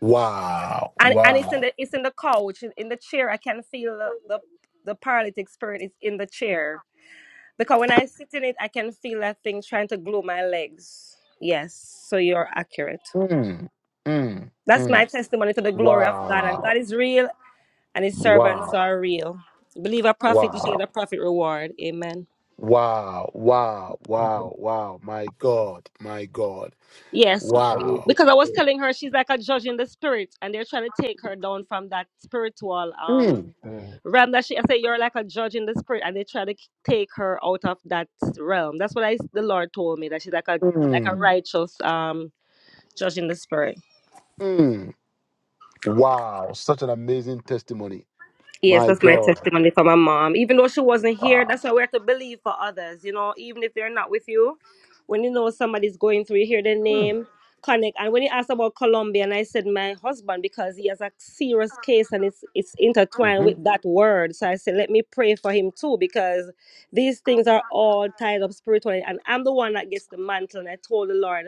Wow. And and it's in Wow. the it's in the couch, in in the chair. I can feel the the, the paralytic spirit is in the chair. Because when I sit in it, I can feel that thing trying to glue my legs. Yes. So you're accurate. Mm, mm, That's my mm. testimony to the glory of God. And God Wow. is real and his servants Wow. are real. Believe a prophet, you should get Wow. a prophet reward. Amen. Wow. Wow. Wow. Wow. My God. My God. Yes, Wow. Mm, because I was telling her she's like a judge in the spirit, and they're trying to take her down from that spiritual um Mm. realm that she. I say you're like a judge in the spirit, and they try to take her out of that realm. That's what I the Lord told me that she's like a like a Mm, righteous um judge in the spirit. mm. Wow, such an amazing testimony. Yes, My that's my God. testimony for my mom. Even though she wasn't here, that's why we have to believe for others. You know, even if they're not with you, when you know somebody's going through, you hear their name, connect. And when you asked about Colombia, and I said my husband because he has a serious case and it's it's intertwined with that word. So I said, let me pray for him too because these things are all tied up spiritually, and I'm the one that gets the mantle. And I told the Lord.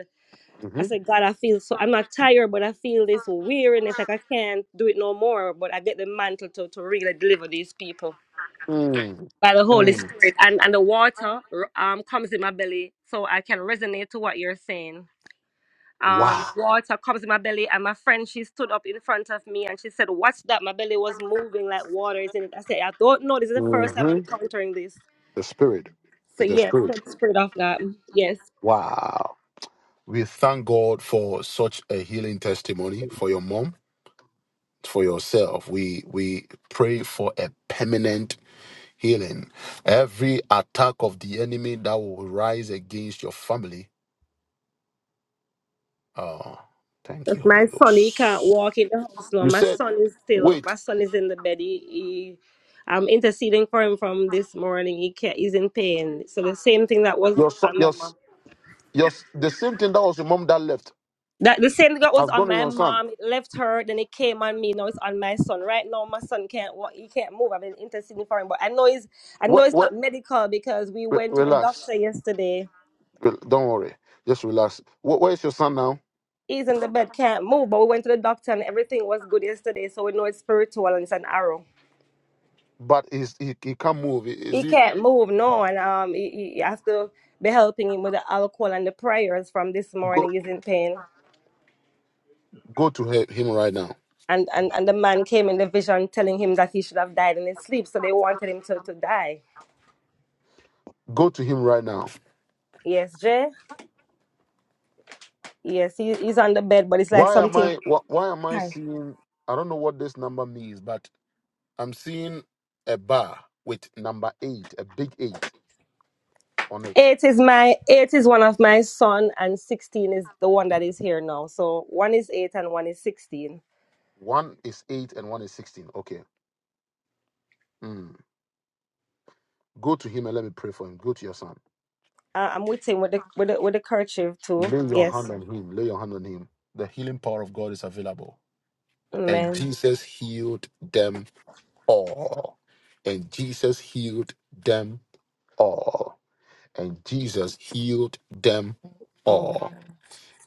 I hmm said, God, I feel so, I'm not tired, but I feel this weariness, like I can't do it no more. But I get the mantle to, to really deliver these people Mm, by the Holy mm. Spirit. And, and the water um, comes in my belly, so I can resonate to what you're saying. Um, Wow. water comes in my belly, and my friend, she stood up in front of me and she said, What's that? My belly was moving like water is in it. I said, I don't know. This is the first time I'm hmm encountering this. The Spirit So, is the yes, Spirit. that's Spirit of God. Yes. Wow. We thank God for such a healing testimony for your mom, for yourself. We we pray for a permanent healing. Every attack of the enemy that will rise against your family. Oh, thank If you, Holy my son, he can't Ghost. walk in the house now. You My said, son is still, my wait, son is in the bed. He, he I'm interceding for him from this morning. He can't, he's in pain. So the same thing that was your son, on my your." mom. Your s- the same thing that was your mom that left That the same thing that was has on gone on my your son. mom. It left her, then it came on me. Now it's on my son. Right now, my son can't walk. He can't move. I've been interceding for him, but I know he's, I Where, know it's where, not medical because we re- went to the relax. doctor yesterday. Re- Don't worry. Just relax. Where, where is your son now? He's in the bed, can't move, but we went to the doctor and everything was good yesterday. So we know it's spiritual and it's an arrow. But he's, he he can't move. Is he he can't move no and um he, he he has to be helping him with the alcohol and the prayers from this go morning he's in pain go to he- him right now? and, and and the man came in the vision telling him that he should have died in his sleep so they wanted him to, to die Go to him right now. yes jay yes he, he's on the bed but it's like Why am something I wh- why am I Hi. seeing? I don't know what this number means, but I'm seeing a bar with number eight, a big eight on it. eight is my eight is one of my son and 16 is the one that is here now so one is eight and one is 16 One is eight and one is sixteen. Okay. Mm. Go to him and let me pray for him. Go to your son. uh, i'm with him with the with the, with the kerchief too Lay your hand yes on him. Lay your hand on him. The healing power of God is available. And amen Jesus healed them all. And Jesus healed them all. And Jesus healed them oh all.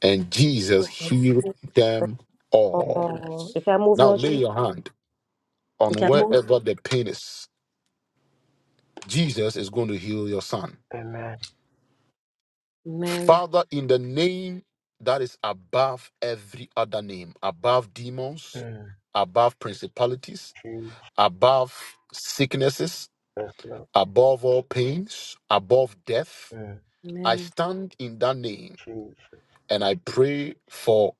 And Jesus goodness. healed them all. mm, Oh, you can move, Now no, Jay? lay your hand You on can move? wherever the pain is. Jesus is going to heal your son. amen. Man, Father, in the name that is above every other name, above demons, Mm, above principalities Jesus. above sicknesses, Lord. above all pains, above death. Mm, I man. stand in that name Jesus. and I pray for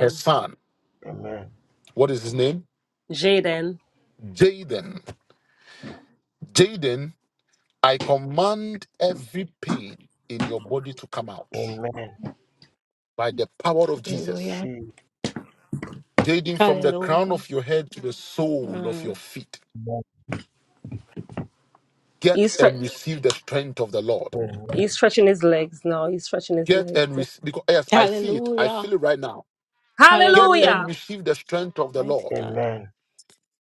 her son. Amen. What is his name? Jaden. Jaden. Jaden, I command every pain in your body to come out Amen. by the power of Jesus. Hallelujah. Jesus. Jaden, from the crown Hallelujah. of your head to the sole of Mm. your feet, get He's, and stre- receive the strength of the Lord. Amen. he's stretching his legs now. He's stretching his Get legs. and yeah. receive, because yes, I see it, I Hallelujah. feel it right now. Get and Hallelujah. Hallelujah. receive the strength of the Mighty Lord God. Amen.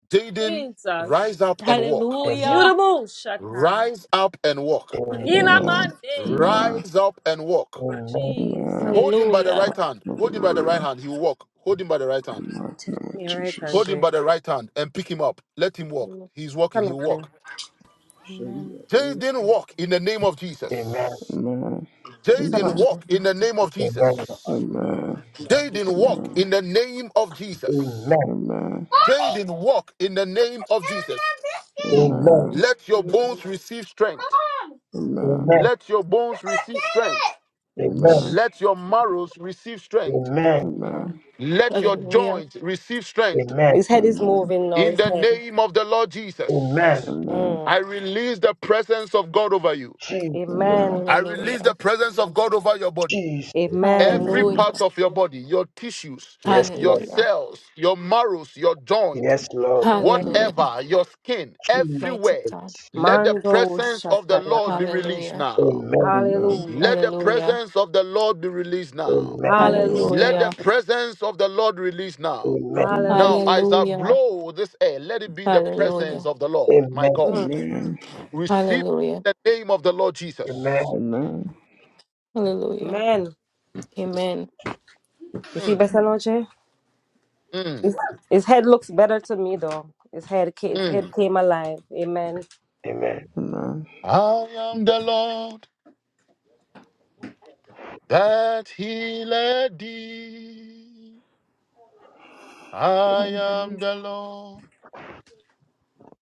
Jaden, Jesus. rise up and walk. You Amen. the Hallelujah. move, Shatan. Rise up and walk. Amen. In a Hallelujah. Amen. Monday. Amen. Rise up and walk. Amen. Amen. Hold Jesus. him by the Hallelujah. right hand. Hold him by the right Hallelujah. hand. He will walk. Hold him by the right In hand. the mighty name of Yeah, right, Jesus. Hold him Andre. by the right hand and pick him up. Let him walk. He's walking. Stand He'll up, Jay. walk. Amen. Jaden, walk in the name of Amen. Amen. Jesus. Amen. Stand Jaden, up, Amen. Jay. walk in the name of Jesus. Amen. Jaden, walk Amen. in the name of Jesus. Amen. Jaden, walk in the name of Jesus. Amen. Let your bones receive strength. Amen. Let your bones receive strength. Amen. Amen. Amen. Amen. Amen. Let your marrows receive strength. Amen. Amen. Amen. Let your Hallelujah. joints receive strength. His head Amen. Amen. is moving now, In his the head. name of the Lord Amen. Amen. Jesus, Amen. Amen. I Mm. release the presence of God over you. Je- Amen. I release Hallelujah. the presence of God over your body. Jesus. Amen. Amen. Amen. Amen. Every part Hallelujah. Amen. of your body, your tissues, Yes, your Lord. Hallelujah. cells, your marrows, your joint, Yes, Lord. Amen. Hallelujah. whatever, your skin, Jesus. Mighty everywhere. God. Let the Mando presence of the Lord be released Hallelujah. now. Amen. Hallelujah. Let the Hallelujah. presence of the Lord be released now. Amen. Let Hallelujah. Hallelujah. the presence of the Lord release now. Amen. Now, Hallelujah. Hallelujah. as I blow this air, let it be the presence Hallelujah. of the Lord, my Amen. Amen. Amen. God. Mm. Receive Hallelujah. the name of the Lord Amen. Jesus. Amen. Hallelujah. Amen. Amen. You see Mm, better, Noche? mm, His, his head looks better to me, though. His head, ca- his head mm. came alive. Amen. Amen. I am the Lord that healed thee. I am the Lord,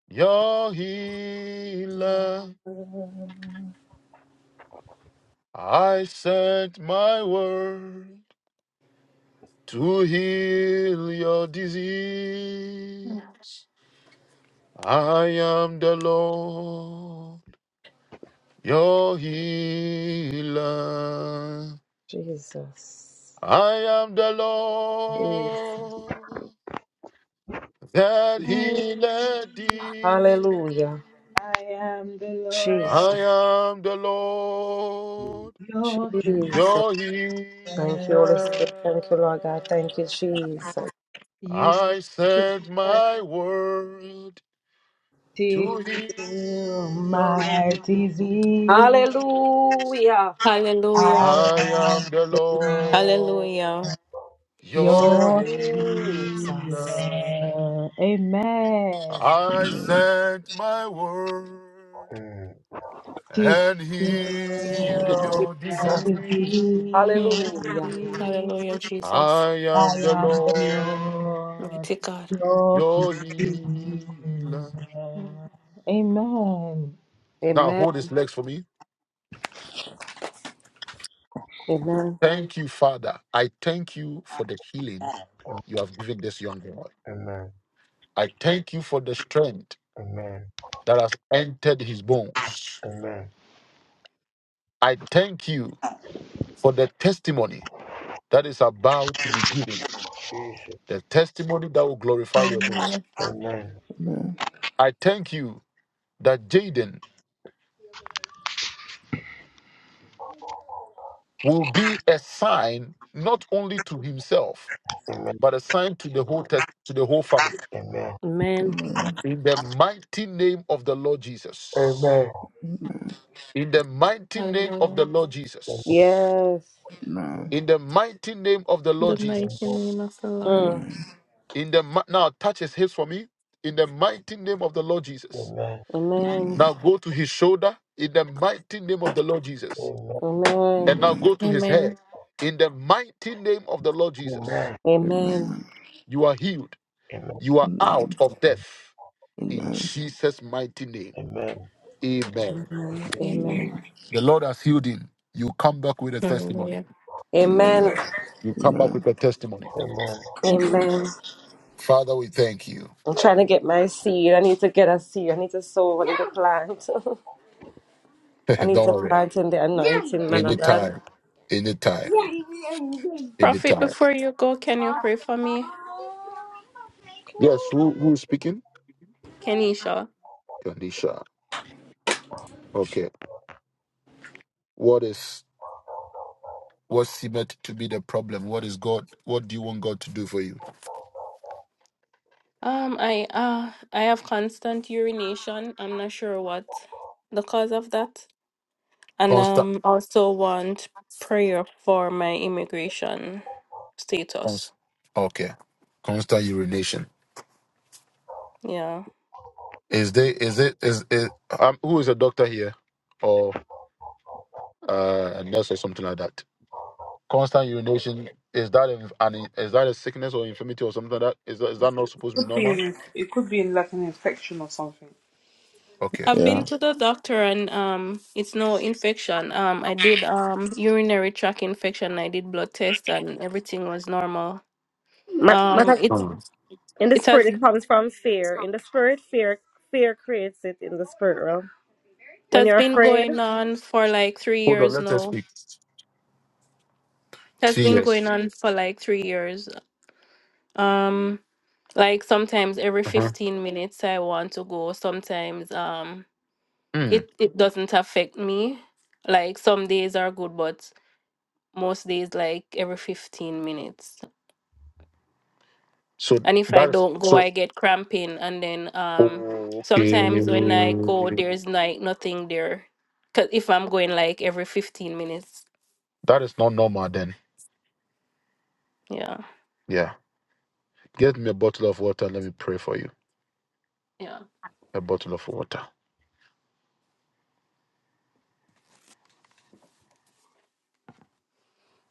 your healer. I sent my word to heal your disease. I am the Lord, your healer. Jesus. I am the Jesus. Lord that healed I thee. Hallelujah. am the Jesus. Lord I am the Mm. Lord, your healer. Jesus. your Thank you, Holy healer. Spirit. Thank you, Lord God. Thank you, Jesus. You I sent my word to see heal your my disease. disease. Hallelujah. Hallelujah. I I am am the Hallelujah. Lord, Hallelujah. your your Jesus. healer. healer. Amen. I sent my word To and heal heal your my Jesus. disease. Hallelujah. disease. Hallelujah, Jesus. I I am the am the Lord, Lord, Mighty God. your your healer. healer. Mm. Amen. Now Amen. hold his legs for me. Amen. Thank you, Father. I thank you for the healing you have given this young boy. Amen. I thank you for the strength Amen. that has entered his bones. Amen. I thank you for the testimony that is about Jesus. the testimony that will glorify your name. Hallelujah. Amen. I thank you that Jaden will be a sign not only to himself, Amen. but a sign to the whole test to the whole family. Amen. Amen. In the mighty name of the Lord Jesus. Amen. In the mighty name of Hallelujah. the Lord Jesus. Yes. In the mighty name of the Lord The mighty Jesus. name of the Lord. Mm. Amen. In the mi- now touch his hips for me. In the mighty name of the Lord Jesus. Amen. Amen. Now go to his shoulder. In the mighty name of the Lord Jesus. Amen. and Amen. now Amen. Amen. go to his Amen. head. In the mighty name of the Lord Jesus, Amen. Amen. Amen. Amen. you are healed. Amen. You are Amen. out of death. In Amen. Jesus' mighty name. Amen. Amen. Amen. Amen. Amen. Amen. The Lord has healed him. You come back with a testimony. Hallelujah. Amen. Amen. You come back Amen. with a Amen. testimony. Amen. Amen. Amen. Father, we thank you. I'm trying to get my seed. I need to get a seed. I need to sow. I need to plant. I Don't need to worry. plant in the anointing, man of God. Anytime. Anytime. Prophet, Anytime. before you go, can you pray for me? Yes, who, who's speaking? Kenisha. Kanisha. Okay. What is what seemed to be the problem? What is God? What do you want God to do for you? Um, I uh I have constant urination. I'm not sure what the cause of that. And um also want prayer for my immigration Cons- status. Okay. Constant urination. Yeah. Is there is it is is um who is a doctor here or uh a nurse or something like that? Constant urination is that an an- is that a sickness or infirmity or something like that? Is that is that not supposed to be Could be normal? in, it could be in like an infection or something. Okay. I've been Yeah. to the doctor and um it's no infection. Um I did um urinary tract infection. I did blood test and everything was normal. Ma- man Um of- it's Hmm. in the it spirit, has it it comes from fear. In the spirit, fear fear creates it in the spirit realm. When has you're been afraid. going on for like 3 Hold on, years let us now. speak. It has Three been going years. on for like 3 years. Um like sometimes every Uh-huh. 15 minutes I want to go. Sometimes um Hmm. it it doesn't affect me. Like some days are good but most days like every 15 minutes. So and if I that is don't go, I so get cramping, and then um okay. sometimes when I go, there's like nothing there, cause if I'm going like every fifteen minutes, That is not normal then. yeah, Yeah. Get me a bottle of water. Let me pray for you. yeah, A bottle of water.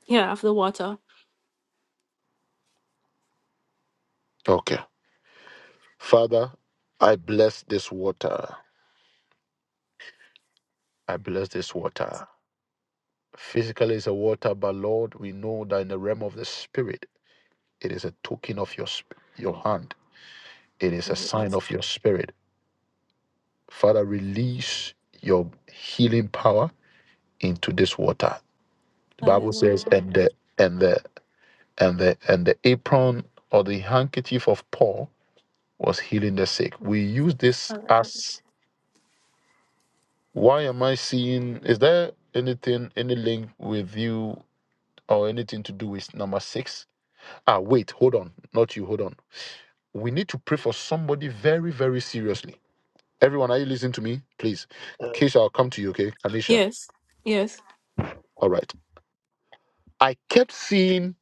yeah, after water. Okay. Father, I bless this water. I bless this water. Physically, it's a water, but Lord, we know that in the realm of the spirit, it is a token of your sp- your hand. It is a Hallelujah. sign of your spirit. Father, release your healing power into this water. The Bible Hallelujah. says, and the and the and the and the apron or the handkerchief of Paul was healing the sick. We use this Hallelujah. as Why am I seeing? Is there anything, any link with you or anything to do with number six? Ah, wait, hold on. Not you, hold on. We need to pray for somebody very, very seriously. Everyone, are you listening to me? Please. Keisha, I'll come to you, okay? Anisha. Yes, yes. All right. I kept seeing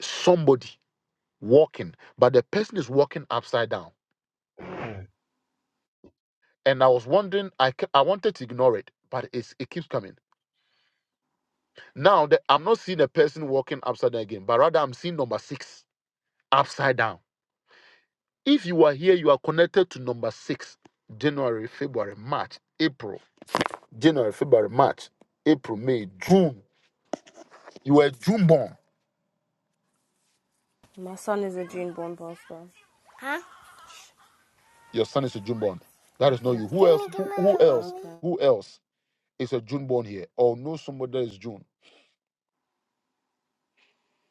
somebody walking, but the person is walking upside down. And I was wondering, I, ke- I wanted to ignore it, but it's, it keeps coming. Now, that I'm not seeing a person walking upside down again, but rather I'm seeing number six upside down If you are here, you are connected to number six January, February, March, April, January, February, March, April, May, June. You are a June born. My son is a June born pastor. Your son is a June born. That Yes, is not you. perfect. Who Give else? me, give me, Who, who mommy. else? Okay. Who else is a June born here? Or know somebody that is June?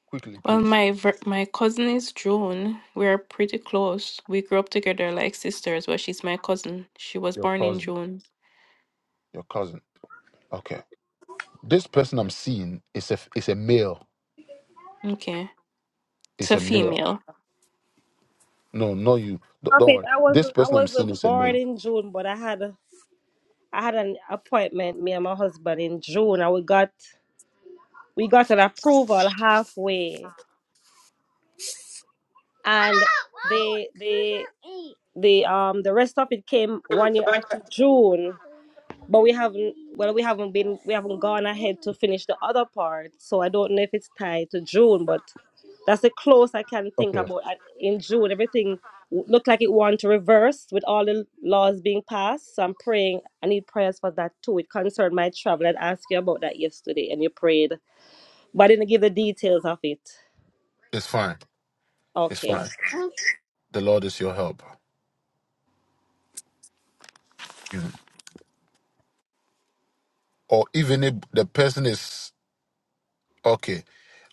Quickly, Well, please. my ver- my cousin is June. We are pretty close. We grew up together like sisters, but she's my cousin. She was Your born in cousin. June. Your cousin. Okay. This person I'm seeing is a is a male. Okay, it's It's a a male. female. No, no, you. Don't don't Prophet, worry. I This wasn't I person I'm seeing wasn't is a born male. in June, but I had a I had an appointment, me and my husband in June and we got we got an approval halfway. And they they the um the rest of it came one year after June. but we haven't well we haven't been we haven't gone ahead to finish the other part so i don't know if it's tied to june but that's the close i can think Okay. about And in june everything w- looked like it wanted to reverse with all the laws being passed so i'm praying i need prayers for that too it concerned my travel i'd asked you about that yesterday and you prayed but i didn't give the details of it It's fine. It's okay fine. The Lord is your help. or even if the person is okay,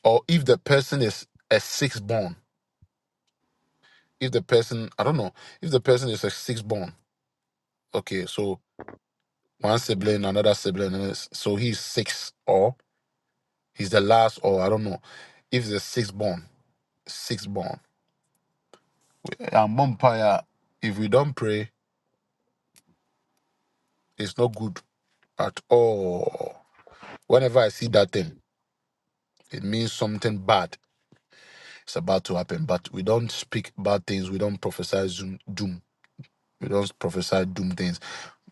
or if the person is a six born, if the person I don't know, if the person is a six born, okay, so one sibling, another sibling, and it's- so he's six, or he's the last, or I don't know, if the six born, six born, and vampire, if we don't pray, it's not good at all. Whenever I see that thing, it means something bad is about to happen. But we don't speak bad things. We don't prophesy zoom- doom We don't prophesy doom things.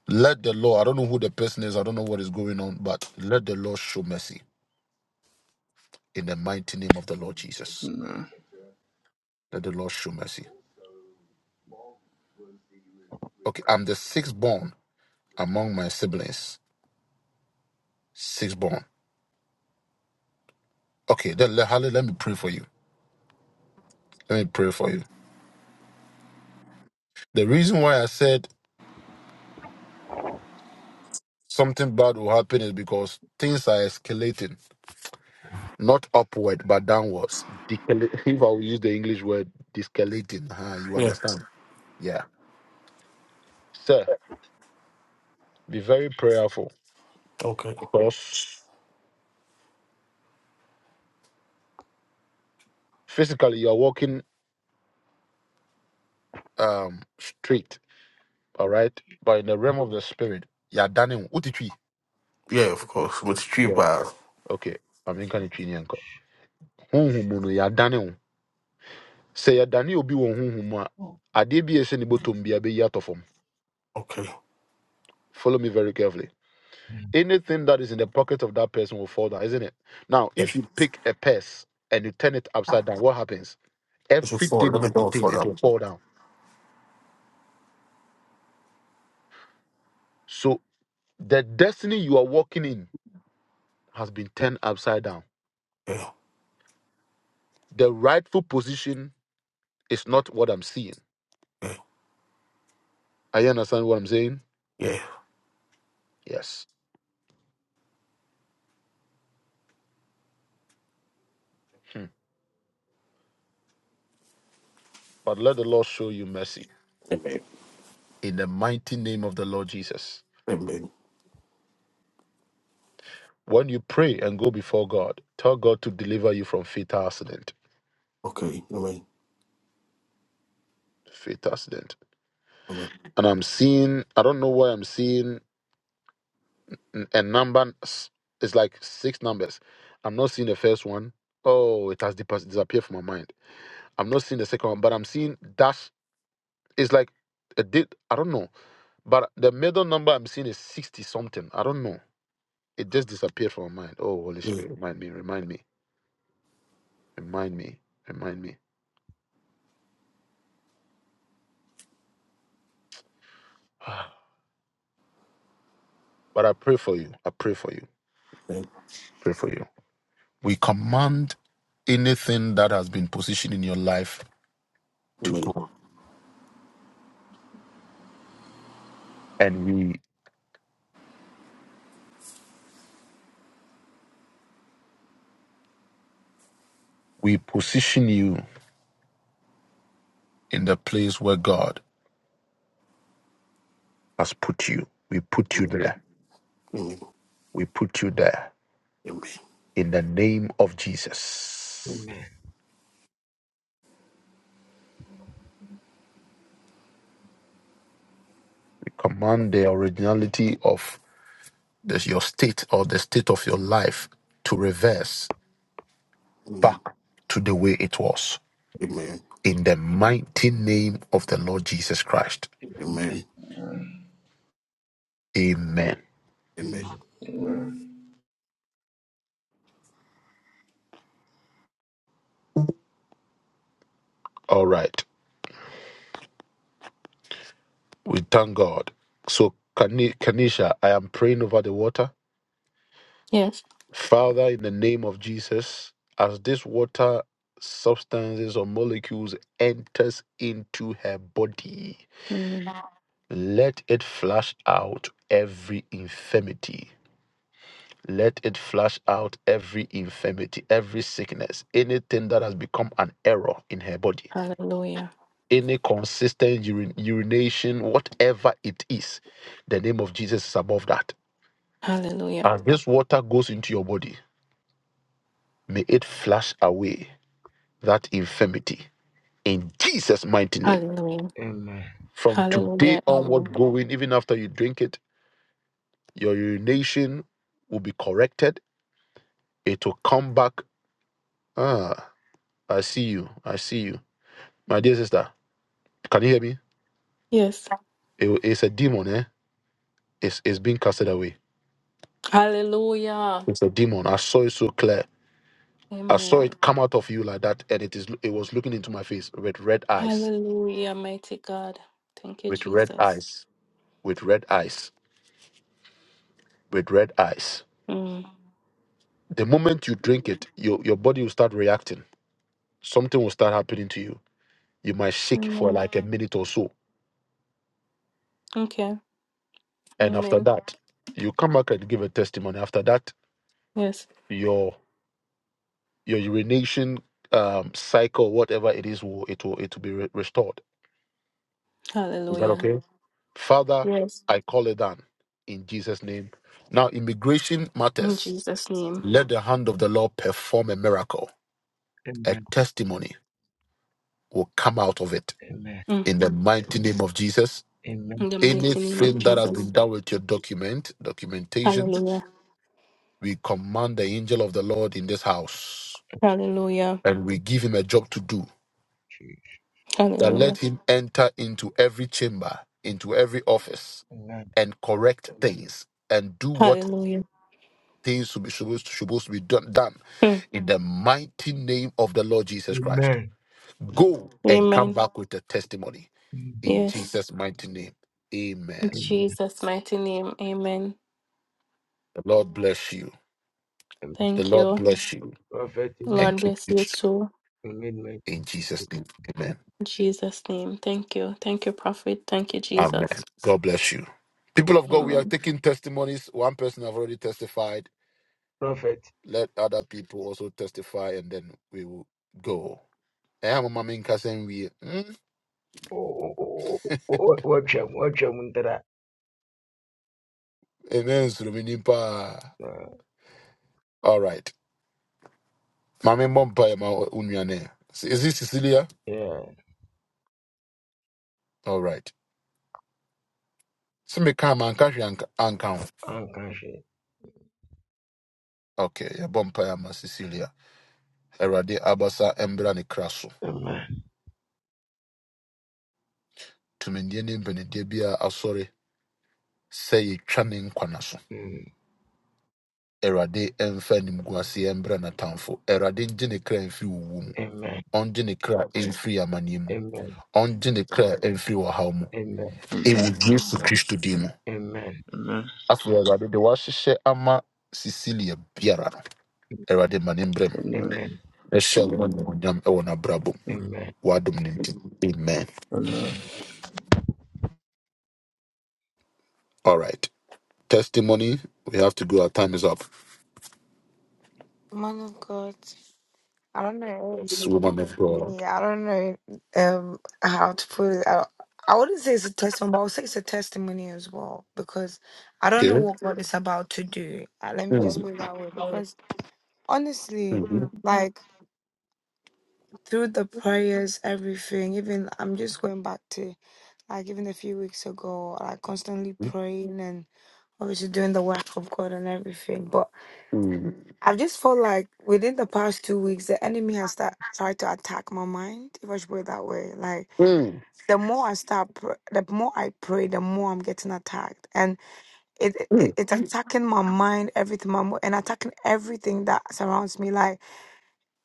Let the Lord, I don't know who the person is, I don't know what is going on, but let the Lord show mercy in the mighty name of the Lord Jesus. Amen. Let the Lord show mercy. Okay, I'm the sixth born among my siblings. Sixth born. Okay, then let, Harley, let me pray for you. Let me pray for you. The reason why I said something bad will happen is because things are escalating, not upward, but downwards. Decala- If I will use the English word, descalating, huh? you Yeah. understand? Yeah. Sir, be very prayerful Okay. because physically you're walking um straight, all right? But in the realm of the spirit, you're done. Utitwi. Yeah, of course. With cheap Yeah. uh, Okay. I mean can you Honhum no you're done. Say you're done will be one honhum a adeɛ bi a ɛhyɛ ne bottom bi a ɛbɛyi atɔ fam. Okay. Follow me very carefully. Anything that is in the pocket of that person will fall down, isn't it? Now, Yeah. if you It pick a purse and you turn it upside down, what happens? should fall. Everything Let it me do contains, for it them. will fall down. So the destiny you are walking in has been turned upside down Yeah. The rightful position is not what I'm seeing. Yeah. Are you understand what I'm saying? Yeah. Yes. Hmm. But let the Lord show you mercy in the mighty name of the Lord Jesus. When you pray and go before God, tell God to deliver you from fatal accident. Fatal accident. And I'm seeing, I don't know why I'm seeing n- a number. s- It's like six numbers. I'm not seeing the first one. Oh, it has dis- disappeared from my mind. I'm not seeing the second one, but I'm seeing dash. It's like a date. I don't know But the middle number I'm seeing is 60 something. I don't know. It just disappeared from my mind. Oh, Holy Spirit, remind me, remind me, remind me, remind me. Ah. But I pray for you. I pray for you. Pray for you. We command anything that has been positioned in your life to go. And we we position you in the place where God has put you. We put you there. We put you there in the name of Jesus. We command the originality of this, your state or the state of your life to reverse back to the way it was. In the mighty name of the Lord Jesus Christ. Amen. Amen. All right. We thank God. So, Kani- Kanisha, I am praying over the water. Yes. Father, in the name of Jesus, as this water substances or molecules enters into her body, Mm. let it flush out every infirmity Let it flush out every infirmity, every sickness, anything that has become an error in her body, Hallelujah. any consistent urin- urination, whatever it is. The name of Jesus is above that. Hallelujah. As this water goes into your body, may it flush away that infirmity in Jesus' mighty name. Hallelujah. Amen. From Hallelujah. today Amen. onward, going, even after you drink it, your urination will be corrected. It will come back. Ah, I see you. I see you. My dear sister, Can you hear me? Yes. It- it's a demon, eh? It's it's being casted away. Hallelujah. It's a demon. I saw it so clear. I saw Amen. it come out of you like that, and it is it was looking into my face with red eyes, Hallelujah, mighty God. Thank you, with red Jesus. eyes, with red eyes, with red eyes. Mm. The moment you drink it, your your body will start reacting. Something will start happening to you. You might shake for Amen. like a minute or so, Okay. and after Amen. that, you come back and give a testimony. After that, Yes. your your urination um, cycle, whatever it is, will it will it will be re- restored. Is that okay? Hallelujah. Father, Yes. I call it down in Jesus' name. Now, immigration In matters. Jesus' name. Let the hand of the Lord perform a miracle. A Amen. testimony will come out of it Amen. Mm. in the mighty name of Jesus. Amen. In the mighty name of Anything that has been Jesus. done with your document, documentation, Hallelujah. we command the angel of the Lord in this house Hallelujah. and we give him a job to do. Jesus. That Hallelujah. let him enter into every chamber, into every office, Amen. and correct things and do what Hallelujah. things to be supposed to, supposed to be done, done Mm. in the mighty name of the Lord Jesus Christ. Amen. Go and come Amen. back with a testimony Mm. in Yes. Jesus' mighty name. In Amen. Amen. Jesus' mighty name. Amen. The Lord bless you. Amen. The Thank Lord you. bless you Prophet, you need and Lord keep bless you you too. you need me. in Jesus' name. Amen. In Jesus' name. Thank you. Thank you, Prophet. Thank you, Amen. Jesus. God bless you. People of God, we are Amen. taking testimonies. One person have already testified. Prophet. Let other people also testify and then we will go. Eh, mama, me nka sɛm wie. Hmm? Oh, oh, oh, oh, oh, watch him. Watch him. Untara. Ɛnnɛ nsuno me nipa. Uh, All right. Maame mbɔ mpaeɛ ma wo- wo Is it Cecilia? Yeah. All right. So me ma anka hwee anka anka ho. Unconscious. Okay, yɛbɔ mpaeɛ My Cecilia. Awurade abasa mbra ne kra so. Amen. Tumidie ne mpanideɛ bi a asɔre sɛ yɛtwa ne nkwa so. Mm. Awurade mfa animguaseɛ mbra n'atamfo. Awurade ngye ne kra mfiri wowu mu. Amen. Ɔngye ne kra mfiri amanneɛ mu. Amen. Ɔngye ne kra mfiri ɔhaw mu. Amen. Amen. Ɛwɔ Yesu Kristo din mu. Amen. Amen. ama Cecilia biara no. Awurade ma ne Amen. Amen. Ɛhyɛ wo animuonyam ɛwɔ n'abrabɔ mu. Amen. W'adom ne nti. Amen. Amen. All right. Testimony. We have to go. Our time is up. Man of God, I don't This know. woman of God. Yeah, I don't know um how to put it. I, I wouldn't say it's a testimony, but I would say it's a testimony as well because I don't know Okay. what God is about to do. Uh, Let me just Mm, put it that way because honestly, mm, mm, like through the prayers, everything, even I'm just going back to like even a few weeks ago, like constantly praying and obviously doing the work of God and everything. But mm, I just felt like within the past two weeks, the enemy has that, tried to attack my mind, if I should put it that way. Like, mm, the more I start, pr- the more I pray, the more I'm getting attacked, and it, it mm, it's attacking my mind, everything, my mo- and attacking everything that surrounds me. Like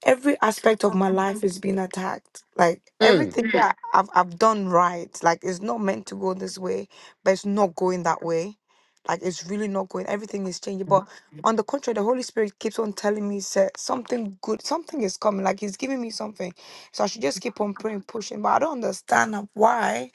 every aspect of my life is being attacked. Like mm, everything that I've I've done right, like it's not meant to go this way, but it's not going that way. Like it's really not going. Everything is changing, but on the contrary, the Holy Spirit keeps on telling me, "Say something good, something is coming." Like He's giving me something, so I should just keep on praying, pushing. But I don't understand why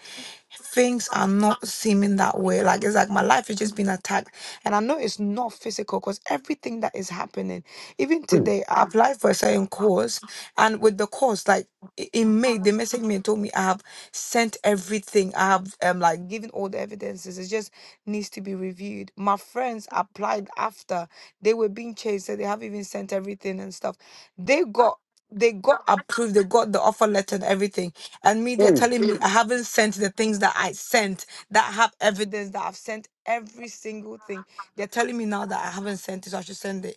things are not seeming that way. Like it's like my life is just being attacked. And I know it's not physical because everything that is happening, even mm, today, I applied for a certain course. And with the course, like i- in May, they messaged me and told me I have sent everything. I have um like given all the evidences. It just needs to be reviewed. My friends applied after they were being chased, so they have even sent everything and stuff. They got they got approved, they got the offer letter and everything and me they're mm. telling me i haven't sent the things that i sent that have evidence that i've sent every single thing they're telling me now that i haven't sent it so i should send it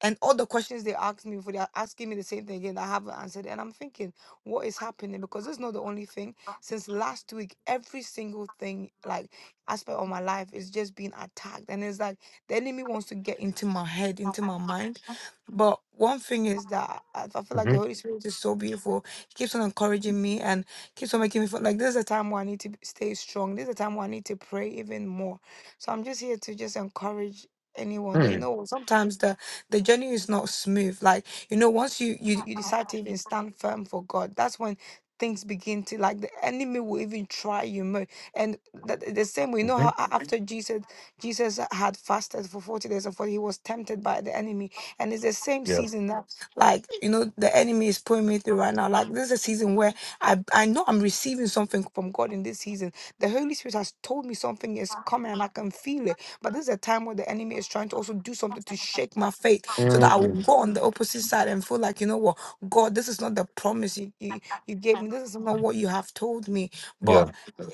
and all the questions they asked me before, they are asking me the same thing again. I haven't answered. And I'm thinking, what is happening? Because it's not the only thing. Since last week, every single thing, like aspect of my life, is just being attacked. And it's like the enemy wants to get into my head, into my mind. But one thing is that I I feel like the Holy Spirit is so beautiful. He keeps on encouraging me and keeps on making me feel like this is a time where I need to stay strong. This is a time where I need to pray even more. So I'm just here to just encourage anyone that you know sometimes the the journey is not smooth like you know once you you, you decide to even stand firm for god that's when things begin to like the enemy will even try you more and the, the same we know how a- after jesus jesus had fasted for 40 days and 40 he was tempted by the enemy and it's the same Yes. season that like you know the enemy is pulling me through right now like this is a season where i i know i'm receiving something from god in this season the holy spirit has told me something is coming and i can feel it but this is a time where the enemy is trying to also do something to shake my faith so that I will Mm, go on the opposite side and feel like, you know what, God, this is not the promise you, you, you gave me. This is not what you have told me. But yeah. eh,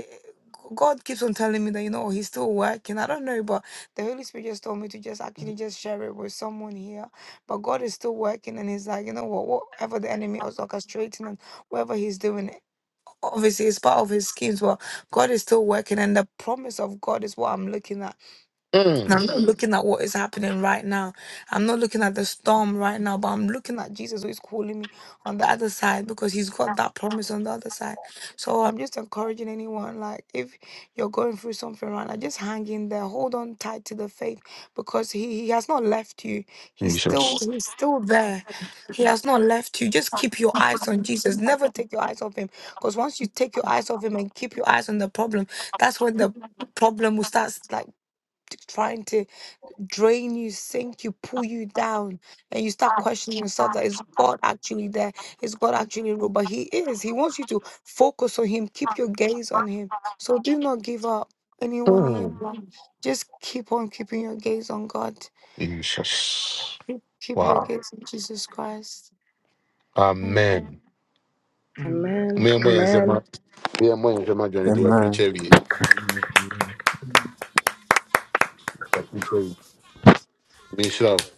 God keeps on telling me that, you know, He's still working. I don't know, but the Holy Spirit just told me to just actually just share it with someone here. But God is still working and He's like, you know what, whatever the enemy is orchestrating and whatever He's doing, obviously it's part of His schemes, but God is still working. And the promise of God is what I'm looking at and Mm. I'm not looking at what is happening right now. I'm not looking at the storm right now, but I'm looking at Jesus who is calling me on the other side because he's got that promise on the other side. So I'm just encouraging anyone, like if you're going through something right now, just hang in there, hold on tight to the faith because he, he has not left you. He's still Jesus. he's still there. He has not left you. Just keep your eyes on Jesus. Never take your eyes off him. Because once you take your eyes off him and keep your eyes on the problem, that's when the problem will start like t- trying to drain you, sink you, pull you down, and you start questioning yourself that is God actually there? Is God actually real? But He is. He wants you to focus on Him, keep your gaze on Him. So do not give up. Anyone here, Mm. black, just keep on keeping your gaze on God. Jesus. Keep your Wow. gaze on Jesus Christ. Amen. Amen. Amen. amen Me and my and Zema. Me and my and Zema journey to a Amen. preacher. We. A preacher. Me sure.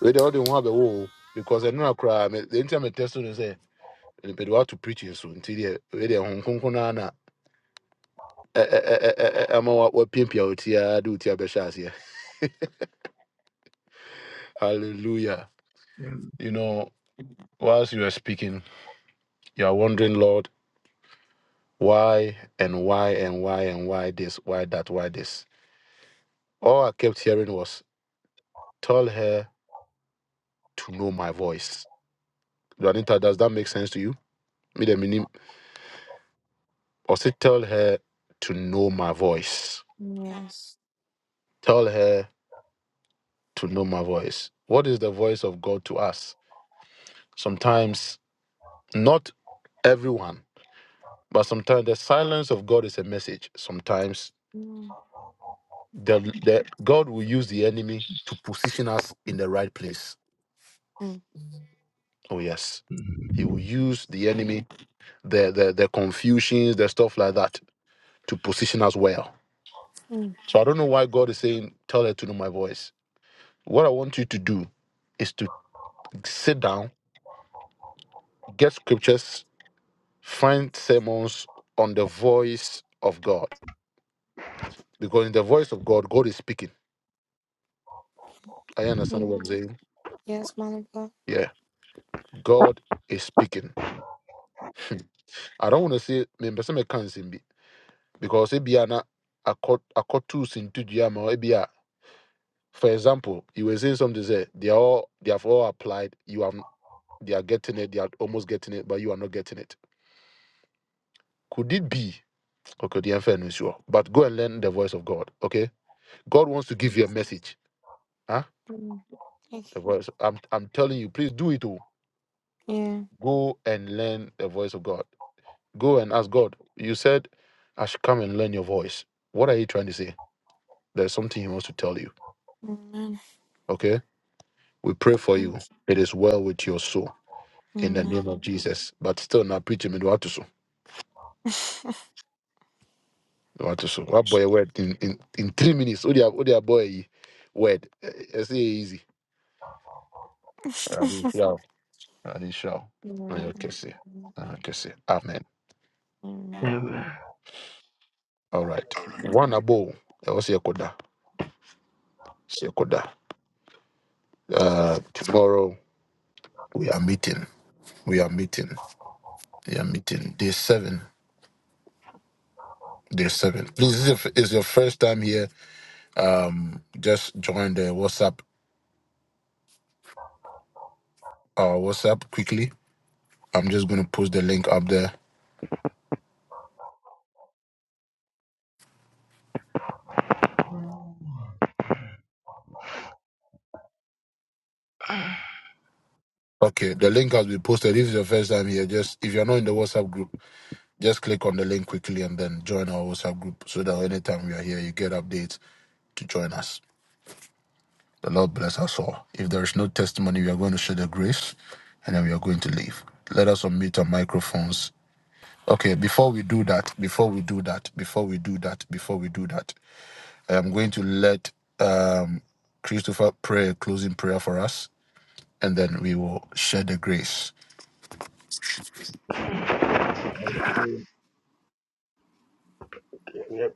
We don't want have a wall because I know I cry. The internet testimony to say. mepɛde woato preaching so nti deɛ wei deɛ honhom eh eh eh eh eh eh, ɛ- ɛ- ɛ- ɛma wa- wapiapia wo ti ara de wo ti abɛhyɛ aseɛ hallelujah Amen. you know whilst you are speaking you are wondering lord why and why and why and why this why that why this all i kept hearing was tell her to know my voice juanita does that make sense to you me the meaning or say tell her to know my voice Yes. tell her to know my voice what is the voice of god to us sometimes Not everyone, but sometimes the silence of God is a message. Sometimes Mm. the, the God will use the enemy to position us in the right place. Mm. Oh yes, He Amen. will use the enemy, the the, the confusions, the stuff like that, to position us well. So I don't know why God is saying, "Tell her to know my voice." What I want you to do is to sit down, get scriptures, find sermons on the voice of God, because in the voice of God, God is speaking. I understand what I'm saying. Yes, man of God. Yeah. God is speaking. I don't want to say me person me can sing be because it be an accord accord tools into Jama or be a for example, you were saying something say they are all they have all applied, you have they are getting it, they are almost getting it, but you are not getting it. Could it be okay? The answer is sure, but go and learn the voice of God. Okay, God wants to give you a message. Huh? Mm. Thank The voice. I'm I'm telling you, please do it. Oh, you. Yeah. go and learn the voice of God. Go and ask God. You said I should come and learn your voice. What are you trying to say? There's something he wants to tell you. Amen. Okay? We pray for Thank you. It is well with your soul you. in the name of Amen. Jesus. But still now preach him in what to so. What to so. What boy word in, in, in three minutes. Oh dear, oh dear boy word. It's easy. Yeah. Sure. Amen. Okay, see. Okay, see. Amen. Amen. Amen. All right. One above. That was Yekoda. Yekoda. Uh tomorrow we are meeting we are meeting. We are meeting day seven. Day seven. Please, this is your is your first time here. um just join the WhatsApp uh WhatsApp quickly. I'm just gonna post the link up there. Okay, the link has been posted. If it's your first time here, just if you're not in the WhatsApp group, just click on the link quickly and then join our WhatsApp group so that anytime we are here you get updates to join us. The Lord bless us all. If there is no testimony, we are going to share the grace and then we are going to leave. Let us unmute our microphones. Okay, before we do that, before we do that, before we do that, before we do that. I'm going to let um, Christopher pray a closing prayer for us, and then we will share the grace. We pray,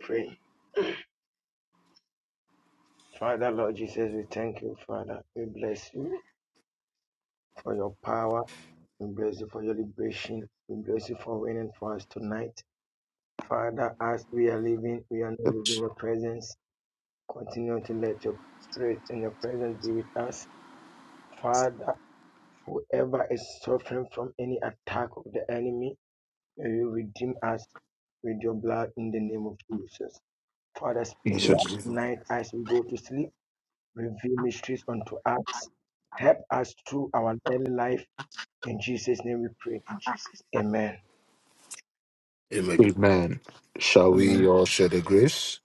Father, Lord Jesus, we thank you, Father. We bless you for your power. We bless you for your liberation. We bless you for winning for us tonight. Father, as we are living, we are not leaving your presence. Continue to let your spirit and your presence be with us. Father, whoever is suffering from any attack of the enemy, may you redeem us with your blood in the name of Jesus. Father, speak to us Jesus. tonight as we go to sleep. Reveal mysteries unto us. Help us through our daily life. In Jesus' name we pray. Amen. Amen. Amen. Shall we Amen. all share the grace?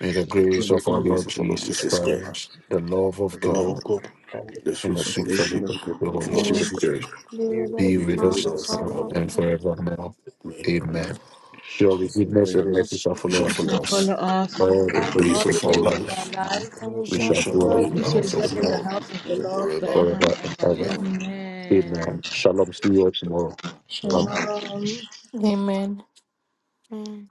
May the May grace the of You God our of guys Lord to follow our Lord Jesus Jesus Jesus Christ, Christ, Christ, the love the of the love of love God, of God, God, And we the and sweet the the sweet free fellowship fellowship of fellowship the of the of Holy the Holy Holy Spirit Spirit, Spirit. pray be Be be with with us us with now and us now now forever. and and forever. forevermore. Amen. Amen. Amen. Surely His goodness glory, and mercy shall We follow shall us mercy, Shall follow God, us follow us all the all days the all days the the of of our God our of days of life. our life, now, lives. We and we shall shall and dwell dwell in should in We the be the in shall house house of dwell the the of the in the Lord Lord house house of of the the Lord. Lord forever. forever forever and and ever. ever. Amen. Amen. Amen. Amen. Shalom. See you tomorrow. Shalom. Clubhouse Shalom. Amen. Mm.